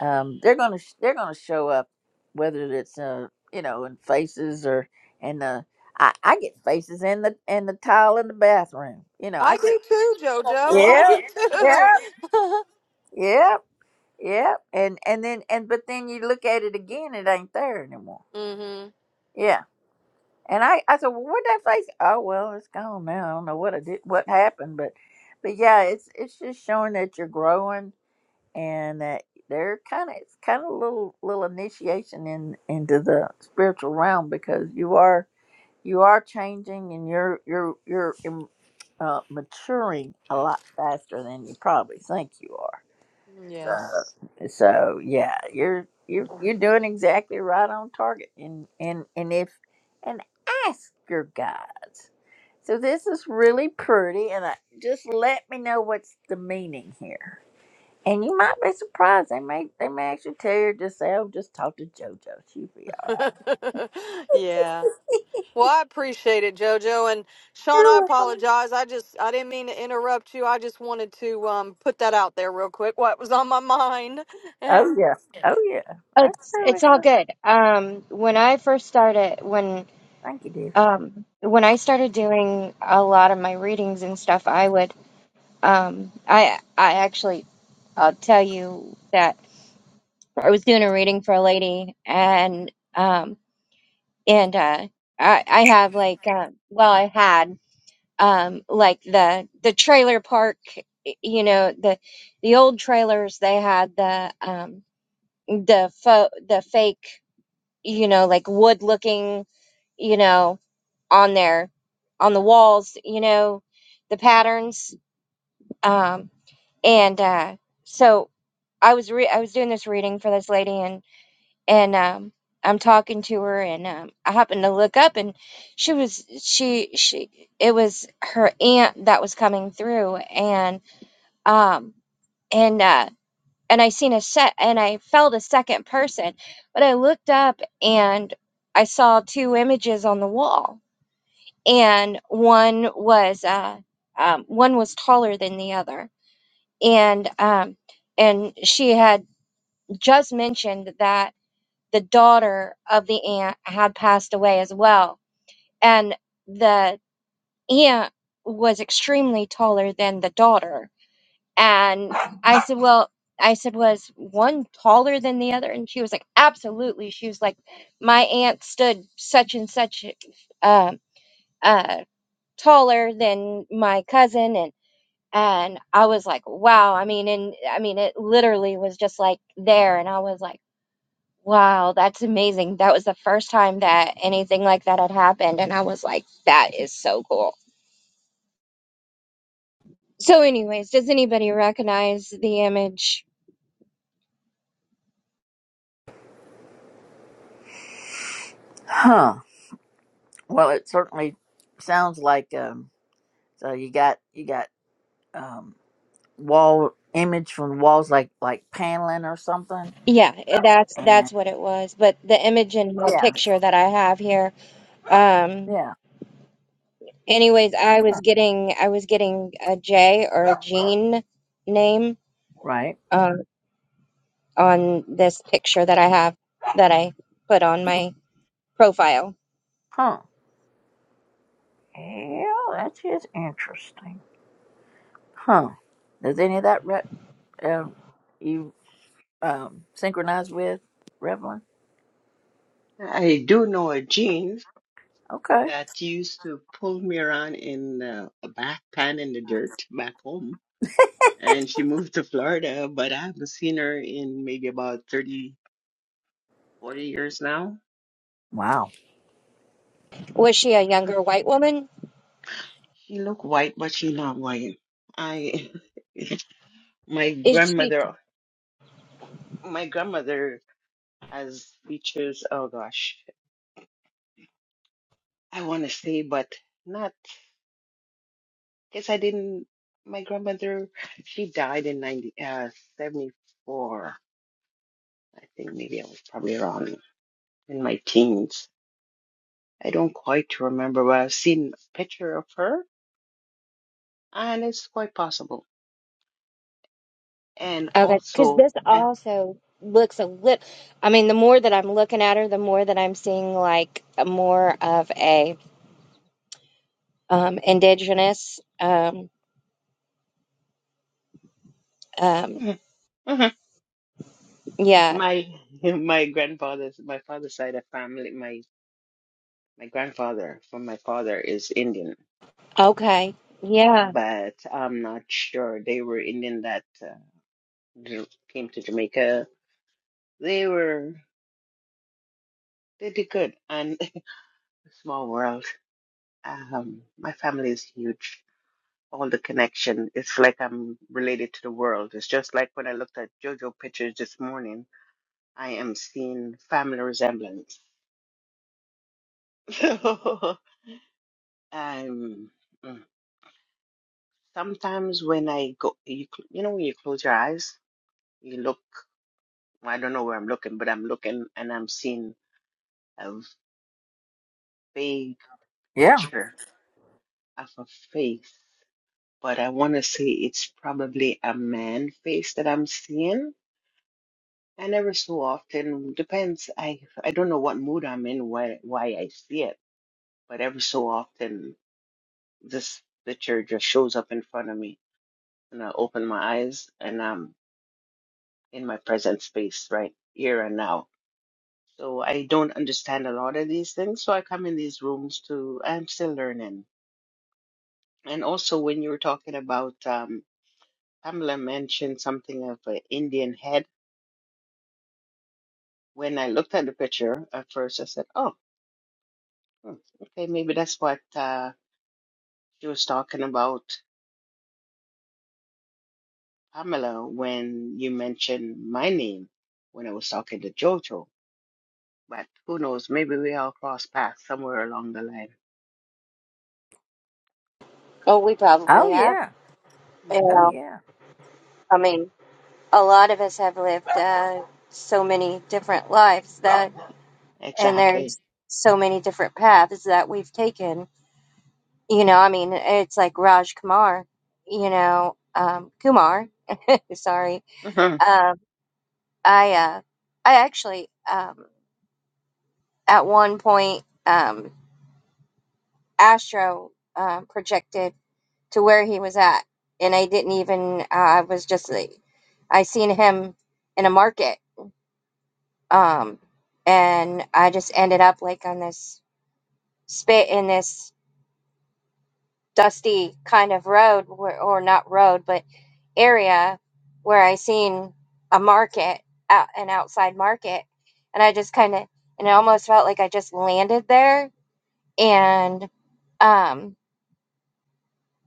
Speaker 1: um, they're gonna sh- they're gonna show up, whether it's uh you know in faces or in the I, I get faces in the in the tile in the bathroom. You know I
Speaker 12: I
Speaker 1: get
Speaker 12: do too, Jojo. I
Speaker 1: yeah
Speaker 12: do too.
Speaker 1: yeah yeah yeah and and then and but then you look at it again, it ain't there anymore.
Speaker 12: mm Mhm.
Speaker 1: Yeah. And I, I said, well, where'd that face? Oh, well, it's gone now. I don't know what I did, what happened, but, but yeah, it's it's just showing that you're growing and that they're kind of it's kind of a little little initiation in into the spiritual realm because you are you are changing and you're you're you're um, uh, maturing a lot faster than you probably think you are. So,
Speaker 12: Yes.
Speaker 1: so yeah, you're you're you're doing exactly right on target. And and and if and ask your guides. So this is really pretty, and I, just let me know what's the meaning here. And you might be surprised. They may they may actually tell you just say, "Oh, just talk to JoJo. She'll be all."
Speaker 12: yeah. Well, I appreciate it, Jojo, and
Speaker 1: right."
Speaker 12: Sean.
Speaker 1: You're
Speaker 12: I
Speaker 1: welcome.
Speaker 12: apologize. I just I didn't mean to interrupt you. I just wanted to um put that out there real quick. What was on my mind?
Speaker 1: Oh yeah, oh yeah.
Speaker 9: Oh,
Speaker 1: That's
Speaker 9: It's
Speaker 1: totally
Speaker 9: it's all
Speaker 1: good.
Speaker 9: good. Um, when I first started, when
Speaker 1: Thank you, dear.
Speaker 9: um when I started doing a lot of my readings and stuff, I would um I I actually I'll tell you that I was doing a reading for a lady and um. and uh i i have like uh, well i had um like the the trailer park y- you know the the old trailers they had the um the fo- the fake you know like wood looking you know on there on the walls you know the patterns um and uh so i was re- i was doing this reading for this lady and um I'm talking to her and um I happened to look up and she was she she it was her aunt that was coming through and um and uh and I seen a set and I felt a second person but I looked up and I saw two images on the wall and one was uh um, one was taller than the other and um and she had just mentioned that the daughter of the aunt had passed away as well. And the aunt was extremely taller than the daughter. And I said, Well, I said, Was one taller than the other? And she was like, Absolutely. She was like, My aunt stood such and such uh, uh, taller than my cousin. And and I was like, wow. I mean, and I mean, it literally was just like there. And I was like, Wow, that's amazing. That was the first time that anything like that had happened, and I was like, that is so cool. So, anyways, does anybody recognize the image?
Speaker 1: Huh. Well, it certainly sounds like um. So you got you got um. wall image from walls like like paneling or something.
Speaker 9: Yeah, i- that's
Speaker 1: And
Speaker 9: that's what it was. But the image in my
Speaker 1: yeah,
Speaker 9: picture that I have here. Um,
Speaker 1: yeah,
Speaker 9: anyways, I was getting I was getting a J or a Jean name
Speaker 1: right.
Speaker 9: uh, on this picture that I have that I put on my profile.
Speaker 1: Huh. Yeah, that is interesting. Huh. Does any of that re- um you um synchronize with Revlon?
Speaker 13: I do know a jean
Speaker 1: Okay.
Speaker 13: that used to pull me around in uh, a back pan in the dirt back home. And she moved to Florida, but I haven't seen her in maybe about thirty, forty years now.
Speaker 1: Wow.
Speaker 9: Was she a
Speaker 13: Uh-huh.
Speaker 9: younger white woman?
Speaker 13: She look white, but she not white. I, my
Speaker 9: Is she?
Speaker 13: grandmother, my grandmother as teachers. Oh gosh, I want to say, but not because I didn't. My grandmother, she died in 90, uh, 74. I think maybe I was probably around in my teens. I don't quite remember, but I've seen a picture of her, and it's quite possible. And
Speaker 9: Okay, because
Speaker 13: also,
Speaker 9: this
Speaker 13: and
Speaker 9: also looks a lit. I mean, the more that I'm looking at her, the more that I'm seeing like a more of a um indigenous um um yeah.
Speaker 13: my my grandfather's my father's side of family, my my grandfather from my father is Indian
Speaker 9: Okay. Yeah.
Speaker 13: but I'm not sure. They were Indian that uh, J- came to Jamaica. They were they did good, and small world. Um, my family is huge. All the connection. It's like I'm related to the world. It's just like when I looked at JoJo pictures this morning. I am seeing family resemblance. um, mm. sometimes when I go, you cl- you know, when you close your eyes, you look. well, I don't know where I'm looking, but I'm looking and I'm seeing vague
Speaker 1: Yeah.
Speaker 13: picture of a face, but I want to say it's probably a man face that I'm seeing. And every so often, depends. I I don't know what mood I'm in, why why I see it, but every so often, this picture just shows up in front of me, and I open my eyes, and I'm in my present space, right here and now. So I don't understand a lot of these things. So I come in these rooms to. I'm still learning. And also, when you were talking about um, Pamela mentioned something of an Indian head. When I looked at the picture at first, I said, "Oh, hmm, okay, maybe that's what uh, she was talking about." Pamela, when you mentioned my name when I was talking to Jojo, but who knows? Maybe we all cross paths somewhere along the line.
Speaker 9: Oh, we
Speaker 1: Oh
Speaker 9: probably have.
Speaker 1: yeah.
Speaker 9: You
Speaker 13: Mhm.
Speaker 1: Oh
Speaker 9: know,
Speaker 1: yeah.
Speaker 9: I mean, a lot of us have lived uh, so many different lives that, and
Speaker 13: Exactly.
Speaker 9: there's so many different paths that we've taken. You know, I mean, it's like Raj Kumar. You know, um, Kumar. Sorry.
Speaker 13: Mhm.
Speaker 9: um, I uh, I actually um, at one point um, Astro uh, projected to where he was at, and I didn't even. Uh, I was just like, I seen him in a market, um, and I just ended up like on this spit in this dusty kind of road, where, or not road, but area where I seen a market, out, an outside market, and I just kind of and it almost felt like I just landed there and um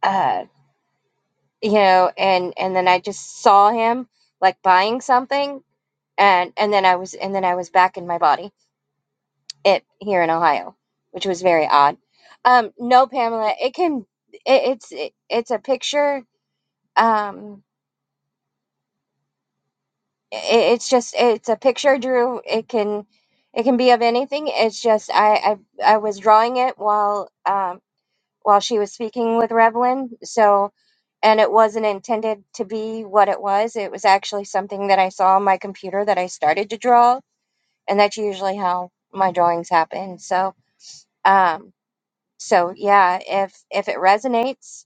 Speaker 9: uh you know and and then i just saw him like buying something and and then i was and then i was back in my body it here in ohio which was very odd um no pamela it can it, it's it, it's a picture um it, it's just it's a picture drew it can it can be of anything it's just i i, I was drawing it while um while she was speaking with Revlin. So, and it wasn't intended to be what it was. It was actually something that I saw on my computer that I started to draw, and that's usually how my drawings happen. So, um, so yeah, if if it resonates,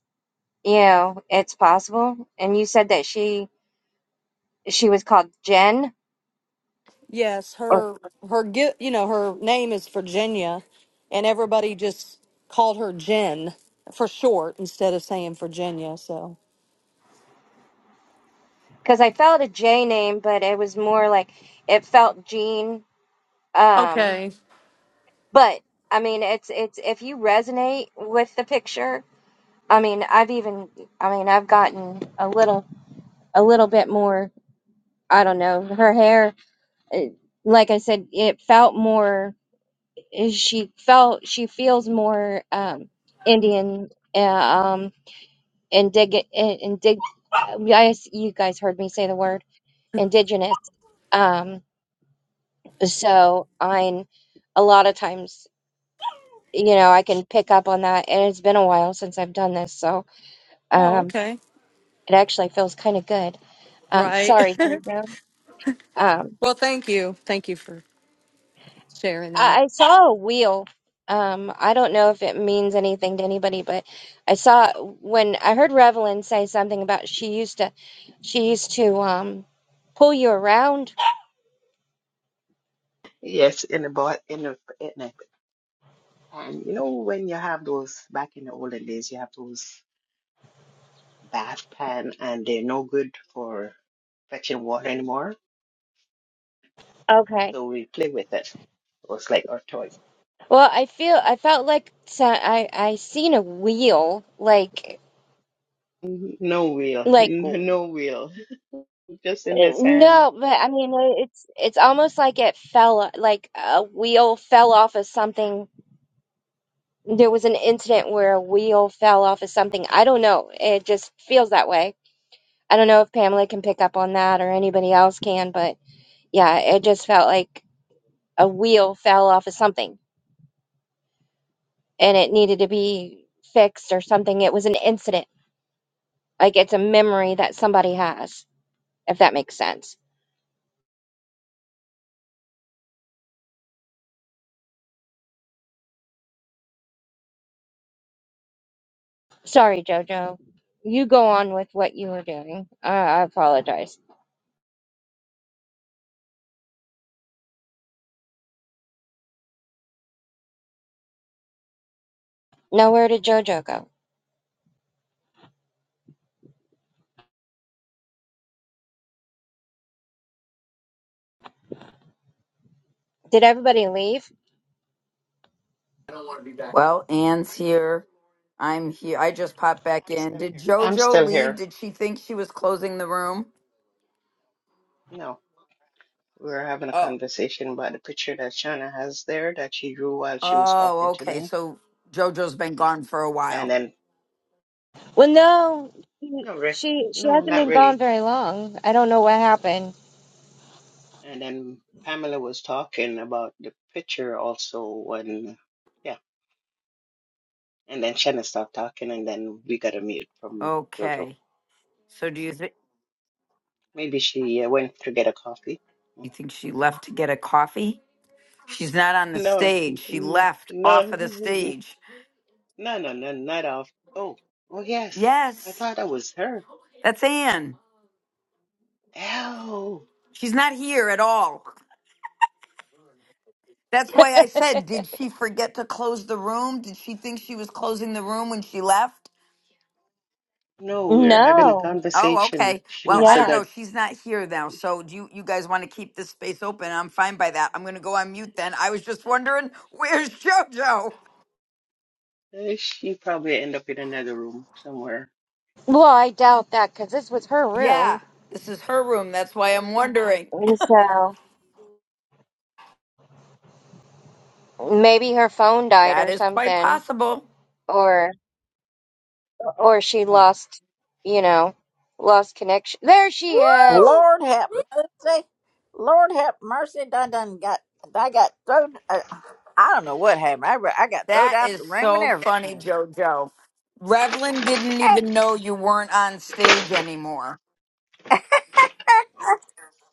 Speaker 9: you know, it's possible. And you said that she she was called Jen,
Speaker 12: Yes, her her gi- you know her name is Virginia, and everybody just called her Jen for short instead of saying Virginia. So
Speaker 9: because I felt a J name, but it was more like it felt Jean. Um,
Speaker 12: okay,
Speaker 9: but I mean, it's it's if you resonate with the picture I mean, I've even, I mean, I've gotten a little, a little bit more. I don't know. Her hair, uh, like I said, it felt more. eh, She felt, she feels more um, Indian. Uh, um, indig, eh, indig. Yes, you guys heard me say the word indigenous. Um, so I'm a lot of times, you know, I can pick up on that, and it's been a while since I've done this, so
Speaker 12: oh
Speaker 9: um,
Speaker 12: okay,
Speaker 9: it actually feels kind of good. Um,
Speaker 12: right.
Speaker 9: sorry, Jojo. Um,
Speaker 12: well, thank you, thank you for sharing that.
Speaker 9: I, I saw a wheel. Um, I don't know if it means anything to anybody, but I saw when I heard Revelyn say something about she used to, she used to um, pull you around.
Speaker 13: Yes, in the bo in the in the pan. You know, when you have those back in the olden days, you have those. bath pan and they're no good for fetching water anymore.
Speaker 9: Okay.
Speaker 13: So we play with it. It was like our toy.
Speaker 9: Well, I feel I felt like so- I I seen a wheel like
Speaker 13: Mhm. No wheel,
Speaker 9: like
Speaker 13: no wheel, just in the sand.
Speaker 9: no, but I mean it's it's almost like it fell like a wheel fell off of something there was an incident where a wheel fell off of something. I don't know. It just feels that way. I don't know if Pamela can pick up on that or anybody else can, but yeah, it just felt like a wheel fell off of something and it needed to be fixed or something. It was an incident. Like it's a memory that somebody has, if that makes sense. Sorry, JoJo. You go on with what you were doing. I, I apologize. Now, where did JoJo go? Did everybody leave?
Speaker 4: Well, Anne's here. I'm here. I just popped back in. Did
Speaker 13: I'm
Speaker 4: JoJo
Speaker 13: still
Speaker 4: leave?
Speaker 13: here.
Speaker 4: Did she think she was closing the room?
Speaker 13: No, we were having a
Speaker 4: Oh.
Speaker 13: conversation about the picture that Shauna has there that she drew while she was talking
Speaker 4: Oh,
Speaker 13: to
Speaker 4: okay.
Speaker 13: me.
Speaker 4: So JoJo's been gone for a
Speaker 13: And
Speaker 4: while.
Speaker 13: then,
Speaker 9: Well, no,
Speaker 13: no, re-
Speaker 9: she she
Speaker 13: no,
Speaker 9: hasn't
Speaker 13: not
Speaker 9: been gone
Speaker 13: really.
Speaker 9: very long. I don't know what happened.
Speaker 13: And then Pamela was talking about the picture also when, yeah. And then Shanna stopped talking, and then we got a mute from JoJo.
Speaker 4: Okay. So do you think
Speaker 13: Maybe she uh, went to get a coffee.
Speaker 4: you think she left to get a coffee? She's not on the
Speaker 13: No,
Speaker 4: stage. She
Speaker 13: n-
Speaker 4: left off
Speaker 13: no,
Speaker 4: of the stage.
Speaker 13: no, no, no, not off. Oh, oh yes, I
Speaker 4: Yes.
Speaker 13: thought that was her.
Speaker 4: That's Anne.
Speaker 13: Oh,
Speaker 4: She's not here at all. That's why I said, did she forget to close the room? Did she think she was closing the room when she left?
Speaker 13: no, we were having a
Speaker 9: No,
Speaker 4: Oh,
Speaker 13: conversation.
Speaker 4: okay.
Speaker 13: She
Speaker 4: Well,
Speaker 13: must
Speaker 4: I
Speaker 13: have
Speaker 4: don't
Speaker 9: yeah.
Speaker 13: got.
Speaker 4: know. She's not here now. So do you, you guys want to keep this space open? I'm fine by that. I'm going to go on mute then. I was just
Speaker 13: uh,
Speaker 4: wondering, where's JoJo?
Speaker 13: She probably end up in another room somewhere.
Speaker 9: Well, I doubt that because this was her
Speaker 4: Yeah,
Speaker 9: room,
Speaker 4: this is her room. That's why I'm wondering.
Speaker 9: so maybe her phone died
Speaker 4: That
Speaker 9: or
Speaker 4: is quite
Speaker 9: something,
Speaker 4: possible.
Speaker 9: or or she
Speaker 13: Huh.
Speaker 9: lost, you know, lost connection. There she
Speaker 4: Woo!
Speaker 9: is.
Speaker 1: Lord have mercy. Lord have mercy. Done done got I got thrown. Uh, I don't know what happened. I re- I got thrown
Speaker 4: That
Speaker 1: out the
Speaker 4: is
Speaker 1: room and
Speaker 4: so funny,
Speaker 1: everything.
Speaker 4: JoJo. Revlon didn't even know you weren't on stage anymore.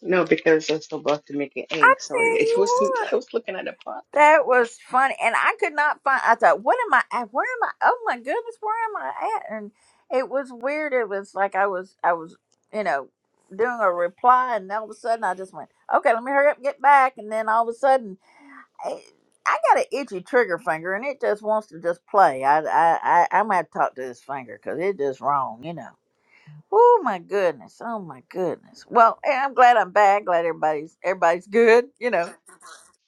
Speaker 13: No, because I was about to make an
Speaker 1: I
Speaker 13: egg. Sorry,
Speaker 1: tell
Speaker 13: it
Speaker 1: you
Speaker 13: wasn't. I
Speaker 1: what,
Speaker 13: was looking at the pot.
Speaker 1: that was funny, and I could not find. I thought, what am I? At? Where am I? Oh my goodness, where am I at? And it was weird. It was like I was, I was, you know, doing a reply, and all of a sudden I just went, okay, let me hurry up, and get back, and then all of a sudden, I, I got an itchy trigger finger, and it just wants to just play. I, I, I, I'm gonna have to talk to this finger because it just wrong, you know. Oh my goodness, oh my goodness. Well, and I'm glad I'm back. Glad everybody's everybody's good, you know.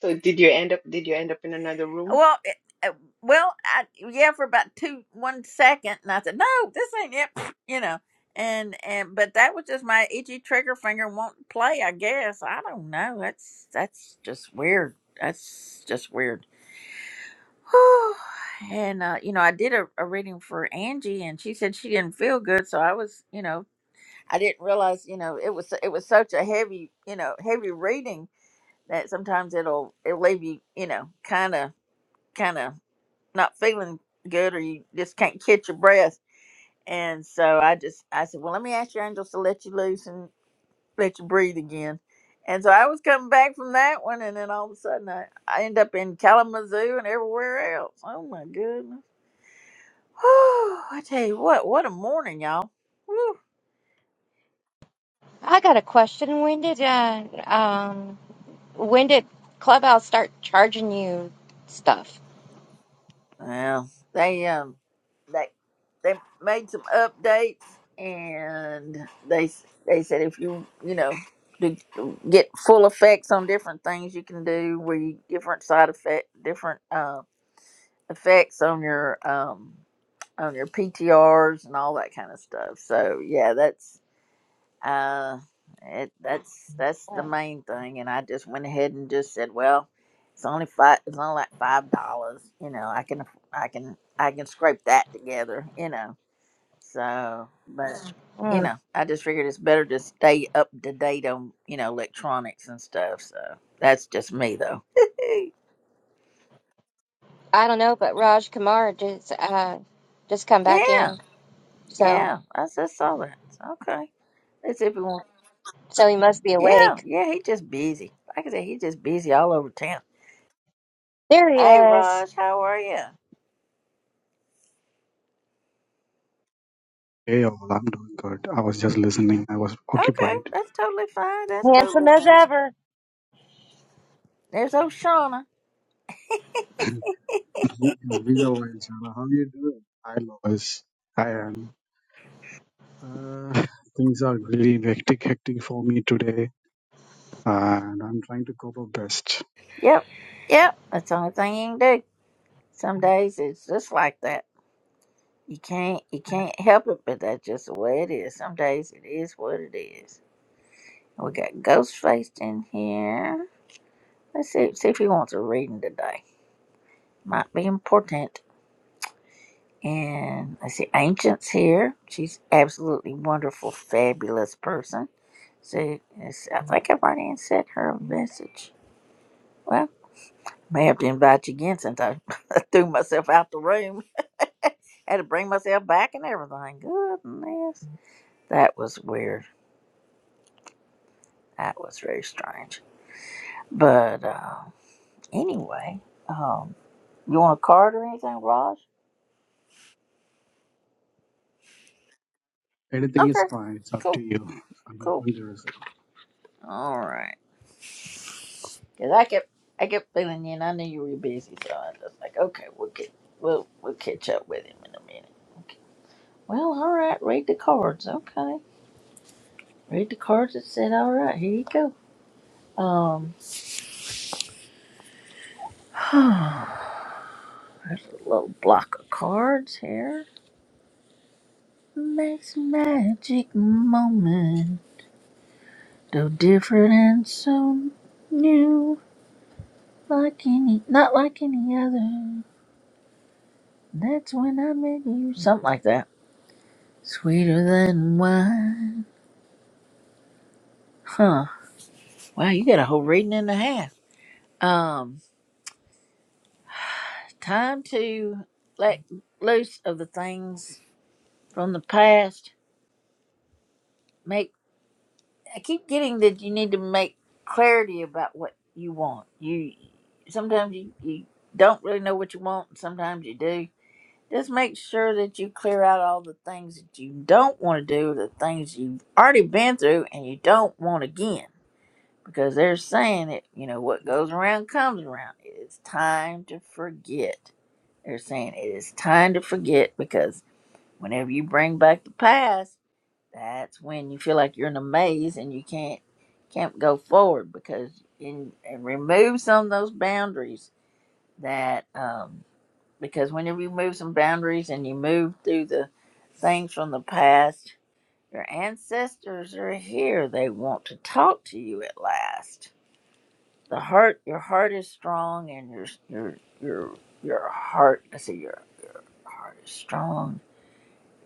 Speaker 13: So did you end up? Did you end up in another room?
Speaker 1: Well, it, uh, well, I, yeah, for about two one second, and I said, "No, this ain't it," you know. And and but that was just my itchy trigger finger won't play. I guess I don't know. That's that's just weird. That's just weird. Whew. and uh, you know, I did a, a reading for Angie, and she said she didn't feel good. So I was, you know, I didn't realize, you know, it was it was such a heavy, you know, heavy reading that sometimes it'll it'll leave you, you know, kind of kind of not feeling good or you just can't catch your breath. And so I just I said, Well let me ask your angels to let you loose and let you breathe again. And so I was coming back from that one and then all of a sudden I, I end up in Kalamazoo and everywhere else. Oh my goodness. I tell you what, what a morning, y'all. Whew.
Speaker 9: I got a question. When did uh um when did Clubhouse start charging you stuff?
Speaker 1: Well, they um they they made some updates and they they said if you you know to get full effects on different things you can do where you different side effect different uh, effects on your um on your PTRs and all that kind of stuff. So yeah, that's uh it that's that's the main thing and I just went ahead and just said, well, it's only five it's only like five dollars, you know, I can I can I can scrape that together, you know so, but you
Speaker 9: Mm.
Speaker 1: know, I just figured it's better to stay up to date on you know electronics and stuff. So that's just me though.
Speaker 9: I don't know, but Raj Kumar just uh just come back in.
Speaker 1: yeah,
Speaker 9: So,
Speaker 1: yeah, I just saw that. So, Okay, let's see if we want.
Speaker 9: so he must be
Speaker 1: Yeah,
Speaker 9: awake.
Speaker 1: yeah, he just busy. Like I said, he just busy all over town.
Speaker 9: There he
Speaker 1: Hey,
Speaker 9: is,
Speaker 1: Raj, how are you?
Speaker 14: Hey, all, I'm doing good. I was just listening. I was
Speaker 1: Okay,
Speaker 14: occupied.
Speaker 1: that's totally fine. That's
Speaker 9: handsome
Speaker 1: totally
Speaker 9: as
Speaker 1: fine.
Speaker 9: ever.
Speaker 1: There's Oshana.
Speaker 14: it's been a while, Chana. How are you doing? I love us. I am. Uh, things are really hectic, hectic for me today, and I'm trying to cope up best.
Speaker 1: Yep, yep. That's the only thing you can do. Some days it's just like that. You can't you can't help it, but that's just the way it is. Some days it is what it is. We got Ghostface in here. Let's see see if he wants a reading today. Might be important. And I see Ancient's here. She's absolutely wonderful, fabulous person. So yes, I think I've already sent her a message. Well, may have to invite you again since I threw myself out the room. Had to bring myself back and everything. Goodness. That was weird. That was very strange. But uh, anyway, um, you want a card or anything, Raj?
Speaker 14: Anything is
Speaker 1: Okay,
Speaker 14: fine. It's up to
Speaker 1: cool,
Speaker 14: you. I'm
Speaker 1: cool.
Speaker 14: open to receive.
Speaker 1: All right, because I kept I kept feeling you, and I knew you were busy, so I was like, okay, we'll get we'll we'll catch up with him in a minute. Okay. Well, all right, read the cards. Okay, read the cards that said, all right, here you go. Um, there's a little block of cards here. Makes magic moment, though different and so new. Like any, not like any other. That's when I met you. Something like that. Sweeter than wine. Huh. Wow, you got a whole reading and a half. Um, time to let loose of the things from the past. Make I keep getting that you need to make clarity about what you want. You sometimes you, you don't really know what you want, and sometimes you do Just make sure that you clear out all the things that you don't want to do, the things you've already been through and you don't want again. Because they're saying it, you know, what goes around comes around. It is time to forget. They're saying it is time to forget because whenever you bring back the past, that's when you feel like you're in a maze and you can't can't go forward because in and remove some of those boundaries that um because whenever you move some boundaries and you move through the things from the past, your ancestors are here. They want to talk to you at last. The heart, your heart is strong, and your your your your heart. I see your your heart is strong.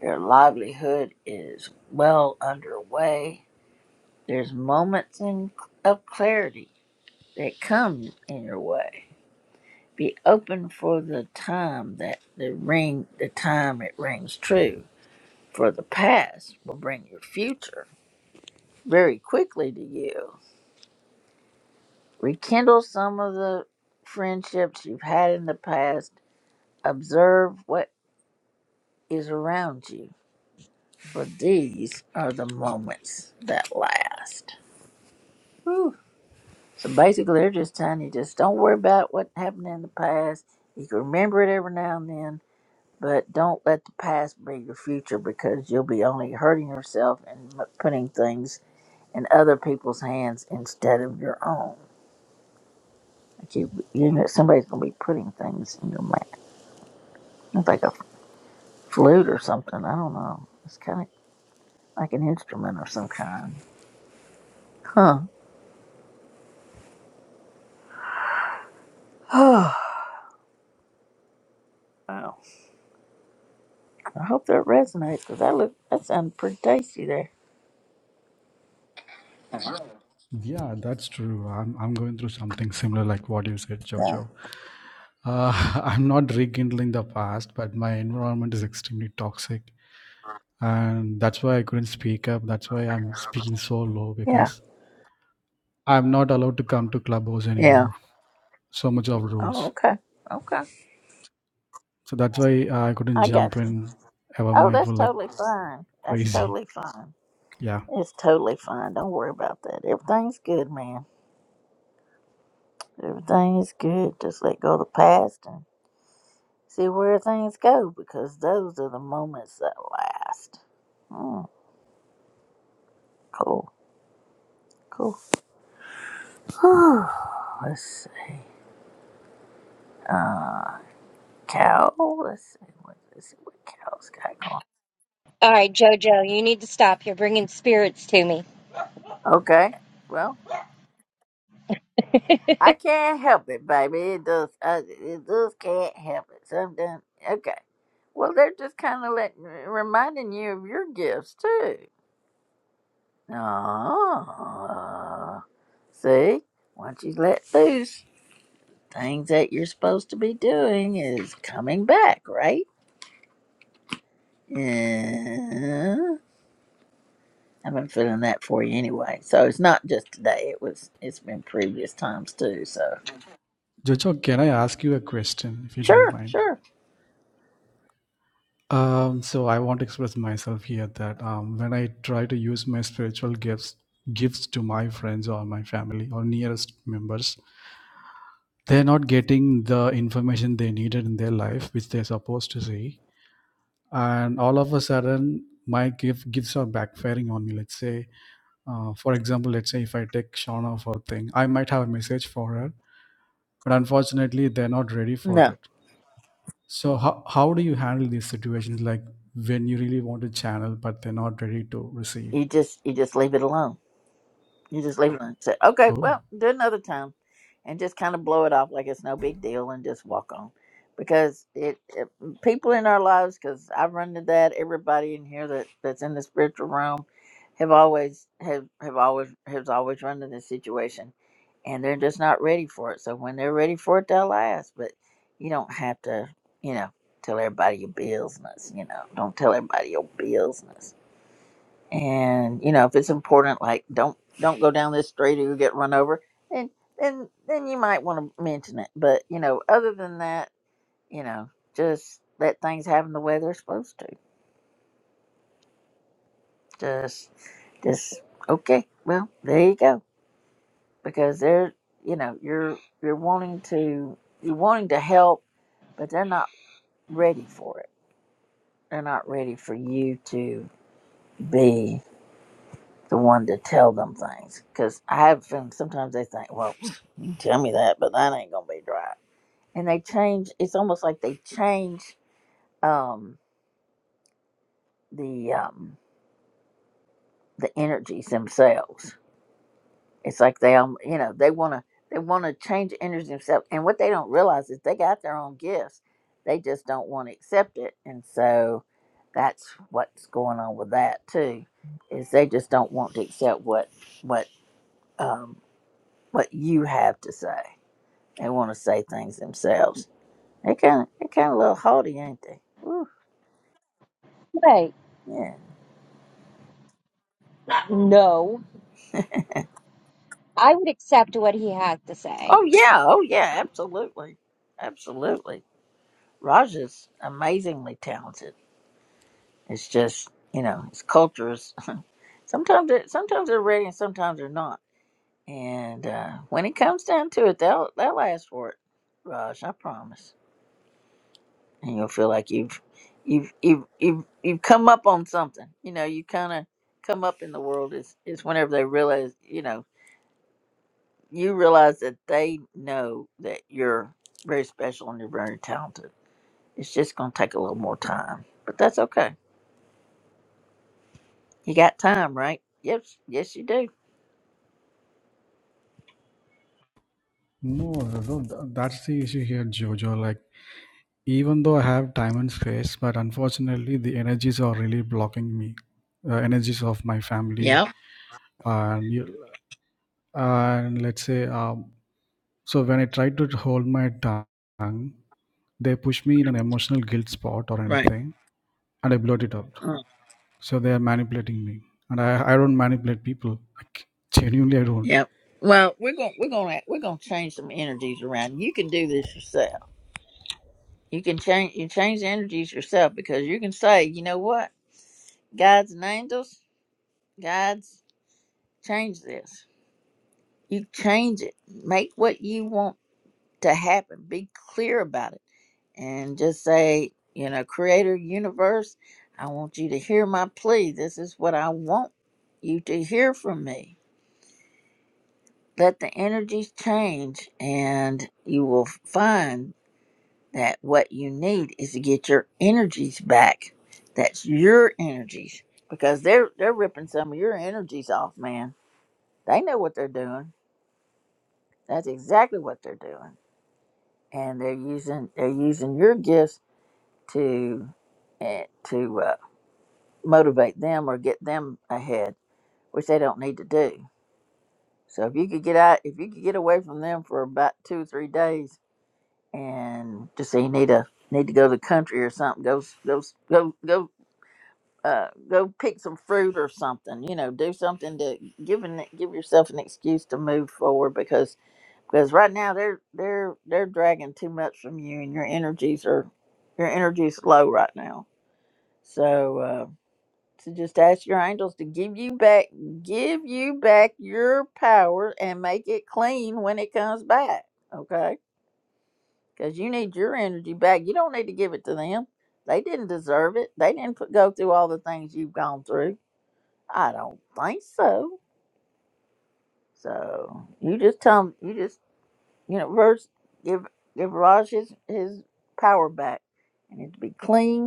Speaker 1: Your livelihood is well underway. There's moments in of clarity that come in your way. Be open for the time that the ring, the time it rings true for the past will bring your future very quickly to you. Rekindle some of the friendships you've had in the past. Observe what is around you, for these are the moments that last. Whew. So basically, they're just telling you just don't worry about what happened in the past. You can remember it every now and then, but don't let the past be your future because you'll be only hurting yourself and m- putting things in other people's hands instead of your own. But you, you know, somebody's gonna be putting things in your mouth. It's like a flute or something. I don't know. It's kind of like an instrument of some kind. Huh. Oh, I hope that resonates because that look that sounded pretty tasty there.
Speaker 14: Yeah, that's true. I'm I'm going through something similar like what you said,
Speaker 1: Yeah.
Speaker 14: Jojo. Uh, I'm not rekindling the past, but my environment is extremely toxic. and that's why I couldn't speak up. That's why I'm speaking so low
Speaker 1: Yeah.
Speaker 14: because I'm not allowed to come to clubhouse
Speaker 1: Yeah.
Speaker 14: anymore. So much of
Speaker 1: Oh,
Speaker 14: rules.
Speaker 1: okay. Okay.
Speaker 14: So that's why I couldn't
Speaker 1: I got
Speaker 14: jump
Speaker 1: you.
Speaker 14: in ever
Speaker 1: Oh,
Speaker 14: mindful
Speaker 1: that's
Speaker 14: like
Speaker 1: totally fine. That's
Speaker 14: crazy.
Speaker 1: totally fine.
Speaker 14: Yeah.
Speaker 1: It's totally fine. Don't worry about that. Everything's good, man. Everything is good. Just let go of the past see where things go because those are the moments that last. Mm, cool, cool. Whew. let's see. Uh, cow. Let's see. What, let's see what cows got going.
Speaker 9: All right, Jojo, you need to stop. You're bringing spirits to me.
Speaker 1: Okay. Well, I can't help it, baby. It does. I, it does. Can't help it. Sometimes. Okay. Well, they're just kind of letting reminding you of your gifts too. Oh, see, once you let loose. things that you're supposed to be doing is coming back, right? Yeah. I've been feeling that for you anyway. So it's not just today. It was it's been previous times too. So
Speaker 14: Jojo, can I ask you a question if you don't
Speaker 1: sure,
Speaker 14: mind?
Speaker 1: sure.
Speaker 14: Um, so I want to express myself here that um, when I try to use my spiritual gifts gifts to my friends or my family or nearest members, they're not getting the information they needed in their life, which they're supposed to see and all of a sudden my gift gifts are backfiring on me let's say uh, for example let's say if i take shauna for a thing i might have a message for her but unfortunately they're not ready for
Speaker 1: No.
Speaker 14: it so how, how do you handle these situations like when you really want to channel but they're not ready to receive
Speaker 1: You just you just leave it alone You just leave it and say, okay,
Speaker 14: oh
Speaker 1: well, do it another time. And just kind of blow it off like it's no big deal and just walk on. Because it, it people in our lives, because I've run into that, everybody in here that, that's in the spiritual realm have always have, have always has always run into this situation and they're just not ready for it. So when they're ready for it they'll ask. But you don't have to, you know, tell everybody your business, you know. Don't tell everybody your business and you know if it's important like don't don't go down this street or you'll get run over and then then then you might want to mention it but you know other than that you know just let things happen the way they're supposed to just just okay well there you go because they're you know you're you're wanting to you're wanting to help but they're not ready for it they're not ready for you to be the one to tell them things because i have a feeling sometimes they think well Tell me that, but that ain't gonna be dry. And they change. It's almost like they change um, the um, the energies themselves. It's like they um, you know they wanna they wanna change the energies themselves. And what they don't realize is they got their own gifts. They just don't want to accept it. And so that's what's going on with that too. Is they just don't want to accept what what um, what you have to say. They want to say things themselves. They kind of they kind of a little haughty, ain't they? Woo.
Speaker 9: Wait,
Speaker 1: Yeah.
Speaker 9: no, I would accept what he has to say.
Speaker 1: Oh yeah. Oh yeah. Absolutely. Absolutely. Raj is amazingly talented. It's just you know his culture is sometimes it, sometimes they're ready and sometimes they're not. And uh, when it comes down to it, they'll they'll ask for it, Raj. I promise. And you'll feel like you've you've you've you've, you've come up on something. You know you kind of come up in the world is is whenever they realize you know you realize that they know that you're very special and you're very talented It's just gonna take a little more time, but that's okay. You got time, right? Yes, yes, you do.
Speaker 14: no, no th- that's the issue here jojo like even though i have time and space but unfortunately the energies are really blocking me uh, energies of my family
Speaker 1: Yep,
Speaker 14: and you. and let's say um, so when i tried to hold my tongue they push me in an emotional guilt spot or
Speaker 1: right.
Speaker 14: anything and i blurt it out
Speaker 1: Uh,
Speaker 14: so they are manipulating me and i, I don't manipulate people like genuinely i don't
Speaker 1: yep. Well, we're gonna we're gonna we're gonna change some energies around. You can do this yourself. You can change you change the energies yourself because you can say, you know what, God's and angels, God's change this. You change it. Make what you want to happen. Be clear about it and just say, you know, creator universe, I want you to hear my plea. This is what I want you to hear from me. Let the energies change, and you will find that what you need is to get your energies back. That's your energies because they're they're ripping some of your energies off, man. They know what they're doing. That's exactly what they're doing, and they're using they're using your gifts to eh, to uh, motivate them or get them ahead, which they don't need to do. So if you could get out, if you could get away from them for about two or three days, and just say you need to need to go to the country or something, go s- go s- go go uh, go pick some fruit or something. You know, do something to give an, give yourself an excuse to move forward because because right now they're they're they're dragging too much from you, and your energies are your energy's low right now. So. uh, to just ask your angels to give you back give you back your power and make it clean when it comes back okay because you need your energy back you don't need to give it to them they didn't deserve it they didn't put, go through all the things you've gone through i don't think so so you just tell them. you just you know verse give give raj his, his power back and it to be clean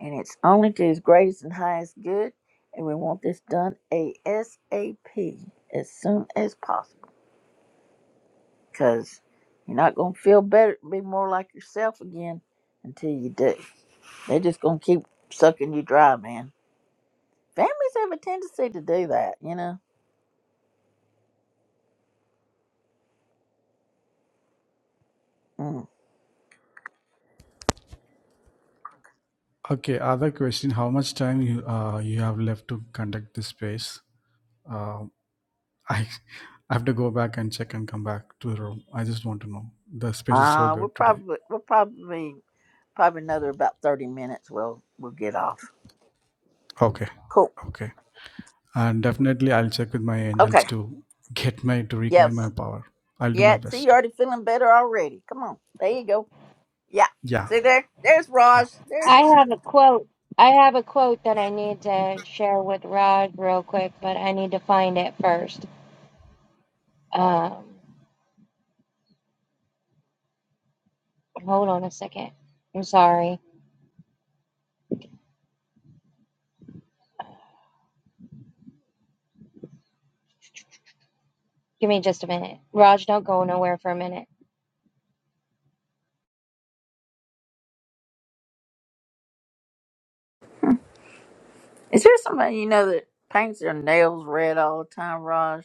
Speaker 1: and it's only to his greatest and highest good. And we want this done ASAP as soon as possible because you're not going to feel better, be more like yourself again until you do. They're just going to keep sucking you dry, man. Families have a tendency to do that, you know. Mm.
Speaker 14: okay other question how much time you uh, you have left to conduct this space Um i i have to go back and check and come back to the room i just want to know the space is so
Speaker 1: Uh, we're
Speaker 14: good today
Speaker 1: probably we're probably probably another about thirty minutes. We'll we'll get off.
Speaker 14: okay
Speaker 1: Cool.
Speaker 14: okay and definitely i'll check with my angels
Speaker 1: Okay.
Speaker 14: to get my to reclaim
Speaker 1: Yes.
Speaker 14: my power i'll do my
Speaker 1: Yeah. See, you're
Speaker 14: best
Speaker 1: already feeling better already. Come on. There you go. Yeah.
Speaker 14: yeah
Speaker 1: See there? There's
Speaker 14: yeah
Speaker 1: Raj. There's
Speaker 9: I have a quote. I have a quote that I need to share with Rod real quick, but I need to find it first. Um, hold on a second. I'm sorry. Give me just a minute. Raj, don't go nowhere for a minute.
Speaker 1: Is there somebody you know that paints their nails red all the time, Raj?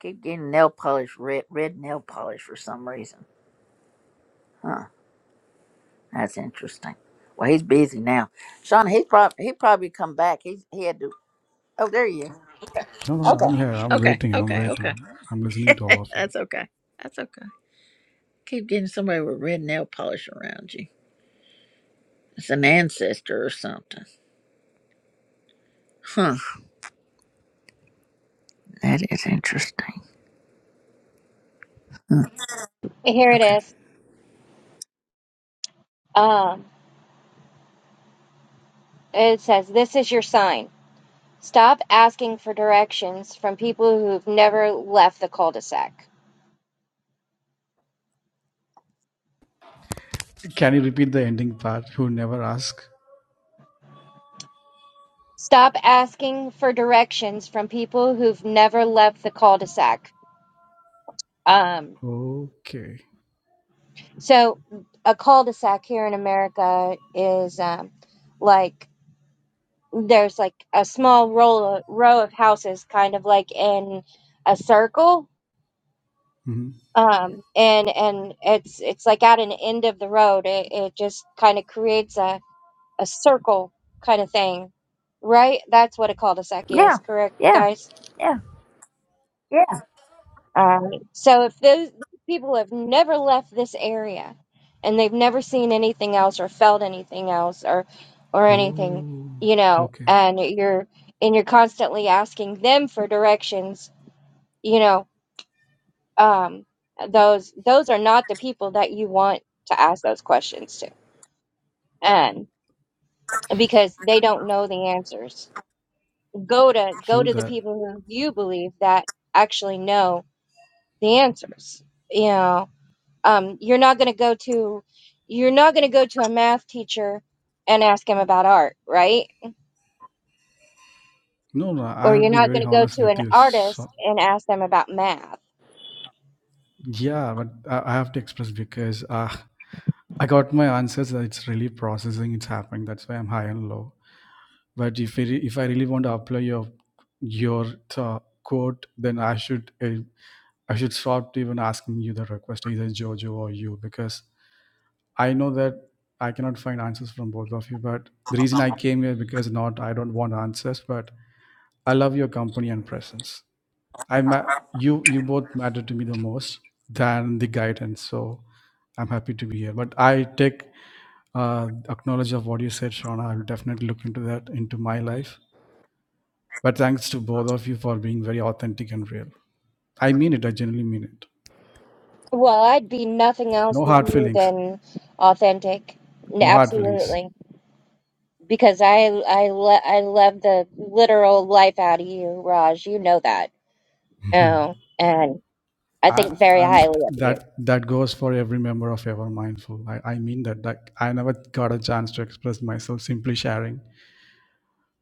Speaker 1: Keep getting nail polish red red nail polish for some reason. Huh. That's interesting. Well he's busy now. Sean, he's probably he probably come back. He's he had to Oh, there you
Speaker 14: no no
Speaker 1: are.
Speaker 14: no i'm
Speaker 1: Okay.
Speaker 14: here i'm
Speaker 1: Okay.
Speaker 14: waiting i'm
Speaker 1: Okay. Okay.
Speaker 14: waiting i'm listening to all of you
Speaker 1: That's okay. That's okay. Keep getting somebody with red nail polish around you. It's an ancestor or something. Huh. That is interesting. Hmm.
Speaker 9: Here it
Speaker 1: Okay.
Speaker 9: is. Um, it says, "This is your sign." Stop asking for directions from people who've never left the cul-de-sac.
Speaker 14: can you repeat the ending part who never ask
Speaker 9: Stop asking for directions from people who've never left the cul-de-sac. Um,
Speaker 14: okay
Speaker 9: so a cul-de-sac here in America is um, like there's like a small row row of houses, kind of like in a circle.
Speaker 14: hmm
Speaker 9: Um, and and it's it's like at an end of the road. It, it just kind of creates a a circle kind of thing, right? That's what a cul-de-sac
Speaker 1: Yeah.
Speaker 9: is, correct,
Speaker 1: Yeah.
Speaker 9: guys?
Speaker 1: Yeah.
Speaker 9: Uh, So if those people have never left this area and they've never seen anything else or felt anything else or or anything,
Speaker 14: oh
Speaker 9: you know,
Speaker 14: okay
Speaker 9: and you're and you're constantly asking them for directions, you know, um those those are not the people that you want to ask those questions to. And because they don't know the answers go to go
Speaker 14: true
Speaker 9: to the
Speaker 14: that
Speaker 9: people who you believe that actually know the answers you know um, you're not going to go to you're not going to go to a math teacher and ask him about art right
Speaker 14: no no i
Speaker 9: or
Speaker 14: have to
Speaker 9: you're
Speaker 14: be
Speaker 9: not
Speaker 14: very
Speaker 9: going to go
Speaker 14: honest
Speaker 9: to
Speaker 14: with
Speaker 9: an
Speaker 14: you
Speaker 9: artist
Speaker 14: so,
Speaker 9: and ask them about math
Speaker 14: yeah but I, I have to express because uh, i got my answers it's really processing it's happening that's why i'm high and low But if I re- if I really want to apply your your uh, quote, then I should uh, I should stop even asking you the request either Jojo or you because I know that I cannot find answers from both of you. But the reason I came here because not I don't want answers, but I love your company and presence. I ma- you you both matter to me the most than the guidance. So I'm happy to be here. But I take uh, acknowledge of what you said, Shauna. I will definitely look into that into my life but thanks to both of you for being very authentic and real. I mean it. I genuinely mean it.
Speaker 9: well i'd be nothing else
Speaker 14: No
Speaker 9: with
Speaker 14: hard
Speaker 9: you
Speaker 14: feelings.
Speaker 9: than authentic N-
Speaker 14: No hard feelings.
Speaker 9: absolutely because i i, lo- I love the literal life out of you raj you know that oh and i
Speaker 14: And,
Speaker 9: think very
Speaker 14: and
Speaker 9: highly of you
Speaker 14: that that goes for every member of Ever Mindful. I, I mean that. Like I never got a chance to express myself simply sharing.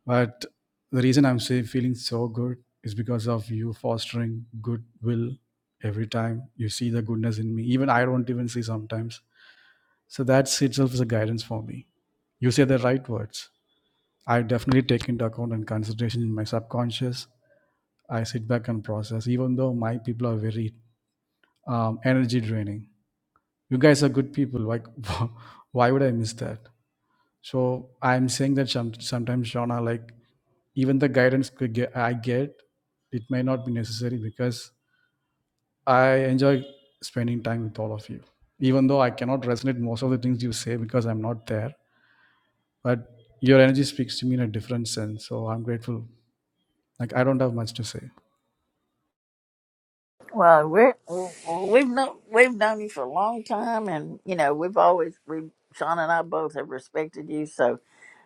Speaker 14: But the reason I'm say, feeling so good is because of you fostering goodwill every time you see the goodness in me. Even I don't even see sometimes. So that itself is a guidance for me. You say the right words I definitely take into account and consideration in my subconscious. I sit back and process, even though my people are very um, energy draining. You guys are good people. Like, why would I miss that? So I'm saying that some, sometimes, Shauna, like even the guidance could get, I get, it may not be necessary because I enjoy spending time with all of you. Even though I cannot resonate most of the things you say because I'm not there, but your energy speaks to me in a different sense. So I'm grateful. Like I don't have much to say.
Speaker 1: Well, we're we've known we've known you for a long time, and you know we've always we Sean and I both have respected you. So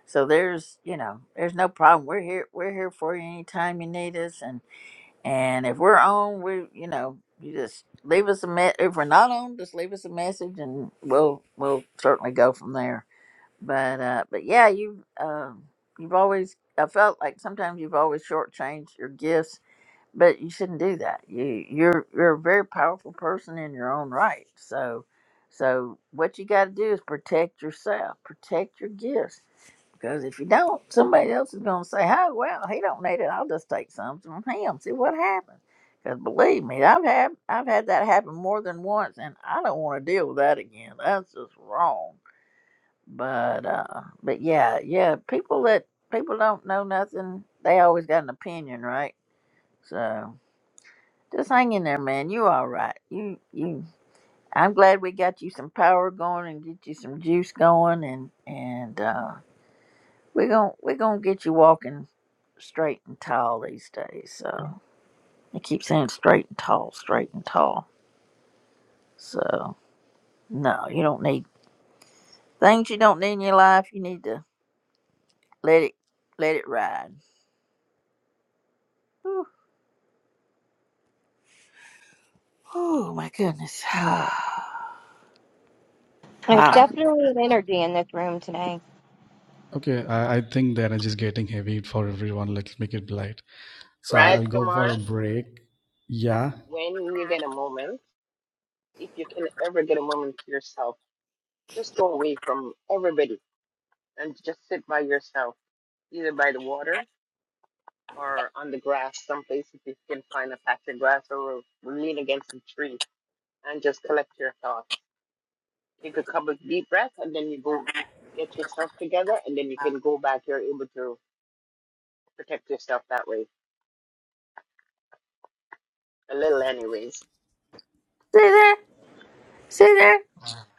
Speaker 1: so there's you know there's no problem. We're here we're here for you anytime you need us, and and if we're on, we you know you just leave us a me- if we're not on, just leave us a message, and we'll we'll certainly go from there. But uh but yeah, you um you've always I felt like sometimes you've always shortchanged your gifts but you shouldn't do that. You you're you're a very powerful person in your own right. So so what you got to do is protect yourself, protect your gifts. Because if you don't, somebody else is going to say, "Oh well, he don't need it. I'll just take some from him. See what happens." Because believe me, I've had I've had that happen more than once, and I don't want to deal with that again. That's just wrong. But uh, but yeah, yeah, people that people don't know nothing, they always got an opinion, right? So. Just hang in there, man. You all right. You you I'm glad we got you some power going and get you some juice going and and uh we're gonna we're gonna get you walking straight and tall these days. So I keep saying straight and tall, straight and tall. So no, you don't need things you don't need in your life, you need to let it let it ride. Whew. Oh my goodness. wow.
Speaker 9: There's definitely an energy in this room today.
Speaker 14: Okay, I, I think the energy is getting heavy for everyone. Let's make it light. So
Speaker 1: Yeah. See
Speaker 13: Right,
Speaker 14: I'll go for a
Speaker 13: Huh?
Speaker 14: break. Yeah,
Speaker 13: Well, if you can ever get a moment to yourself. Just go away from everybody and just sit by yourself, either by the water or on the grass, someplace if you can find a patch of grass or lean against a tree and just collect your thoughts. Take a couple of deep breaths and then you go get yourself together and then you can go back. You're able to protect yourself that way, a little, anyways.
Speaker 1: there? See there?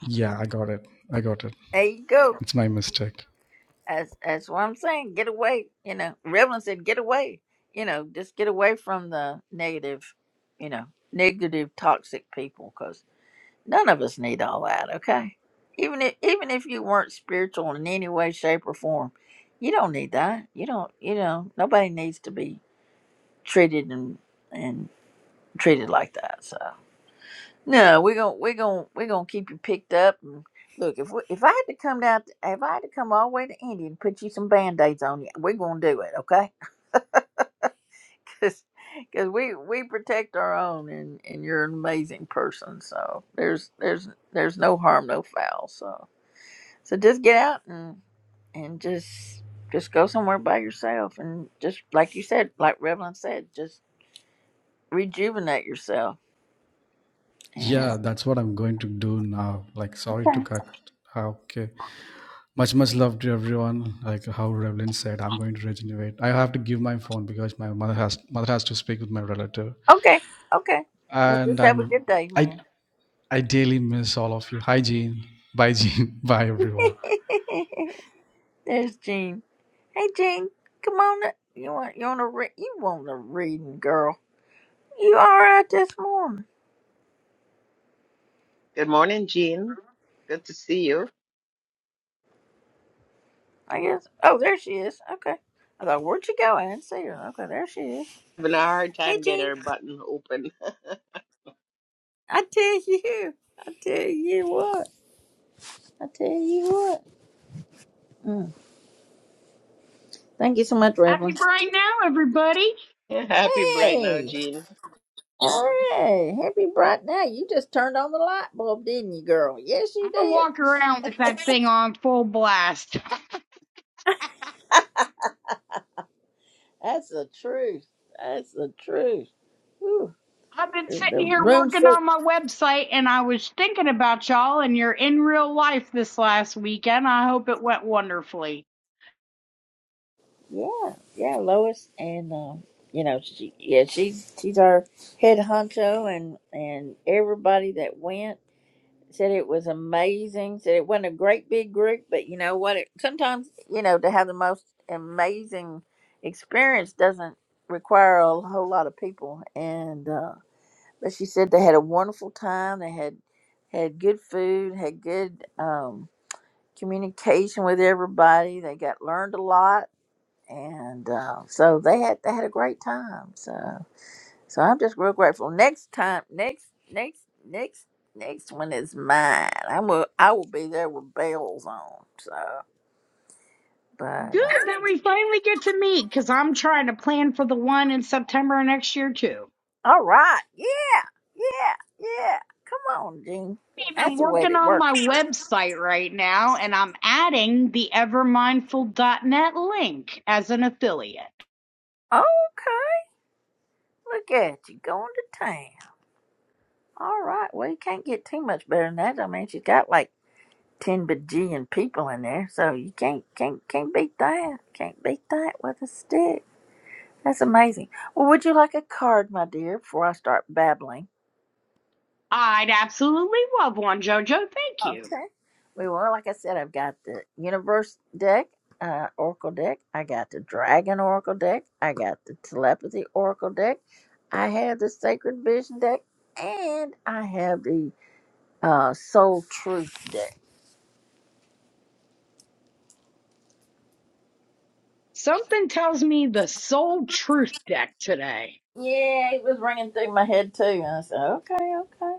Speaker 14: yeah, I got it. I got it.
Speaker 1: There you go.
Speaker 14: It's my mistake.
Speaker 1: As as what I'm saying. Get away, you know. Revlon said, "Get away, you know. Just get away from the negative, you know, negative, toxic people, because none of us need all that. Okay, even if even if you weren't spiritual in any way, shape, or form, you don't need that. You don't. You know, nobody needs to be treated and and treated like that. So." No, we're gonna we're gonna we're gonna keep you picked up. And look, if we, if I had to come down, to, if I had to come all the way to India and put you some band aids on you, we're gonna do it, okay? Because we we protect our own, and and you're an amazing person. So there's there's there's no harm, no foul. So so just get out and and just just go somewhere by yourself, and just like you said, like Revlon said, just rejuvenate yourself. And
Speaker 14: Yeah, that's what I'm going to do now. Like, sorry to
Speaker 1: okay,
Speaker 14: cut. Ah, Okay. Much, much love to everyone. Like how Revlin said, I'm going to regenerate. I have to give my phone because my mother has mother has to speak with my relative,
Speaker 1: okay, okay. Well,
Speaker 14: and
Speaker 1: just have a
Speaker 14: I'm
Speaker 1: good day,
Speaker 14: I
Speaker 1: man.
Speaker 14: I daily miss all of you. Hi, Jean. Bye, Jean. Bye, everyone.
Speaker 1: There's Jean. Hey Jean, come on. Up. You want you want to read? You want a reading, girl? You all right this morning?
Speaker 13: Good morning, Jean. Good to see you.
Speaker 1: I guess. Oh, there she is. Okay. I thought, where'd she go? I didn't see her. Okay, there she is.
Speaker 13: Having a hard
Speaker 1: Hey
Speaker 13: time getting
Speaker 1: Jean,
Speaker 13: her button open.
Speaker 1: I tell you, I tell you what, I tell you what. Mm. Thank you so much,
Speaker 15: Happy
Speaker 1: Revlon.
Speaker 15: brain now, everybody.
Speaker 13: Happy bright now,
Speaker 1: Hey,
Speaker 13: Jean.
Speaker 1: hey, happy bright now. You just turned on the light bulb, didn't you, girl? Yes, you
Speaker 15: I
Speaker 1: did.
Speaker 15: walk around with that thing on full blast.
Speaker 1: That's the truth. That's the truth.
Speaker 15: I've been sitting
Speaker 1: the
Speaker 15: here
Speaker 1: room
Speaker 15: working
Speaker 1: so
Speaker 15: on my website and I was thinking about y'all and your in real life this last weekend. I hope it went wonderfully.
Speaker 1: yeah yeah lois and um you know she yeah she's she's our head honcho and and everybody that went said it was amazing said it wasn't a great big group but you know what it sometimes you know to have the most amazing experience doesn't require a whole lot of people and uh but she said they had a wonderful time they had had good food had good um communication with everybody they got learned a lot and uh, so they had they had a great time. So so I'm just real grateful. Next time, next next next next one is mine. I will I will be there with bells on. So but uh,
Speaker 15: Good that we finally get to meet because I'm trying to plan for the one in September next year too.
Speaker 1: all right, yeah, yeah, yeah. Come on, Jean.
Speaker 15: I've been
Speaker 1: That's the way
Speaker 15: working
Speaker 1: to
Speaker 15: on
Speaker 1: work
Speaker 15: my
Speaker 1: it.
Speaker 15: website right now and I'm adding the ever mindful dot net link as an affiliate.
Speaker 1: Okay, look at you going to town. All right, well you can't get too much better than that. I mean, she's got like. ten bajillion people in there, so you can't can't can't beat that. Can't beat that with a stick. That's amazing. Well, would you like a card, my dear, before I start babbling?
Speaker 15: I'd absolutely love one, Jojo. Thank you.
Speaker 1: Okay. We well, like I said, I've got the universe deck, uh, oracle deck. I got the dragon oracle deck. I got the telepathy oracle deck. I have the sacred vision deck, and I have the uh, soul truth deck.
Speaker 15: Something tells me the soul truth deck today.
Speaker 1: Yeah, it was ringing through my head too. And I said, okay, okay.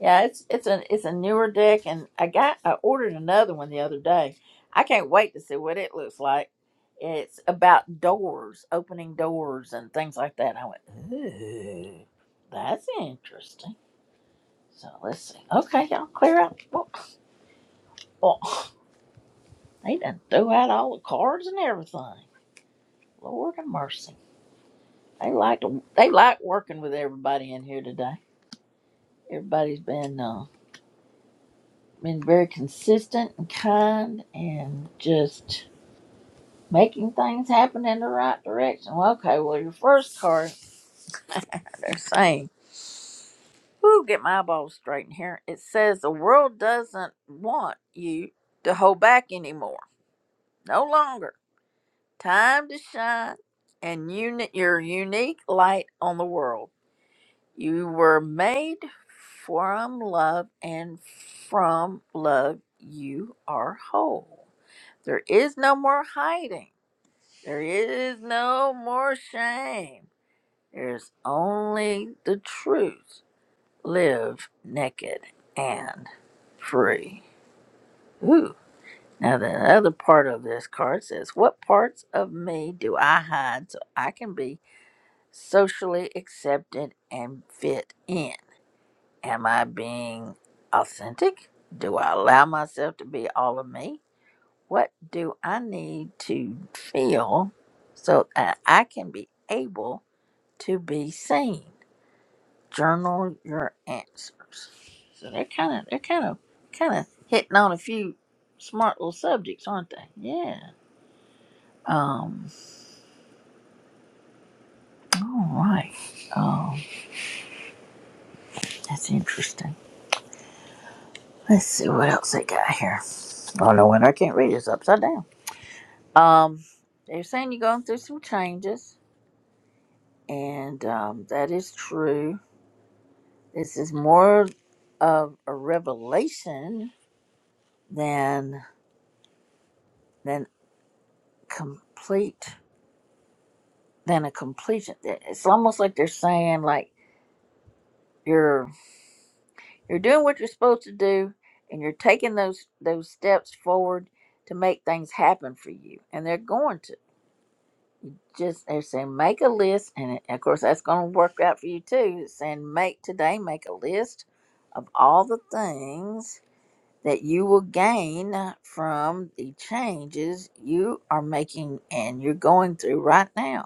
Speaker 1: Yeah, it's it's a it's a newer deck, and I got I ordered another one the other day. I can't wait to see what it looks like. It's about doors, opening doors, and things like that. I went, ooh, that's interesting. So let's see. Okay, y'all clear out. Well, well, they done threw out all the cards and everything. Lord have mercy. They like to, they like working with everybody in here today. Everybody's been uh, been very consistent and kind and just making things happen in the right direction. Well, okay, well, your first card, they're saying, Woo, get my eyeballs straightened here. It says the world doesn't want you to hold back anymore. No longer. Time to shine and uni- your unique light on the world. You were made from love, and from love, you are whole. There is no more hiding. There is no more shame. There's only the truth. Live naked and free. Ooh. Now, the other part of this card says, What parts of me do I hide so I can be socially accepted and fit in? Am I being authentic? Do I allow myself to be all of me? What do I need to feel so that I can be able to be seen? Journal your answers. So they're kind of they're kind of kind of hitting on a few smart little subjects, aren't they? Yeah. Um. All right. Um. That's interesting. Let's see what else they got here. Oh no, wonder I can't read. It's upside down. Um. They're saying you're going through some changes, and um, that is true. This is more of a revelation than than complete. than a completion. It's almost like they're saying like you're you're doing what you're supposed to do, and you're taking those those steps forward to make things happen for you. And they're going to just they're saying make a list, and it- of course that's going to work out for you too. It's saying make today make a list of all the things that you will gain from the changes you are making and you're going through right now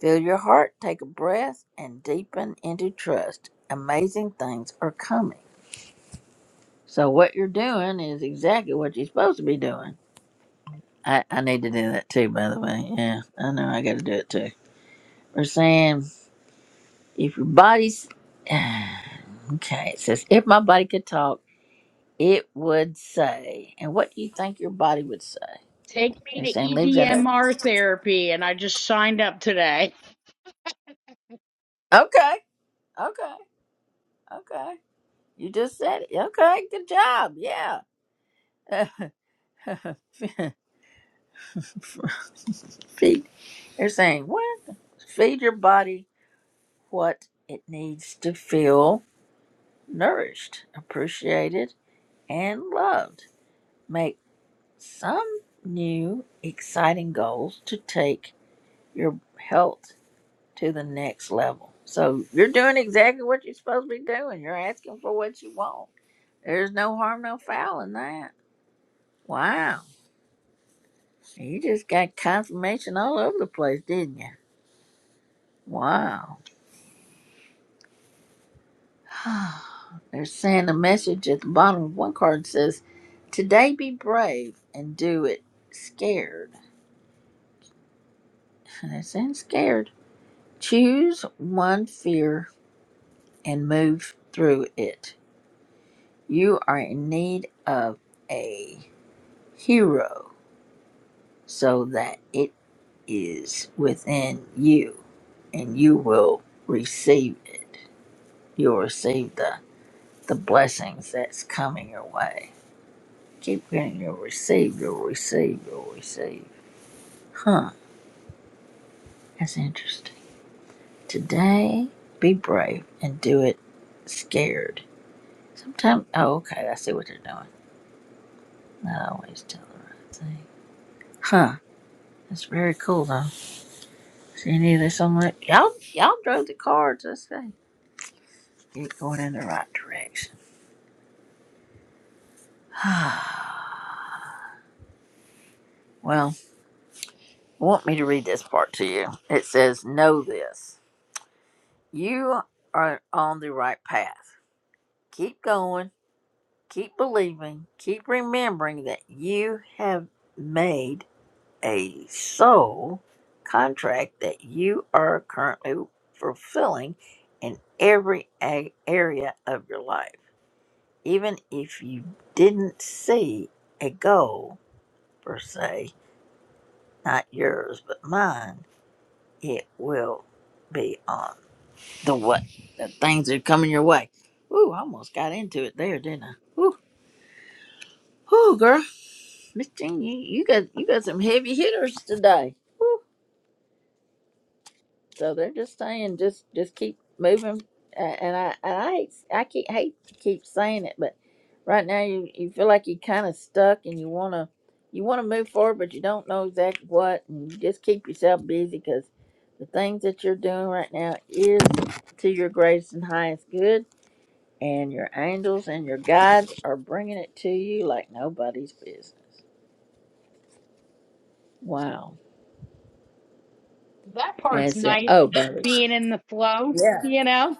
Speaker 1: Fill your heart, take a breath, and deepen into trust. Amazing things are coming. So, what you're doing is exactly what you're supposed to be doing. I, I need to do that too, by the way. Yeah, I know I got to do it too. We're saying if your body's. Okay, it says if my body could talk, it would say. And what do you think your body would say?
Speaker 15: Take me
Speaker 1: They're saying
Speaker 15: to
Speaker 1: leave that up.
Speaker 15: EDMR therapy, and I just signed up today.
Speaker 1: Okay, okay, okay. You just said it. Okay, good job. Yeah. feed. They're saying, what? Feed your body what it needs to feel nourished, appreciated, and loved. Make some new exciting goals to take your health to the next level. So you're doing exactly what you're supposed to be doing. You're asking for what you want. There's no harm, no foul in that. Wow. You just got confirmation all over the place, didn't you? Wow. They're saying a message at the bottom of one card says, Today be brave and do it scared. And they're saying scared. Choose one fear and move through it. You are in need of a hero so that it is within you and you will receive it. You'll receive the, the blessings that's coming your way. Keep getting you'll receive, you'll receive, you'll receive. Huh, that's interesting. Today, be brave and do it scared. Sometimes, oh, okay, I see what they are doing. Not always tell the right thing. Huh, that's very cool though. See any of this on the, y'all, y'all drove the cards, let's say. You're going in the right direction. well, I want me to read this part to you. It says, know this. You are on the right path. Keep going Keep believing, keep remembering that you have made a soul contract that you are currently fulfilling in every a- area of your life. Even if you didn't see a goal per se, not yours but mine, it will be on the what the things that are coming your way. Ooh, I almost got into it there, didn't I? Ooh, ooh, girl. Miss Jean, you, you got you got some heavy hitters today. Woo. So they're just saying, just just keep moving. Uh, and I and I hate, I keep hate to keep saying it, but right now you, you feel like you're kind of stuck and you wanna you wanna move forward, but you don't know exactly what. And you just keep yourself busy because the things that you're doing right now is to your greatest and highest good, and your angels and your guides are bringing it to you like nobody's business. Wow.
Speaker 15: That
Speaker 1: And
Speaker 15: part's
Speaker 1: it's in,
Speaker 15: nice,
Speaker 1: oh, baby.
Speaker 15: being in the flow,
Speaker 1: Yeah.
Speaker 15: you know?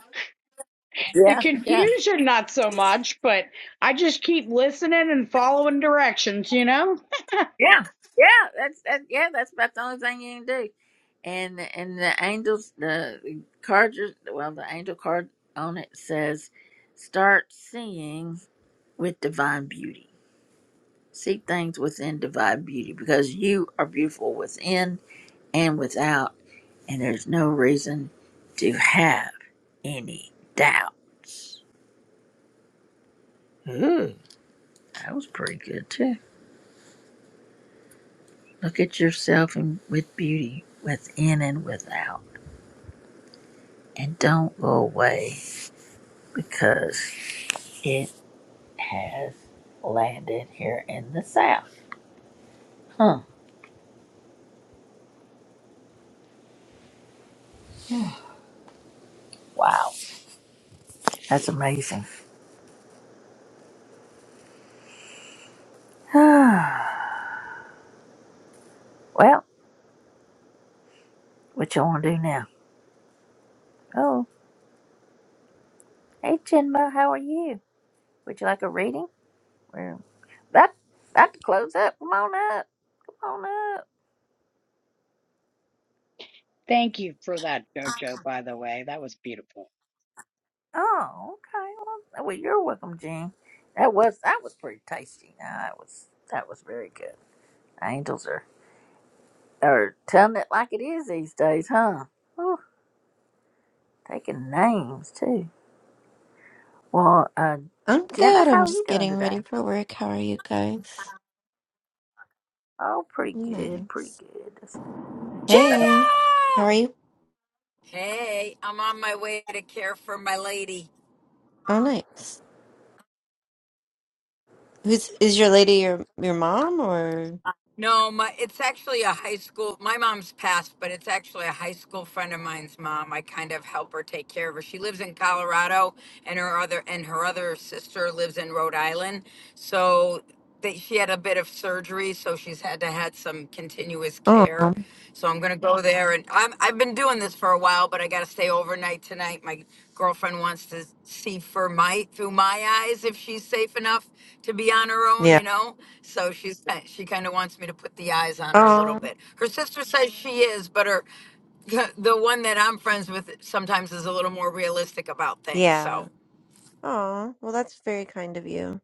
Speaker 15: The
Speaker 1: Yeah. Yeah.
Speaker 15: confusion, not so much, but I just keep listening and following directions, you know?
Speaker 1: Yeah. Yeah. That's that. Yeah. That's about the only thing you can do. And and the angels, the card, well, the angel card on it says, start seeing with divine beauty. See things within divine beauty because you are beautiful within and without, and there's no reason to have any doubts. Ooh, that was pretty good too. Look at yourself and with beauty, within and without, and don't go away because it has landed here in the South. Huh. Wow. That's amazing. well, what y'all want to do now? Oh, hey, Chinma, how are you? Would you like a reading? We're about, about to close up. Come on up. Come on up.
Speaker 15: Thank you for that, JoJo, by the way. That was beautiful.
Speaker 1: Oh, okay. Well, well, you're welcome, Jean. That was that was pretty tasty. Nah, that was that was very good. Angels are, are telling it like it is these days, huh? Whew, taking names, too. Well, uh,
Speaker 16: I'm
Speaker 1: Jenna,
Speaker 16: good.
Speaker 1: how
Speaker 16: I'm
Speaker 1: are you
Speaker 16: just
Speaker 1: doing
Speaker 16: getting ready
Speaker 1: today?
Speaker 16: for work. How are you guys?
Speaker 1: Oh, pretty good, pretty
Speaker 16: Nice.
Speaker 1: good. That's
Speaker 4: Jenna!
Speaker 16: Hey, how are you?
Speaker 4: Hey, I'm on my way to care for my lady.
Speaker 16: Oh, nice. Who's is your lady? Your your mom or?
Speaker 4: No, my it's actually a high school. My mom's passed, but it's actually a high school friend of mine's mom. I kind of help her take care of her. She lives in Colorado, and her other and her other sister lives in Rhode Island. So they, she had a bit of surgery, so she's had to had some continuous care
Speaker 16: Oh,
Speaker 4: there. So I'm gonna go there and I'm, I've been doing this for a while, but I gotta stay overnight tonight. My girlfriend wants to see for my, through my eyes if she's safe enough to be on her own,
Speaker 16: yeah.
Speaker 4: you know? So she's, she kinda wants me to put the eyes on her a little
Speaker 16: Oh,
Speaker 4: bit. Her sister says she is, but her, the one that I'm friends with sometimes is a little more realistic about things.
Speaker 16: yeah.
Speaker 4: So,
Speaker 16: Oh, well, that's very kind of you.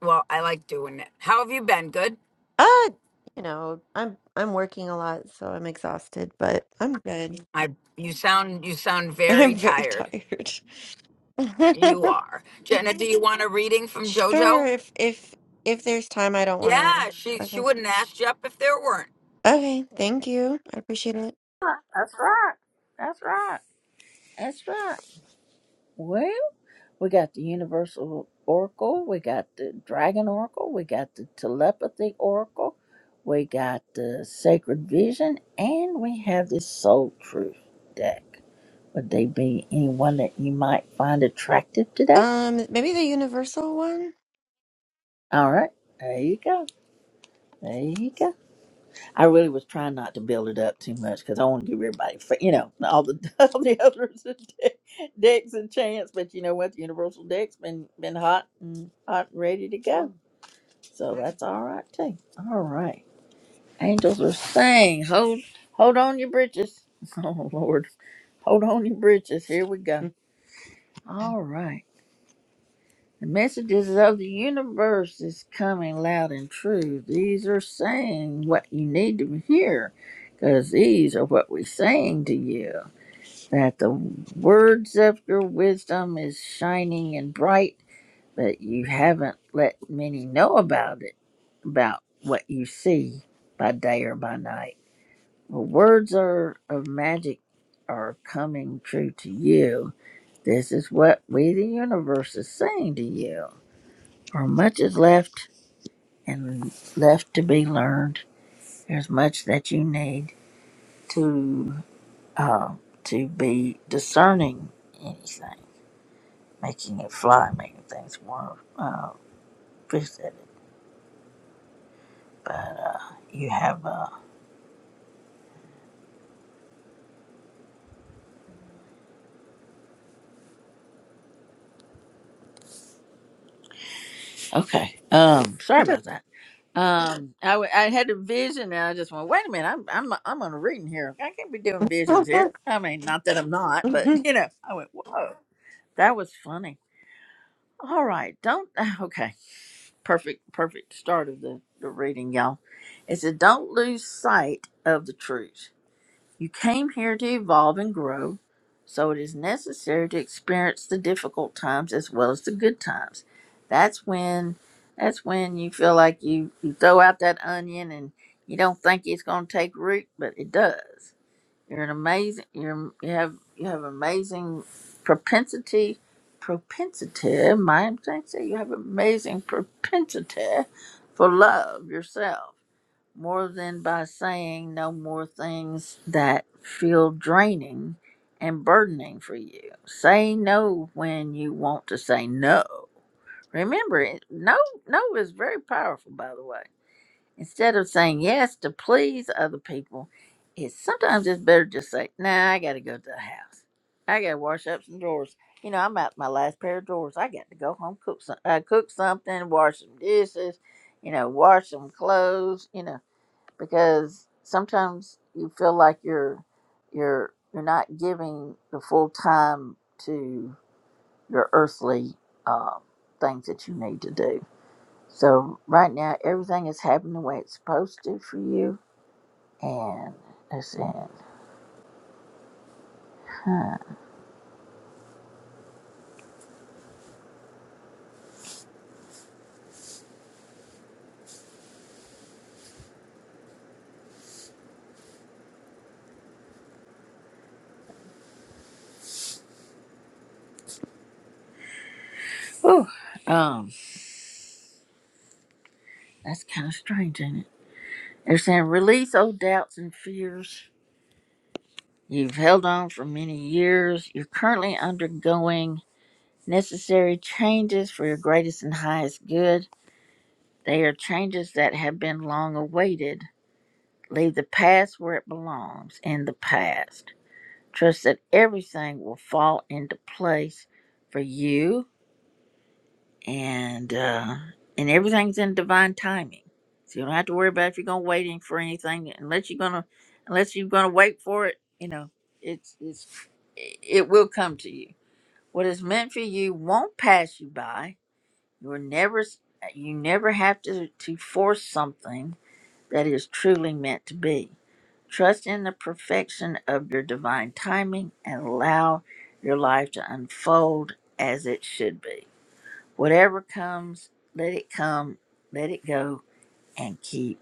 Speaker 4: well, I like doing it. How have you been? Good.
Speaker 16: Uh, you know, I'm I'm working a lot, so I'm exhausted, but I'm good.
Speaker 4: I you sound you sound very
Speaker 16: I'm very
Speaker 4: tired.
Speaker 16: tired.
Speaker 4: You are. Jenna, do you want a reading from
Speaker 16: Sure,
Speaker 4: JoJo?
Speaker 16: if if if there's time, I don't want to.
Speaker 4: Yeah, she she
Speaker 16: Okay.
Speaker 4: wouldn't ask you up if there weren't.
Speaker 16: Okay, thank you. I appreciate it.
Speaker 1: right. That's right. That's right. That's right. Well, we got the Universal Oracle. We got the Dragon Oracle. We got the Telepathy Oracle. We got the Sacred Vision. And we have this Soul Truth deck. Would they be anyone that you might find attractive today?
Speaker 16: Um, maybe the universal one.
Speaker 1: All right, there you go. There you go. I really was trying not to build it up too much because I want to give everybody, fa- you know, all the all the others a de- decks and chance. But you know what? The Universal deck's been been hot and hot and ready to go,
Speaker 16: Well,
Speaker 1: so that's all right too. All right, angels are saying, hold hold on your britches. Oh Lord, hold on your britches. Here we go. All right. The messages of the universe is coming loud and true. These are saying what you need to hear, because these are what we're saying to you. That the words of your wisdom is shining and bright, but you haven't let many know about it, about what you see by day or by night. The words are of magic are coming true to you. This is what we, the universe, is saying to you for much is left and left to be learned. There's much that you need to uh, to be discerning anything, making it fly, making things more uh, fish at it. But uh, you have uh, okay. Um, sorry
Speaker 16: okay.
Speaker 1: about that. Um, I, w- I had a vision and I just went, wait a minute, I'm I'm I'm on a reading here. I can't be doing visions here. I mean, not that I'm not, but you know, I went, whoa, that was funny. All right, don't okay. perfect perfect start of the, the reading y'all it said don't lose sight of the truth you came here to evolve and grow so it is necessary to experience the difficult times as well as the good times that's when that's when you feel like you, you throw out that onion and you don't think it's going to take root but it does you're an amazing. You're you have you have amazing propensity, propensity. My say you have amazing propensity for love yourself more than by saying no more things that feel draining and burdening for you. Say no when you want to say no. Remember, it no no is very powerful. By the way Instead of saying yes to please other people, it's sometimes it's better just say, nah, I gotta go to the house. I gotta wash up some drawers. You know, I'm out my last pair of drawers. I got to go home, cook some, uh, cook something, wash some dishes, you know, wash some clothes, you know, because sometimes you feel like you're you're you're not giving the full time to your earthly um, things that you need to do so right now, everything is happening the way it's supposed to for you, and they're saying, huh. Whew, um, that's kind of strange, ain't it? They're saying release old doubts and fears you've held on for many years. You're currently undergoing necessary changes for your greatest and highest good. They are changes that have been long awaited. Leave the past where it belongs, in the past. Trust that everything will fall into place for you and uh, and everything's in divine timing. So you don't have to worry about if you're gonna waiting for anything unless you're gonna unless you're gonna wait for it. You know, it's it's it will come to you. What is meant for you won't pass you by. You're never you never have to to force something that is truly meant to be. Trust in the perfection of your divine timing and allow your life to unfold as it should be. Whatever comes, let it come, let it go, and keep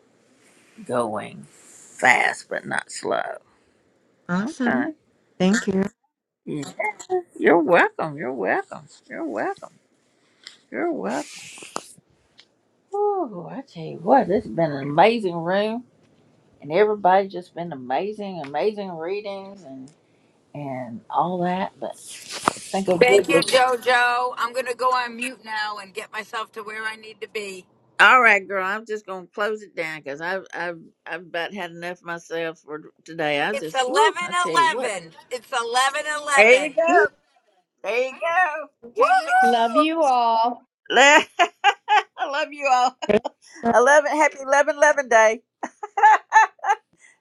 Speaker 1: going. Fast but not slow. Okay.
Speaker 16: awesome. Thank you.
Speaker 1: Yeah. You're welcome. You're welcome. You're welcome. You're welcome. Oh, I tell you what, this has been an amazing room and everybody just been amazing, amazing readings and and all that. But I think of
Speaker 4: Thank you, JoJo. I'm gonna go on mute now and get myself to where I need to be.
Speaker 1: All right, girl, I'm just gonna close it down because I've I've I've about had enough myself for today. I
Speaker 4: It's
Speaker 1: just woo,
Speaker 4: eleven
Speaker 1: I tell you what.
Speaker 4: eleven. It's eleven
Speaker 1: There
Speaker 4: eleven.
Speaker 1: you go.
Speaker 16: Woo.
Speaker 1: There you go. Can't be.
Speaker 4: Woo!
Speaker 15: Love you all.
Speaker 1: I love you all. Eleven. Happy 11 11 day.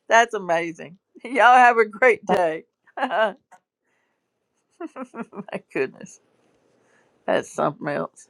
Speaker 1: That's amazing. Y'all have a great day. My goodness. That's something else.